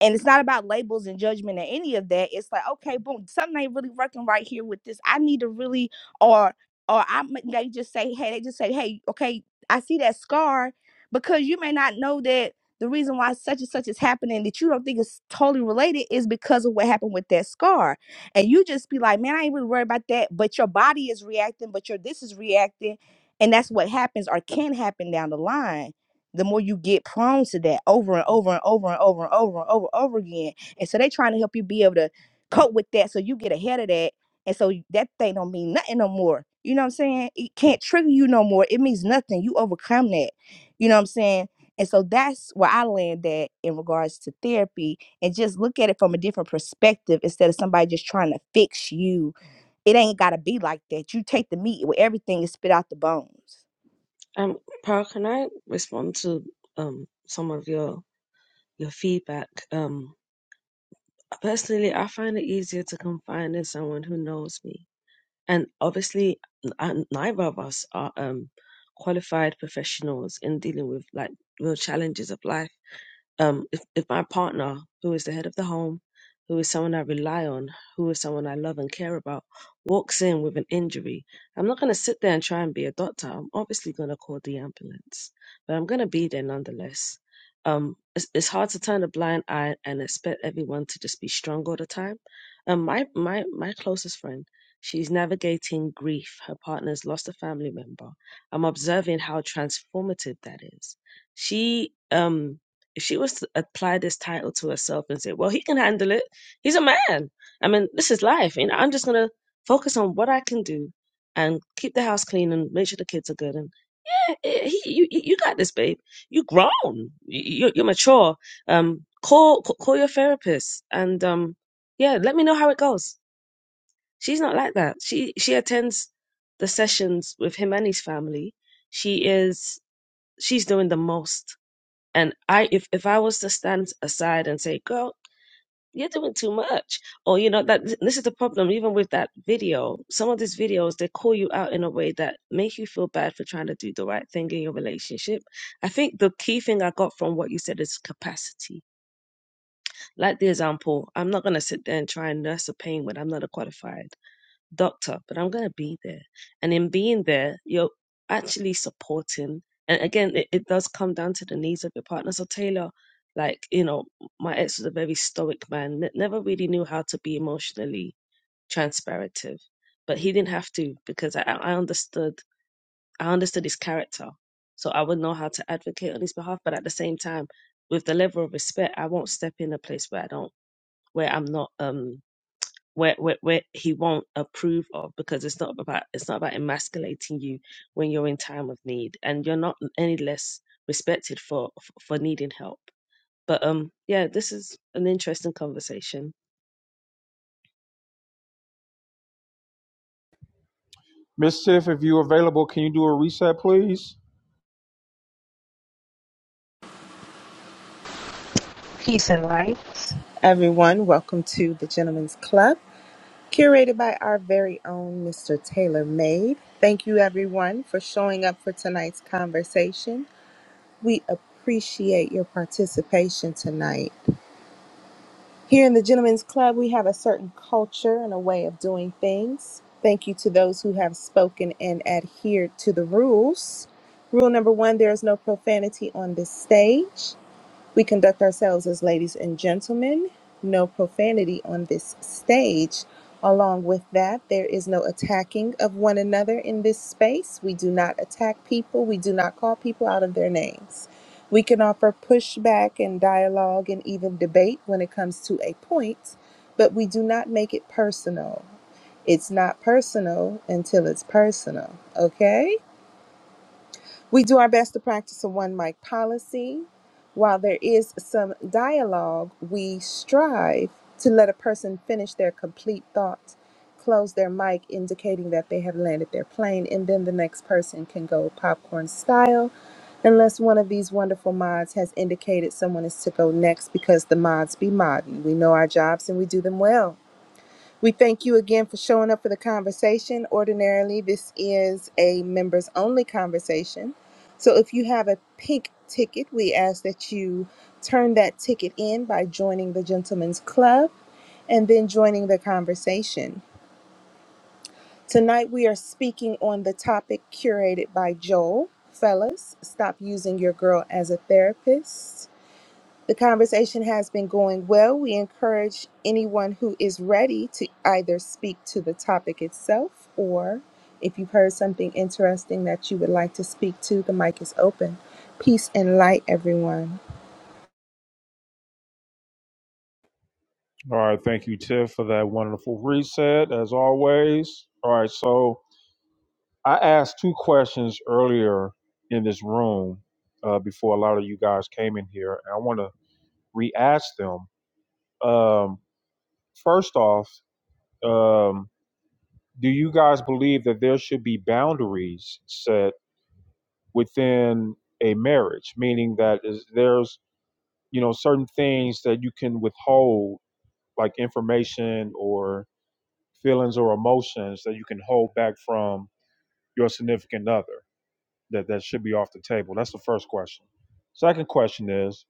and it's not about labels and judgment or any of that it's like okay boom something ain't really working right here with this i need to really or or i m- they just say hey they just say hey okay i see that scar because you may not know that the reason why such and such is happening that you don't think is totally related is because of what happened with that scar and you just be like man i ain't really worried about that but your body is reacting but your this is reacting and that's what happens or can happen down the line the more you get prone to that over and over and over and over and over and over and over again. And so they trying to help you be able to cope with that so you get ahead of that. And so that thing don't mean nothing no more. You know what I'm saying? It can't trigger you no more. It means nothing. You overcome that. You know what I'm saying? And so that's where I land at in regards to therapy and just look at it from a different perspective instead of somebody just trying to fix you it ain't gotta be like that. You take the meat with everything and spit out the bones.
um, Pearl, can I respond to um some of your your feedback? Um, personally, I find it easier to confide in someone who knows me, and obviously, n- neither of us are um qualified professionals in dealing with like real challenges of life um, if, if my partner, who is the head of the home, who is someone I rely on, who is someone I love and care about, walks in with an injury, I'm not going to sit there and try and be a doctor. I'm obviously going to call the ambulance, but I'm going to be there nonetheless. Um, it's, it's hard to turn a blind eye and expect everyone to just be strong all the time. Um, my my my closest friend, she's navigating grief. Her partner's lost a family member. I'm observing how transformative that is. She um if she was to apply this title to herself and say, well, he can handle it. He's a man. I mean, this is life. You know, I'm just going to focus on what I can do and keep the house clean and make sure the kids are good. And eh, eh, he, you, you you got this, babe. You grown. You, you- you're mature. Um, call, c- call your therapist and, um, yeah, let me know how it goes. She's not like that. She, she attends the sessions with him and his family. She is, she's doing the most and I, if, if I was to stand aside and say, girl, you're doing too much, or, you know, that this is the problem, even with that video, some of these videos, they call you out in a way that make you feel bad for trying to do the right thing in your relationship. I think the key thing I got from what you said is capacity. Like the example, I'm not going to sit there and try and nurse a pain when I'm not qualified doctor, but I'm going to be there. And in being there, you're actually supporting. And again, it, it does come down to the needs of your partner. So, Taylor, like, you know, my ex was a very stoic man, ne- never really knew how to be emotionally transparative, but he didn't have to because I, I understood, I understood his character. So I would know how to advocate on his behalf, but at the same time, with the level of respect, I won't step in a place where I don't, where I'm not, um, where, where, where he won't approve of because it's not about it's not about emasculating you when you're in time of need and you're not any less respected for for needing help but um yeah this is an interesting conversation
Miss Tiff, if you're available, can you do a reset, please?
Peace and light. Everyone, welcome to the Gentleman's Club. curated by our very own Mr. Taylor Made. Thank you, everyone, for showing up for tonight's conversation. We appreciate your participation tonight. Here in the Gentlemen's Club, we have a certain culture and a way of doing things. Thank you to those who have spoken and adhered to the rules. Rule number one there is no profanity on this stage. We conduct ourselves as ladies and gentlemen. No profanity on this stage. Along with that, there is no attacking of one another in this space. We do not attack people. We do not call people out of their names. We can offer pushback and dialogue and even debate when it comes to a point, but we do not make it personal. It's not personal until it's personal, okay? We do our best to practice a one mic policy. While there is some dialogue, we strive to let a person finish their complete thought, close their mic, indicating that they have landed their plane, and then the next person can go popcorn style, unless one of these wonderful mods has indicated someone is to go next because the mods be modding. We know our jobs and we do them well. We thank you again for showing up for the conversation. Ordinarily, this is a members only conversation. So if you have a pink ticket, we ask that you turn that ticket in by joining the Gentlemen's Club and then joining the conversation. Tonight, we are speaking on the topic curated by Joel. Fellas, stop using your girl as a therapist. The conversation has been going well. We encourage anyone who is ready to either speak to the topic itself or if you've heard something interesting that you would like to speak to, the mic is open. Peace and light, everyone.
All right. Thank you, Tiff, for that wonderful reset, as always. All right. So I asked two questions earlier in this room uh, before a lot of you guys came in here. and I want to re ask them. Um, first off, um, do you guys believe that there should be boundaries set within a marriage meaning that is there's you know certain things that you can withhold like information or feelings or emotions that you can hold back from your significant other that that should be off the table that's the first question second question is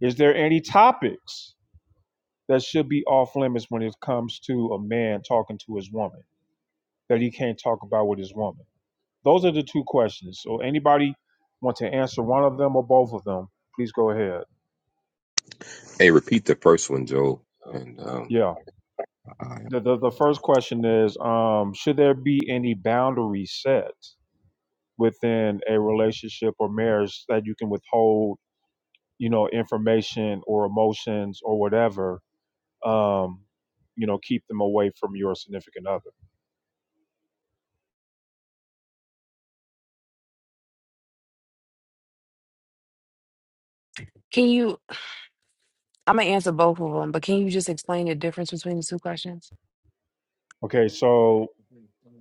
is there any topics that should be off limits when it comes to a man talking to his woman that he can't talk about with his woman Those are the two questions. So anybody want to answer one of them or both of them, please go ahead.
hey, repeat the first one, Joe, and um,
Yeah. The the, the first question is um, should there be any boundary set within a relationship or marriage that you can withhold, you know, information or emotions or whatever, um, you know, keep them away from your significant other.
Can you I'm gonna answer both of them, but can you just explain the difference between the two questions?
Okay, so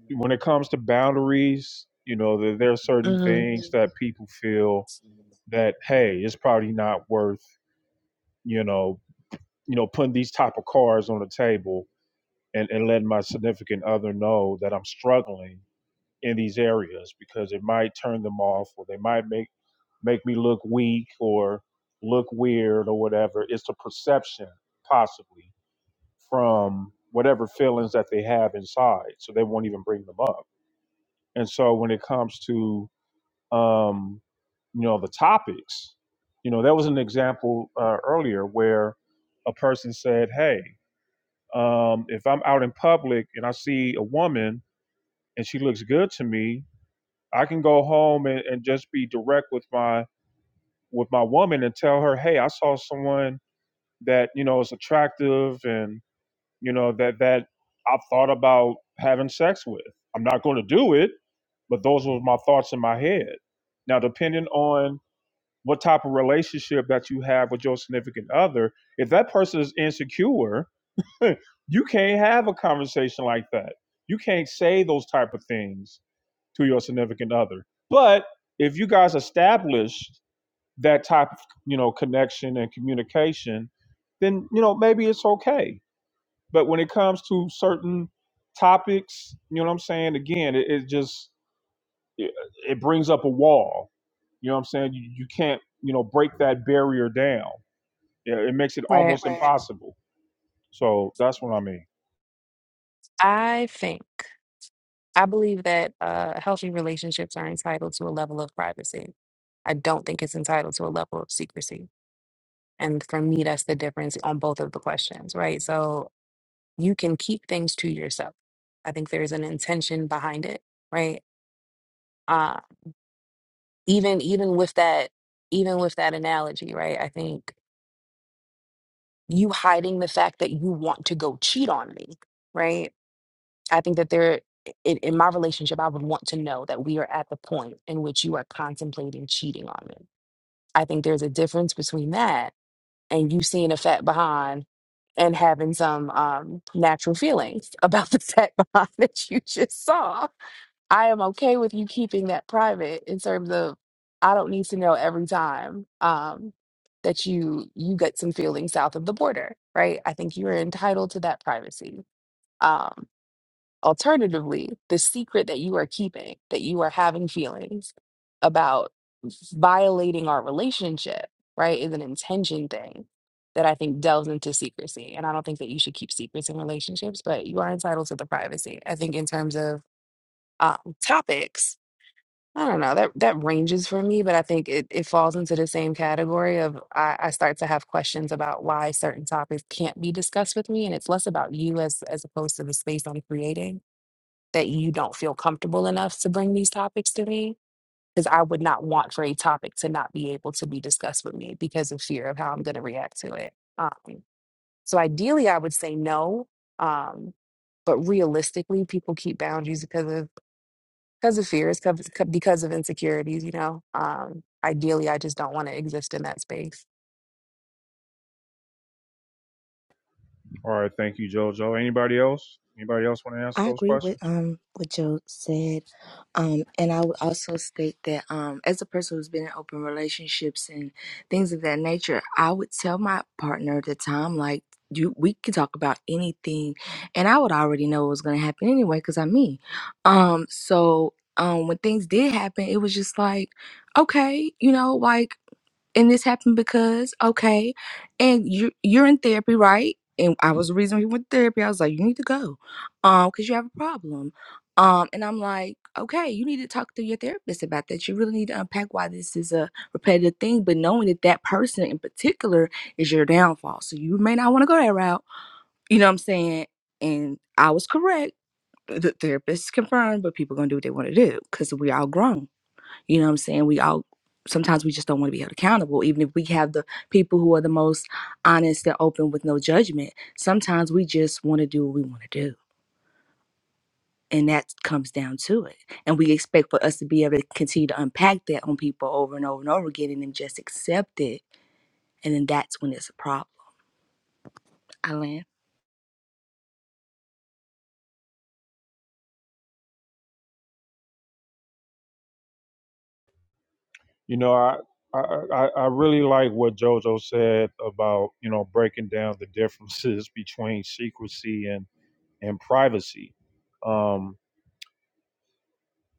when it comes to boundaries, you know, there, there are certain
hmm
things that people feel that hey, it's probably not worth you know, you know, putting these type of cards on the table and, and letting my significant other know that I'm struggling in these areas because it might turn them off or they might make make me look weak or look weird or whatever. It's the perception possibly from whatever feelings that they have inside. So they won't even bring them up. And so when it comes to um, you know, the topics, you know, there was an example uh, earlier where a person said, Hey, Um, if I'm out in public and I see a woman and she looks good to me, I can go home and, and just be direct with my with my woman and tell her, hey, I saw someone that you know is attractive and you know that that I've thought about having sex with. I'm not going to do it, but those were my thoughts in my head. Now, depending on what type of relationship that you have with your significant other, if that person is insecure (laughs) you can't have a conversation like that. You can't say those type of things to your significant other. But if you guys establish that type of you know connection and communication, then you know maybe it's okay. But when it comes to certain topics, you know what I'm saying. Again, it, it just it, it brings up a wall. You know what I'm saying. You, you can't you know break that barrier down. Yeah, It makes it
Right.
almost Right. impossible. So that's what I mean.
I think I believe that uh, healthy relationships are entitled to a level of privacy. I don't think it's entitled to a level of secrecy. And for me, that's the difference on both of the questions, right? So you can keep things to yourself. I think there's an intention behind it, right? Uh, even even with that, even with that analogy, right? I think you hiding the fact that you want to go cheat on me, right? I think that there, in, in my relationship, I would want to know that we are at the point in which you are contemplating cheating on me. I think there's a difference between that and you seeing a fat behind and having some um, natural feelings about the (laughs) fat behind that you just saw. I am okay with you keeping that private in terms of I don't need to know every time um, that you you get some feelings south of the border, right? I think you are entitled to that privacy. Um, alternatively, the secret that you are keeping, that you are having feelings about violating our relationship, right, is an intention thing that I think delves into secrecy. And I don't think that you should keep secrets in relationships, but you are entitled to the privacy. I think in terms of um, topics, I don't know. That that ranges for me, but I think it, it falls into the same category of I, I start to have questions about why certain topics can't be discussed with me, and it's less about you as as opposed to the space I'm creating that you don't feel comfortable enough to bring these topics to me. Because I would not want for a topic to not be able to be discussed with me because of fear of how I'm going to react to it. Um, so ideally, I would say no. Um, but realistically, people keep boundaries because of because of fears, because because of insecurities. You know, um, ideally, I just don't want to exist in that space.
All right, thank you, Jojo. Anybody else? Anybody else want to answer
I
those
agree with
questions?
um what Joe said, um, and I would also state that um, as a person who's been in open relationships and things of that nature, I would tell my partner at the time like. You, we could talk about anything, and I would already know what was going to happen anyway because I'm me. Um, so um, when things did happen, it was just like, okay, you know, like and this happened because okay and you you're in therapy right and i was the reason we went to therapy i was like you need to go um because you have a problem um and i'm like okay you need to talk to your therapist about that you really need to unpack why this is a repetitive thing but knowing that that person in particular is your downfall so you may not want to go that route you know what i'm saying and i was correct the therapist confirmed but people gonna do what they want to do because we all grown you know what I'm saying? We all sometimes we just don't want to be held accountable, even if we have the people who are the most honest and open with no judgment. Sometimes we just want to do what we want to do. And that comes down to it. And we expect for us to be able to continue to unpack that on people over and over and over again and then just accept it. And then that's when it's a problem. I land.
You know, I I, I I really like what Jojo said about you know breaking down the differences (laughs) between secrecy and and privacy. Um,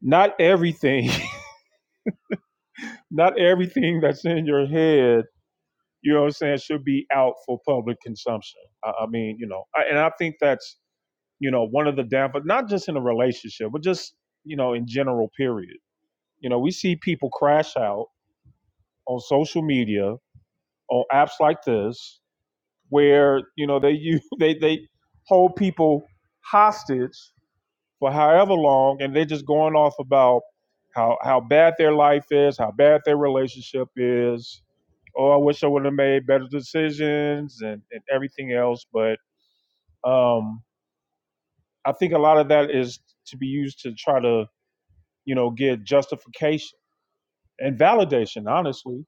not everything, (laughs) not everything that's in your head, you know what I'm saying, should be out for public consumption. I, I mean, you know, I, and I think that's you know one of the downfalls, not just in a relationship, but just you know in general. Period. You know, we see people crash out on social media, on apps like this, where you know they (laughs) use they they hold people hostage for however long, and they're just going off about how how bad their life is, how bad their relationship is. Oh, I wish I would have made better decisions and, and everything else. But um, I think a lot of that is to be used to try to you know get justification and validation. Honestly,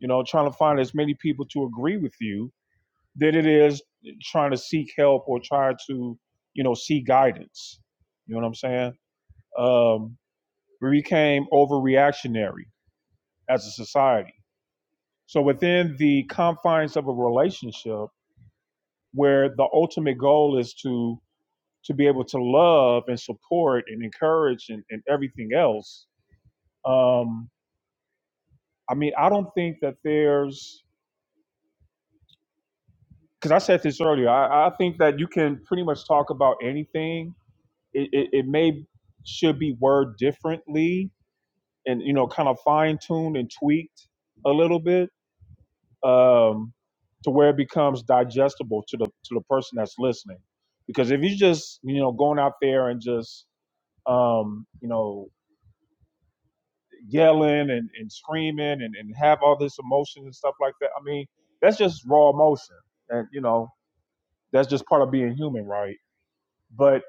you know, trying to find as many people to agree with you than it is trying to seek help or try to, you know, seek guidance. You know what I'm saying? Um, we became overreactionary as a society. So within the confines of a relationship where the ultimate goal is to to be able to love and support and encourage and, and everything else, um, I mean, I don't think that there's because I said this earlier. I, I think that you can pretty much talk about anything it, it, it may should be worded differently and you know kind of fine-tuned and tweaked a little bit um, to where it becomes digestible to the to the person that's listening because if you just you know going out there and just um, you know yelling and, and screaming and, and have all this emotion and stuff like that i mean that's just raw emotion and you know that's just part of being human right but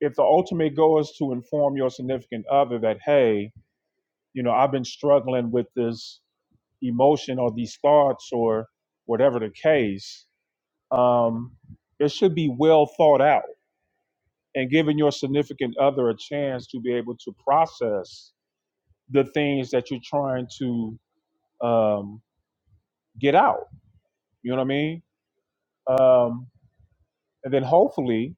if the ultimate goal is to inform your significant other that hey you know, I've been struggling with this emotion or these thoughts or whatever the case. Um, it should be well thought out and giving your significant other a chance to be able to process the things that you're trying to um, get out. You know what I mean? Um, and then hopefully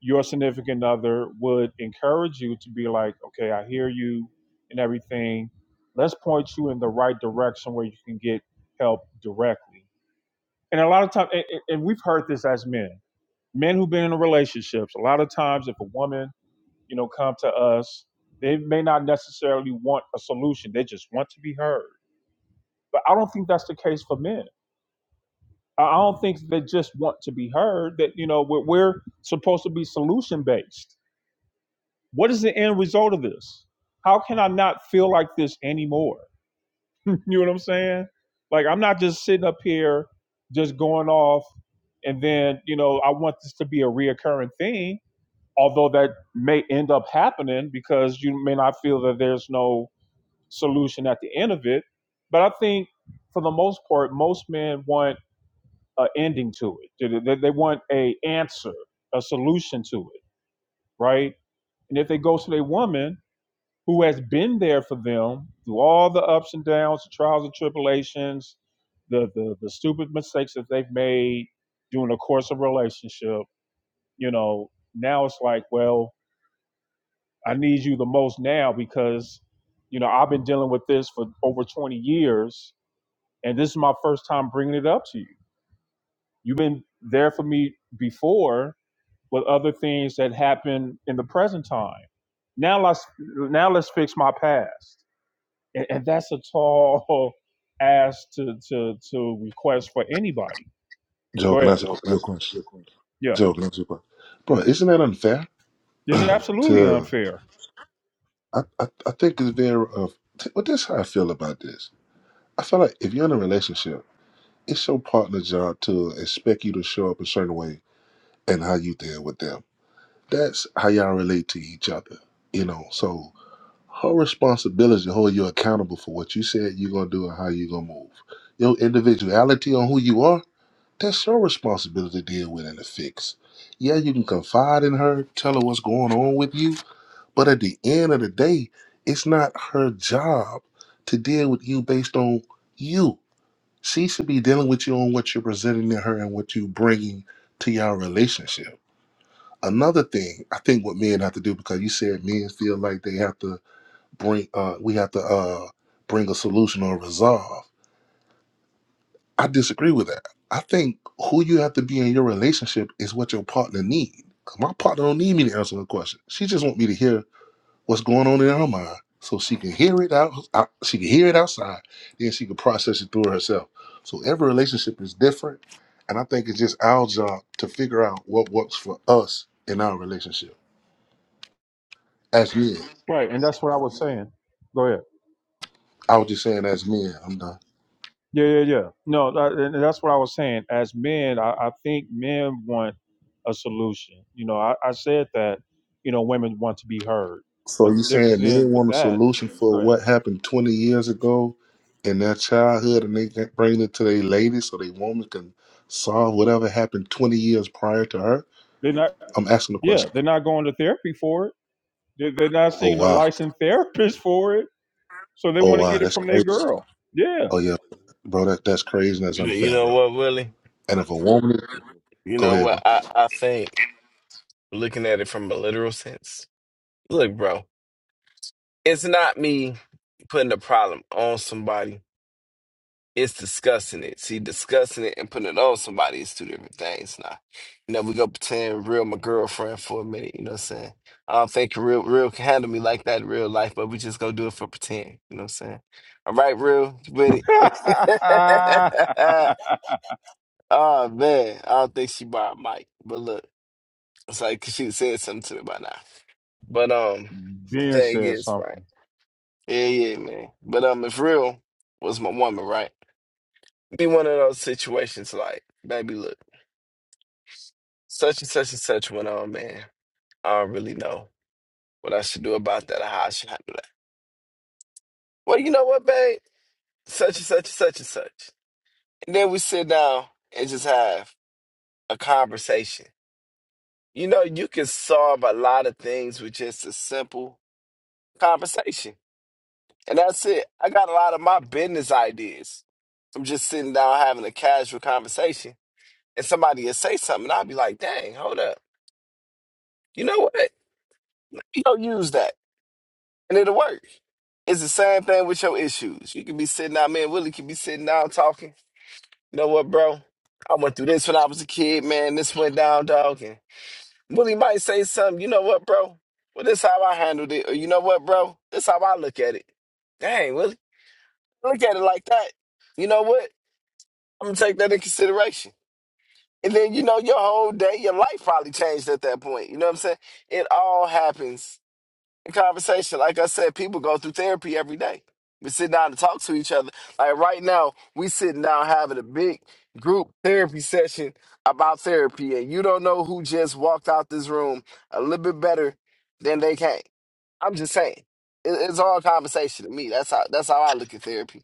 your significant other would encourage you to be like, okay, I hear you and everything. Let's point you in the right direction where you can get help directly. and a lot of times, and, we've heard this as men, men who've been in relationships. A lot of times, if a woman, you know, come to us, they may not necessarily want a solution. They just want to be heard. But I don't think that's the case for men. I I don't think they just want to be heard. That you know, we're, we're supposed to be solution based. What is the end result of this? How can I not feel like this anymore? You know what I'm saying? Like I'm not just sitting up here just going off and then, you know, I want this to be a reoccurring thing, although that may end up happening because you may not feel that there's no solution at the end of it. But I think for the most part, most men want an ending to it. They, they want a answer, a solution to it, right? And if they go to their woman who has been there for them through all the ups and downs, the trials and tribulations, the the, the stupid mistakes that they've made during the course of a relationship. You know, now it's like, well, I need you the most now because, you know, I've been dealing with this for over 20 years, and this is my first time bringing it up to you. You've been there for me before with other things that happened in the present time. Now let's now let's fix my past and, and that's a tall ask to to to request for anybody.
Joe,
Go
can I
ahead.
ask
Joe,
a-
can I
your
ask you
question?
a quick question? Yeah,
Joe, can I ask you a question? Bro, isn't that unfair
it's absolutely
to,
unfair.
I, I, I think it's very, uh, t- well, this is how I feel about this. I feel like if you're in a relationship, it's your partner's job to expect you to show up a certain way and how you deal with them. That's how y'all relate to each other, you know? So her responsibility is to hold you accountable for what you said you're going to do and how you're going to move. Your individuality on who you are That's your responsibility to deal with and to fix. Yeah, you can confide in her, tell her what's going on with you, but at the end of the day, it's not her job to deal with you based on you. She should be dealing with you on what you're presenting to her and what you're bringing to your relationship. Another thing, I think what men have to do because you said men feel like they have to bring, uh, we have to uh, bring a solution or resolve. I disagree with that. I think who you have to be in your relationship is what your partner need. 'Cause my partner don't need me to answer her question. She just want me to hear what's going on in her mind, so she can hear it out. out she can hear it outside, then she can process it through herself. So every relationship is different, and I think it's just our job to figure out what works for us in our relationship as men.
Right, and that's what I was saying. Go ahead.
I was just saying, as men. I'm done.
Yeah, yeah, yeah. No, that, and that's what I was saying. As men, I, I think men want a solution. You know, I, I said that. You know, women want to be heard,
So
but the
you
difference
saying
is
men
with
want a
that.
solution for
Go ahead.
what happened 20 years ago in their childhood, and they can bring it to their lady so they woman can solve whatever happened 20 years prior to her?
They're not.
I'm asking the
Yeah,
question.
they're not going to therapy for it. They're, they're not
Oh
seeing a
wow,
licensed therapist for it. So they
oh
want to
wow,
get it
that's
from their
crazy.
girl. Yeah.
Oh yeah, bro, that that's crazy and that's
You you
unfair,
know
bro.
what, Willie?
And if a woman,
You
go
know
ahead,
what?
bro.
I, I think looking at it from a literal sense, look, bro, it's not me putting a problem on somebody. It's discussing it. See, discussing it and putting it on somebody is two different things now. You know, we go pretend real my girlfriend for a minute, you know what I'm saying? I don't think real real can handle me like that in real life, but we just gonna do it for pretend, you know what I'm saying? All right, real, you with it.
(laughs)
(laughs) oh man, I don't think she borrowed Mike, but look, it's like 'cause she said something to me by now. But um, the
ben
thing
said
is, right?
something.
Yeah, yeah, man. But um, if real was my woman, right? be one of those situations like, baby, look, such and such and such went on, man. I don't really know what I should do about that or how I should handle that. Well, you know what, babe? Such and such and such and such. And then we sit down and just have a conversation. You know, you can solve a lot of things with just a simple conversation. And that's it. I got a lot of my business ideas from just sitting down having a casual conversation. And somebody will say something, I'll be like, dang, hold up. You know what? You don't use that. and it'll work. It's the same thing with your issues. You can be sitting out. man. Willie could be sitting down talking. You know what, bro? I went through this when I was a kid, man. This went down, dog. And Willie might say something. You know what, bro? Well, this how I handled it. Or you know what, bro? This how I look at it. Dang, Willie, look at it like that. You know what? I'm gonna take that in consideration. And then you know your whole day, your life probably changed at that point. You know what I'm saying? It all happens in conversation. Like I said, people go through therapy every day. We sit down and talk to each other. Like right now, we sitting down having a big group therapy session about therapy, and you don't know who just walked out this room a little bit better than they came. I'm just saying, it, it's all conversation to me. That's how that's how I look at therapy.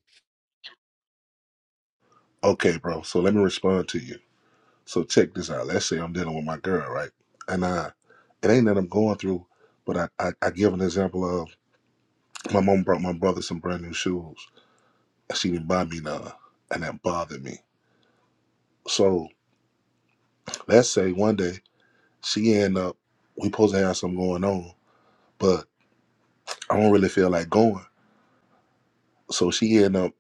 Okay, bro. So let me respond to you. So check this out. Let's say I'm dealing with my girl, right? And I, it ain't that I'm going through, but I I, I give an example of my mom brought my brother some brand new shoes she didn't buy me none, and that bothered me. So let's say one day she end up, we supposed to have something going on, but I don't really feel like going. So she end up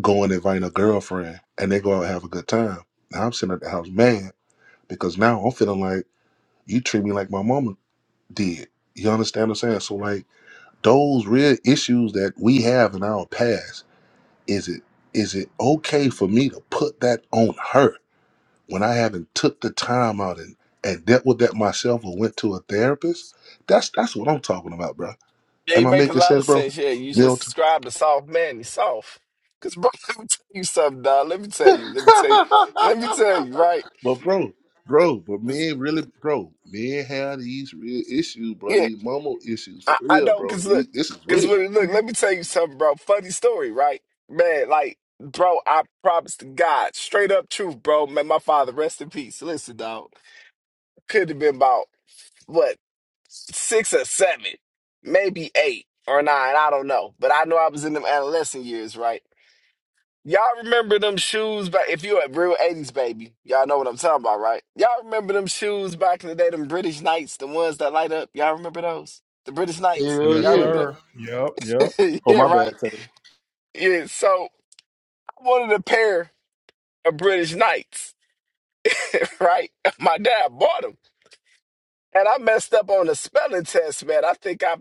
going and inviting a girlfriend, and they go out and have a good time. Now I'm sitting at the house mad because now I'm feeling like you treat me like my mama did. You understand what I'm saying? So like those real issues that we have in our past, is it is it okay for me to put that on her? when I haven't took the time out and, and dealt with that myself or went to a therapist, that's that's what I'm talking about, bro.
Yeah,
Am
you
I
make a
making
lot
sense,
of
bro?
sense. Yeah, you just
Milton.
described a soft man. He's soft. Cause bro, (laughs) let me tell you something, dog. Let me tell you. Let me tell you. Let me tell you. Right.
But bro, bro, but men really bro, men have these real issues, bro.
Yeah.
These mama issues for
I, I
real,
know,
bro.
cause look,
These, this is
cause
real.
when, look, let me tell you something, bro. Funny story, right? Man, like, bro, I promise to God, straight up truth, bro. Man, my father, rest in peace. Listen, dog, could have been about what six or seven, maybe eight or nine. I don't know, but I know I was in them adolescent years, right? Y'all remember them shoes back? If you a real '80s baby, y'all know what I'm talking about, right? Y'all remember them shoes back in the day, them British Knights, the ones that light up. Y'all remember those? The British Knights.
Hell
Yes,
Y'all
yeah.
remember them?
sir. Yep, yep.
(laughs)
Oh
yeah,
my
right.
bad, Taylor.
Yeah, so I wanted a pair of British Knights, (laughs) right? My dad bought them, and I messed up on the spelling test, man. I think I,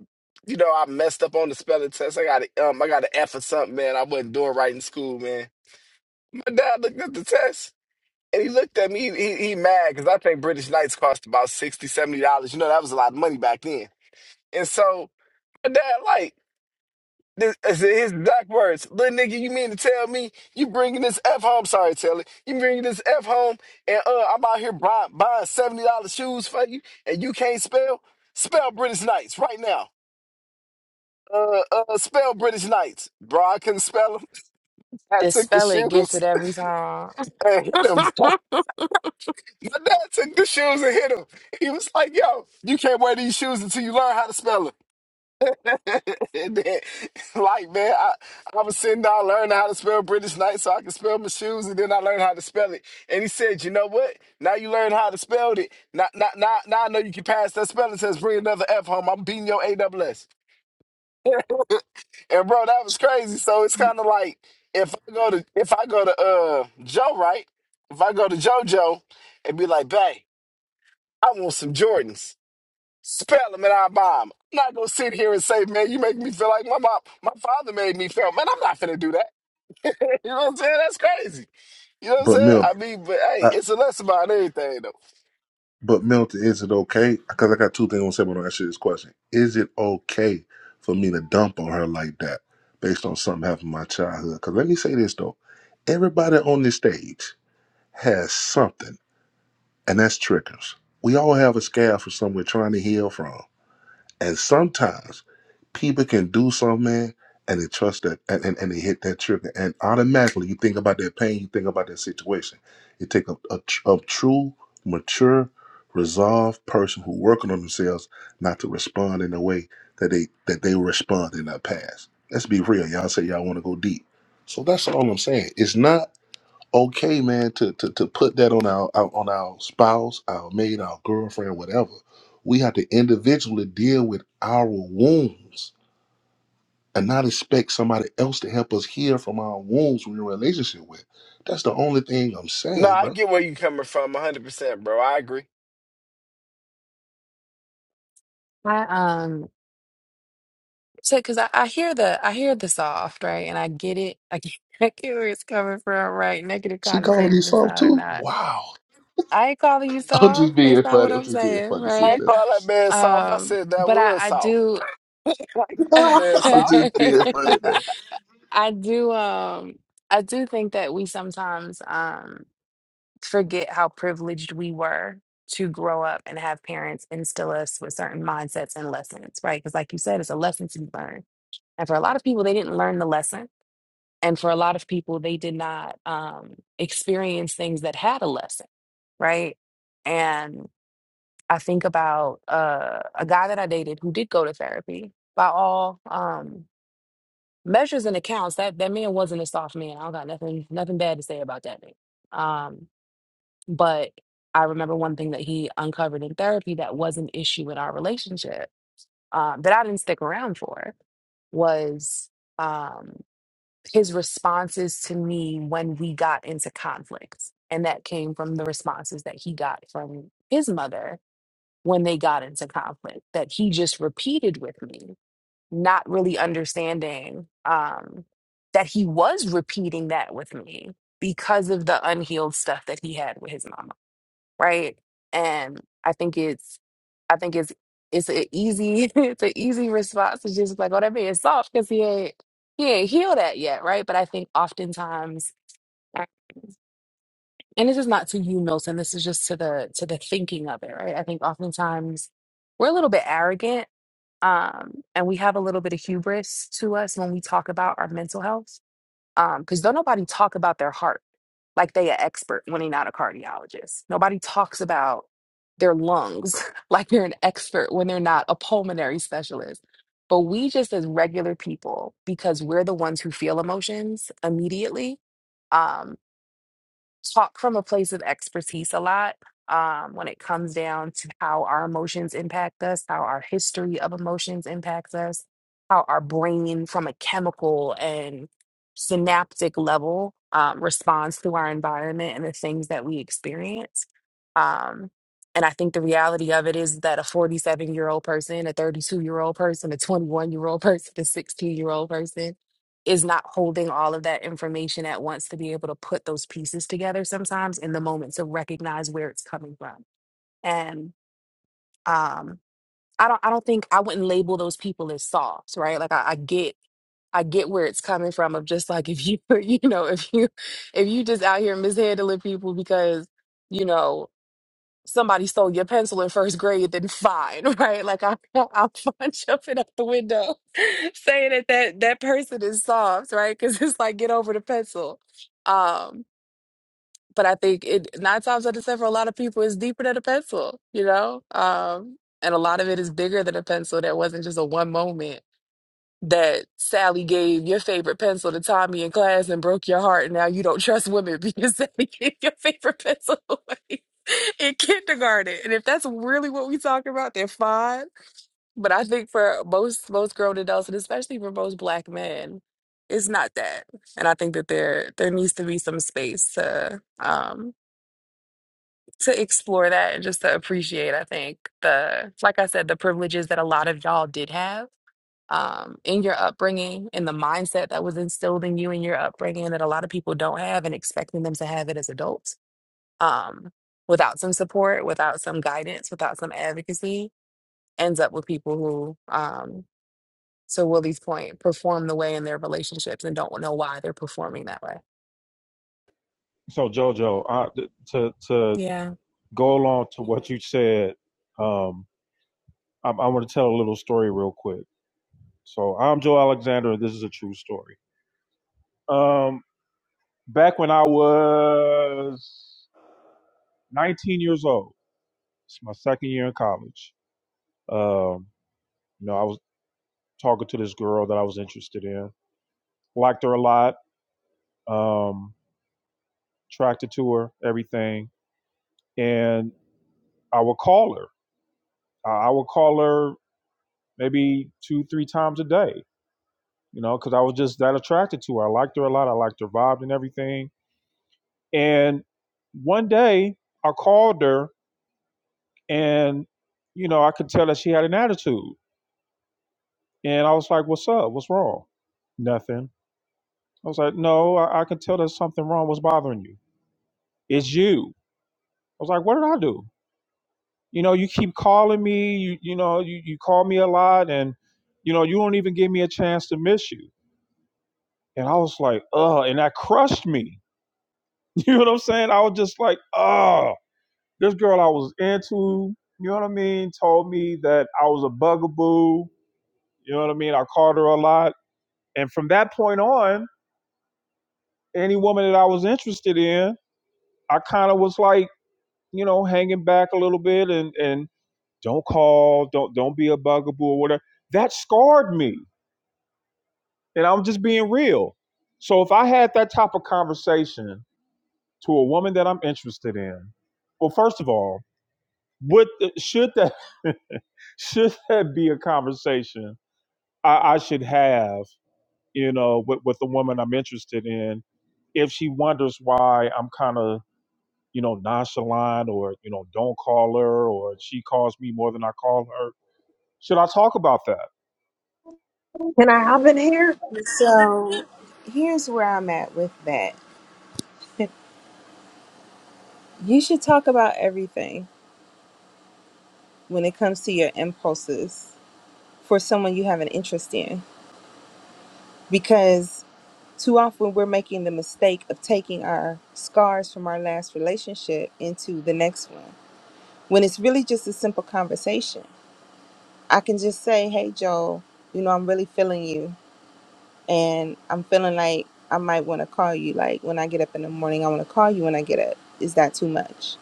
you know, I messed up on the spelling test. I got a, um, I got an F or something, man. I wasn't doing right in school, man. My dad looked at the test. And he looked at me, he, he, he mad, because I think British Knights cost about sixty, seventy dollars You know, that was a lot of money back then. And so my dad, like, This, I said his exact words. Little nigga, you mean to tell me you bringing this F home? Sorry, Taylor. You bringing this F home and uh, I'm out here buying, buying $70 shoes for you and you can't spell? Spell British Knights right now. Uh, uh, spell British Knights. Bro, I couldn't spell them. (laughs) I
This
took the
spell it gets
shoes
it every time.
(laughs) and hit him.
(laughs) I
My dad took the shoes and hit him. He was like, yo, you can't wear these shoes until you learn how to spell them. (laughs) And then, like man, I, I was sitting down learning how to spell British Knight so I could spell my shoes, and then I learned how to spell it. And he said, "You know what? Now you learn how to spell it. Now, now, now, now I know you can pass that spelling test. Bring another F home. I'm beating your AWS." And bro, that was crazy. So it's kind of like if I go to if I go to uh Joe, right? If I go to JoJo and be like, "Bae, I want some Jordans." Spell them and I bomb. I'm not gonna sit here and say, man, you make me feel like my mom, my father made me feel. Man, I'm not finna do that. (laughs) You know what I'm saying? That's crazy. You know what I'm
But
saying?
Milton.
I mean, but hey, it's a lesson about everything though.
But Milton, is it okay? Because I got two things I want to say, but I answer this question. Is it okay for me to dump on her like that based on something happened in my childhood? Because let me say this though, everybody on this stage has something, and that's triggers. We all have a scab from somewhere trying to heal from. And sometimes people can do something, man, and they trust that, and, and, and they hit that trigger. And automatically, you think about that pain, you think about that situation. It take a, a, tr- a true, mature, resolved person who working on themselves not to respond in a way that they that they respond in the past. Let's be real. Y'all say y'all want to go deep. So that's all I'm saying. It's not okay, man, to, to, to put that on our, our on our spouse, our mate, our girlfriend, whatever. We have to individually deal with our wounds and not expect somebody else to help us heal from our wounds we're in a relationship with. That's the only thing I'm
No,
saying,
I
bro.
get where you coming from, 100, percent bro. I agree.
um, so because I, I hear the I hear the soft right, and I get it. I get, (laughs) I get where it's coming from, right? Negative
She calling me
connotation
soft
aside or
too?
not,
Wow.
I ain't calling you
(laughs) I'm
soft.
just
That's
being
not what
funny. I'm
I'm
just being
saying,
funny,
I
sis.
right?
ain't
That's,
call that man soft. I
Um,
said that
but I
was
I
soft. (laughs) I
do.
ain't
(laughs)
call
(laughs)
that man
I'm
soft.
I
just being funny,
do um I do think that we sometimes um forget how privileged we were to grow up and have parents instill us with certain mindsets and lessons, right? Because, like you said, it's a lesson to be learned. And for a lot of people, they didn't learn the lesson. And for a lot of people, they did not um, experience things that had a lesson, right? And I think about uh, a guy that I dated who did go to therapy. By all um, measures and accounts, that that man wasn't a soft man. I don't got nothing nothing bad to say about that man. Um, but I remember one thing that he uncovered in therapy that was an issue in our relationship um, that I didn't stick around for was um, his responses to me when we got into conflicts. And that came from the responses that he got from his mother when they got into conflict that he just repeated with me, not really understanding um, that he was repeating that with me because of the unhealed stuff that he had with his mama right? And I think it's, I think it's, it's an easy, (laughs) it's an easy response to just like, oh, that man's soft because he ain't, he ain't healed that yet, right? But I think oftentimes, and this is not to you, Milton. This is just to the to the thinking of it, right? I think oftentimes we're a little bit arrogant, um, and we have a little bit of hubris to us when we talk about our mental health um, because don't nobody talk about their heart like they an expert when they're not a cardiologist. Nobody talks about their lungs (laughs) like they're an expert when they're not a pulmonary specialist. But we just as regular people, because we're the ones who feel emotions immediately, um, talk from a place of expertise a lot um, when it comes down to how our emotions impact us, how our history of emotions impacts us, how our brain, from a chemical and synaptic level, um, responds to our environment and the things that we experience. Um, and I think the reality of it is that a 47 year old person, a 32 year old person, a 21 year old (laughs) person, a 16 year old person, is not holding all of that information at once to be able to put those pieces together sometimes in the moment to recognize where it's coming from. And um I don't I don't think I wouldn't label those people as soft, right? Like I, I get I get where it's coming from of just like if you (laughs) you know if you if you just out here mishandling people because you know somebody stole your pencil in first grade, then fine, (laughs) right? Like I, I'm fine (laughs) jumping out the window, (laughs) saying that that that person is soft, right? Because it's like get over the pencil. Um, but I think it nine times out of ten for a lot of people is deeper than a pencil, you know. Um, and a lot of it is bigger than a pencil. That wasn't just a one moment that Sally gave your favorite pencil to Tommy in class and broke your heart, and now you don't trust women (laughs) because Sally gave your favorite pencil away (laughs) in kindergarten. And if that's really what we talking about, then fine. But I think for most most grown adults, and especially for most black men, it's not that. And I think that there there needs to be some space to um to explore that and just to appreciate, I think, the like I said, the privileges that a lot of y'all did have um, in your upbringing in the mindset that was instilled in you in your upbringing that a lot of people don't have and expecting them to have it as adults um, without some support, without some guidance, without some advocacy, ends up with people who, um, to Willie's point, perform the way in their relationships and don't know why they're performing that way.
So Jojo, I, to to
Yeah.
go along to what you said, um, I, I want to tell a little story real quick. So I'm Joe Alexander, and this is a true story. Um, back when I was 19 years old, it's my second year in college. Um, you know, I was talking to this girl that I was interested in. Liked her a lot. Um, tractor to her, everything. And I would call her. I would call her maybe two, three times a day, you know, because I was just that attracted to her. I liked her a lot. I liked her vibe and everything. And one day I called her and, you know, I could tell that she had an attitude. And I was like, what's up? What's wrong? Nothing. I was like, no, I, I can tell there's something wrong. What's bothering you? It's you. I was like, what did I do? you know, you keep calling me, you you know, you, you call me a lot and you know, you don't even give me a chance to miss you. And I was like, oh, and that crushed me. (laughs) You know what I'm saying? I was just like, oh, this girl I was into, you know what I mean, told me that I was a bugaboo. You know what I mean? I called her a lot. And from that point on, any woman that I was interested in, I kind of was like, you know, hanging back a little bit and and don't call, don't don't be a bugaboo or whatever. That scarred me And I'm just being real. So if I had that type of conversation to a woman that I'm interested in, well, first of all, would uh, should that (laughs) should that be a conversation I, I should have, you know, with, with the woman I'm interested in, if she wonders why I'm kind of, you know, nonchalant or, you know, don't call her or she calls me more than I call her should I talk about that?
Can I hop in here?
So here's where I'm at with that. You should talk about everything when it comes to your impulses for someone you have an interest in because Too often we're making the mistake of taking our scars from our last relationship into the next one when it's really just a simple conversation. I can just say, hey, Joel, you know, I'm really feeling you and I'm feeling like I might want to call you. Like when I get up in the morning, I want to call you when I get up. Is that too much?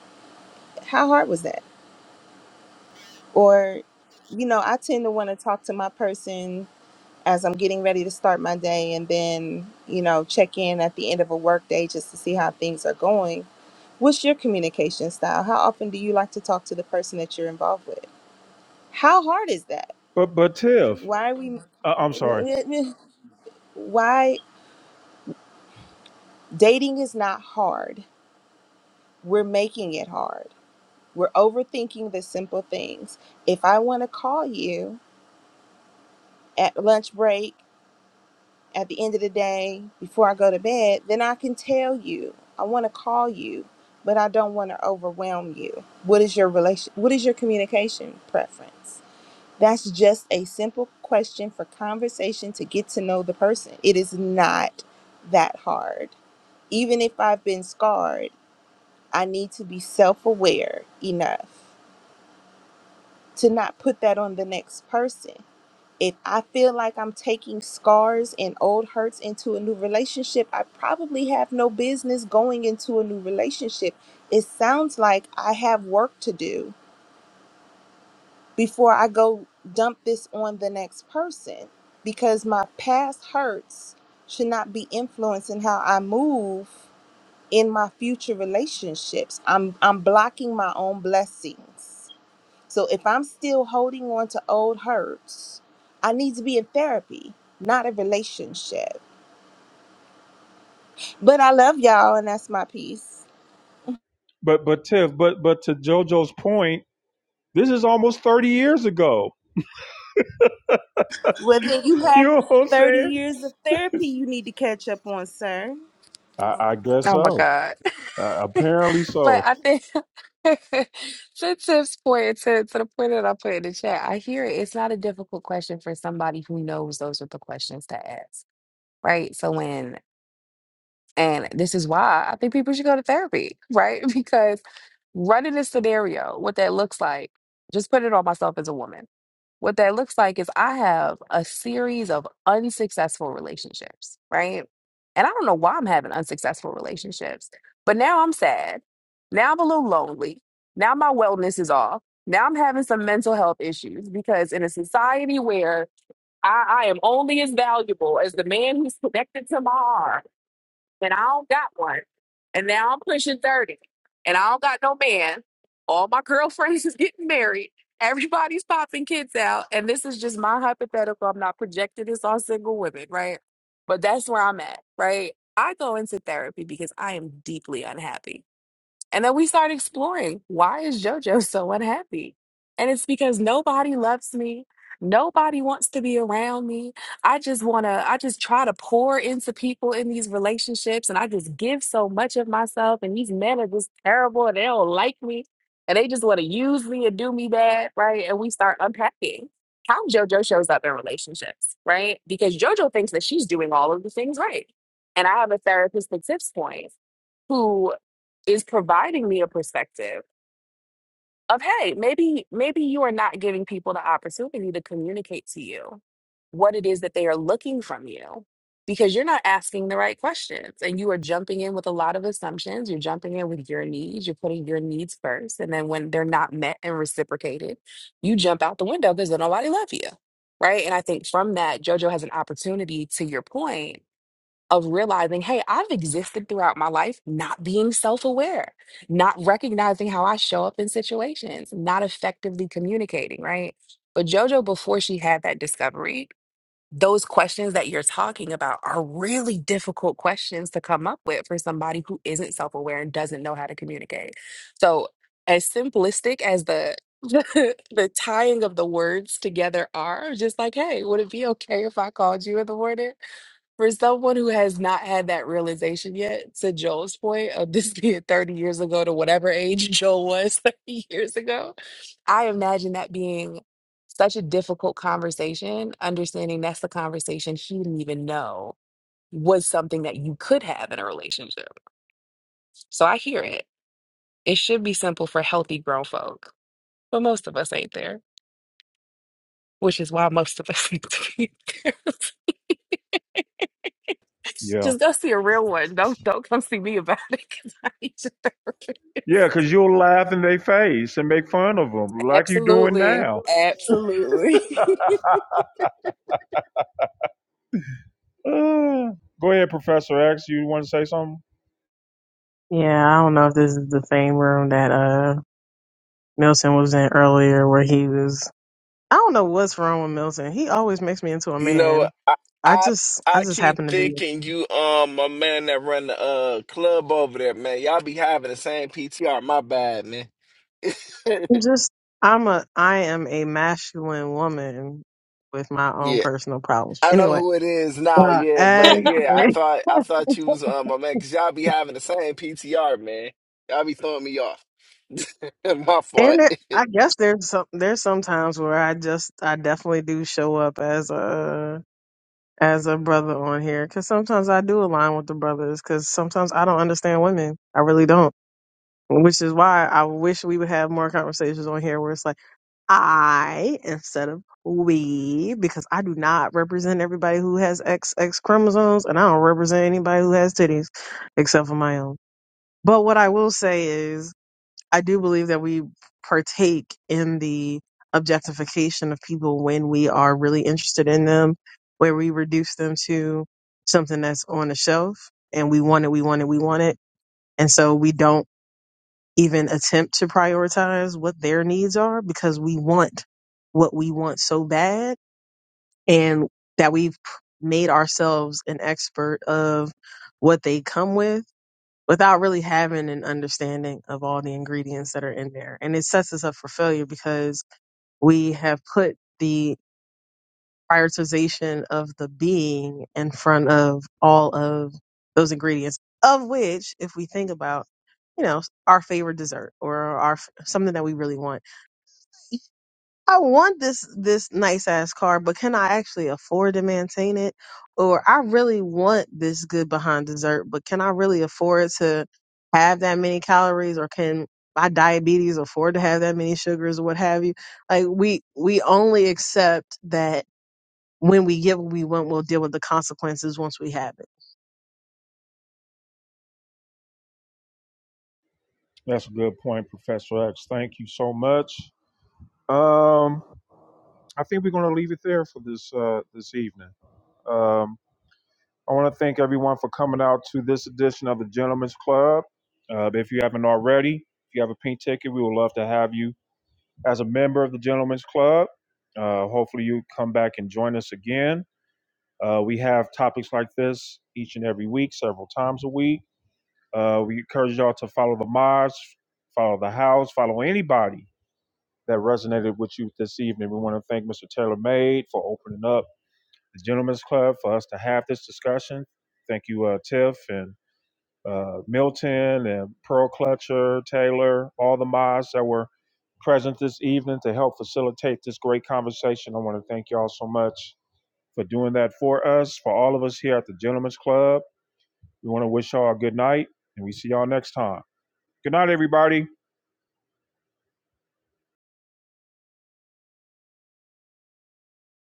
How hard was that? Or, you know, I tend to want to talk to my person as I'm getting ready to start my day and then, you know, check in at the end of a work day just to see how things are going. What's your communication style? How often do you like to talk to the person that you're involved with? How hard is that?
But but Tiff,
Why are we
uh, I'm sorry.
(laughs) why dating is not hard. We're making it hard. We're overthinking the simple things. If I want to call you at lunch break at the end of the day before I go to bed, then I can tell you. I want to call you, but I don't want to overwhelm you. What is your relation what is your communication preference? That's just a simple question for conversation to get to know the person. It is not that hard. Even if I've been scarred, I need to be self-aware enough to not put that on the next person if I feel like I'm taking scars and old hurts into a new relationship, I probably have no business going into a new relationship. It sounds like I have work to do before I go dump this on the next person because my past hurts should not be influencing how I move in my future relationships. I'm I'm blocking my own blessings so if I'm still holding on to old hurts, I need to be in therapy, not a relationship. But I love y'all, and that's my piece.
But but Tiff, but but to JoJo's point, this is almost 30 years ago. (laughs)
Whether you
You
had
know what I'm
30
saying?
years of therapy you need to catch up on, sir.
I, I guess
Oh my
so.
God. (laughs)
Uh,
But
apparently so.
I think (laughs) to Tiff's point, to, to the point that I put in the chat, I hear it. It's not a difficult question for somebody who knows those are the questions to ask, right? So when, and this is why I think people should go to therapy, right? (laughs) Because running this scenario, what that looks like, just put it on myself as a woman. What that looks like is I have a series of unsuccessful relationships, right? And I don't know why I'm having unsuccessful relationships, but now I'm sad. Now I'm a little lonely. Now my wellness is off. Now I'm having some mental health issues because in a society where I, I am only as valuable as the man who's connected to my arm, and I don't got one, and now I'm pushing 30, and I don't got no man, all my girlfriends (laughs) is getting married, everybody's popping kids out, and this is just my hypothetical. I'm not projecting this on single women, right? But that's where I'm at, right? I go into therapy because I am deeply unhappy and then we start exploring why is JoJo (laughs) so unhappy? And it's because nobody loves me. Nobody wants to be around me. I just want to, I just try to pour into people in these relationships and I just give so much of myself. And these men are just terrible and they don't like me and they just want to use me and do me bad. Right. And we start unpacking how JoJo shows up in relationships. Right. Because JoJo thinks that she's doing all of the things right. And I have a therapist at Tips Point is providing me a perspective of hey maybe maybe you are not giving people the opportunity to communicate to you what it is that they are looking from you because you're not asking the right questions and you are jumping in with a lot of assumptions you're jumping in with your needs you're putting your needs first and then when they're not met and reciprocated you jump out the window because nobody love you right and i think from that jojo has an opportunity to your point of realizing, hey, I've existed throughout my life not being self aware, not recognizing how I show up in situations, not effectively communicating, right? But JoJo, before she had that discovery, those questions that you're talking about are really difficult questions to come up with for somebody who isn't self aware and doesn't know how to communicate. So, as simplistic as the (laughs) the tying of the words together are just like, hey, would it be okay if I called you in the morning? For someone who has not had that realization yet, to Joel's point of this (laughs) being 30 years ago to whatever age Joel was (laughs) 30 years ago, I imagine that being such a difficult conversation, understanding that's the conversation he didn't even know was something that you could have in a relationship. So I hear it. It should be simple for healthy grown folk, but most of us ain't there, which is why most of us (laughs) need to be there. (laughs)
Yeah.
Just go see a real one. Don't don't come see me about it because I need your
Yeah,
therapist.
because you'll laugh in their face and make fun of them like you're doing
Absolutely.
now. (sighs)
Absolutely. (laughs)
Uh, go ahead, Professor X. You want to say something?
Yeah, I don't know if this is the same room that uh Milton was in earlier where he was I don't know what's wrong with Milton. He always makes me into a
You know,
man.
I
I
I
just I
I
just
keep
happen to be
thinking you um my man that run the uh club over there, man. Y'all be having the same PTR. My bad, man.
I'm just I'm a I am a masculine woman with my
(laughs)
own
yeah.
personal problems.
I know
Anyway,
who it is now,
uh,
yeah,
and
but
(laughs)
yeah, I thought I
and
thought you was um, my man, cause y'all be having the same PTR, man. Y'all be throwing me off. (laughs) my fault.
there, I guess there's some there's some times where I just I definitely do show up as a as a brother on here because sometimes I do align with the brothers because sometimes I don't understand women. I really don't. Which is why I wish we would have more conversations on here where it's like I instead of we because I do not represent everybody who has XX chromosomes and I don't represent anybody who has titties except for my own. But what I will say is I do believe that we partake in the objectification of people when we are really interested in them, where we reduce them to something that's on the shelf and we want it, we want it, we want it. And so we don't even attempt to prioritize what their needs are because we want what we want so bad and that we've made ourselves an expert of what they come with without really having an understanding of all the ingredients that are in there. And it sets us up for failure because we have put the prioritization of the being in front of all of those ingredients, of which, if we think about, you know, our favorite dessert or our something that we really want I want this this nice ass car, but can I actually afford to maintain it? Or I really want this good behind dessert, but can I really afford to have that many calories or can my diabetes afford to have that many sugars or what have you? Like we we only accept that when we get what we want, we'll deal with the consequences once we have it.
That's a good point, Professor X. Thank you so much. Um, I think we're going to leave it there for this uh, this evening. Um, I want to thank everyone for coming out to this edition of the Gentlemen's Club. Uh, if you haven't already, if you have a pink ticket, we would love to have you as a member of the Gentlemen's Club. Uh, hopefully, you come back and join us again. Uh, we have topics like this each and every week, several times a week. Uh, we encourage y'all to follow the mods, follow the house, follow anybody that resonated with you this evening. We want to thank Mr. Taylor Made for opening up the Gentlemen's Club for us to have this discussion. Thank you, uh, Tiff and uh, Milton and Pearl Clutcher, Taylor, all the mods that were present this evening to help facilitate this great conversation. I want to thank you all so much for doing that for us, for all of us here at the Gentlemen's Club. We want to wish y'all a good night, and we see y'all next time. Good night, everybody.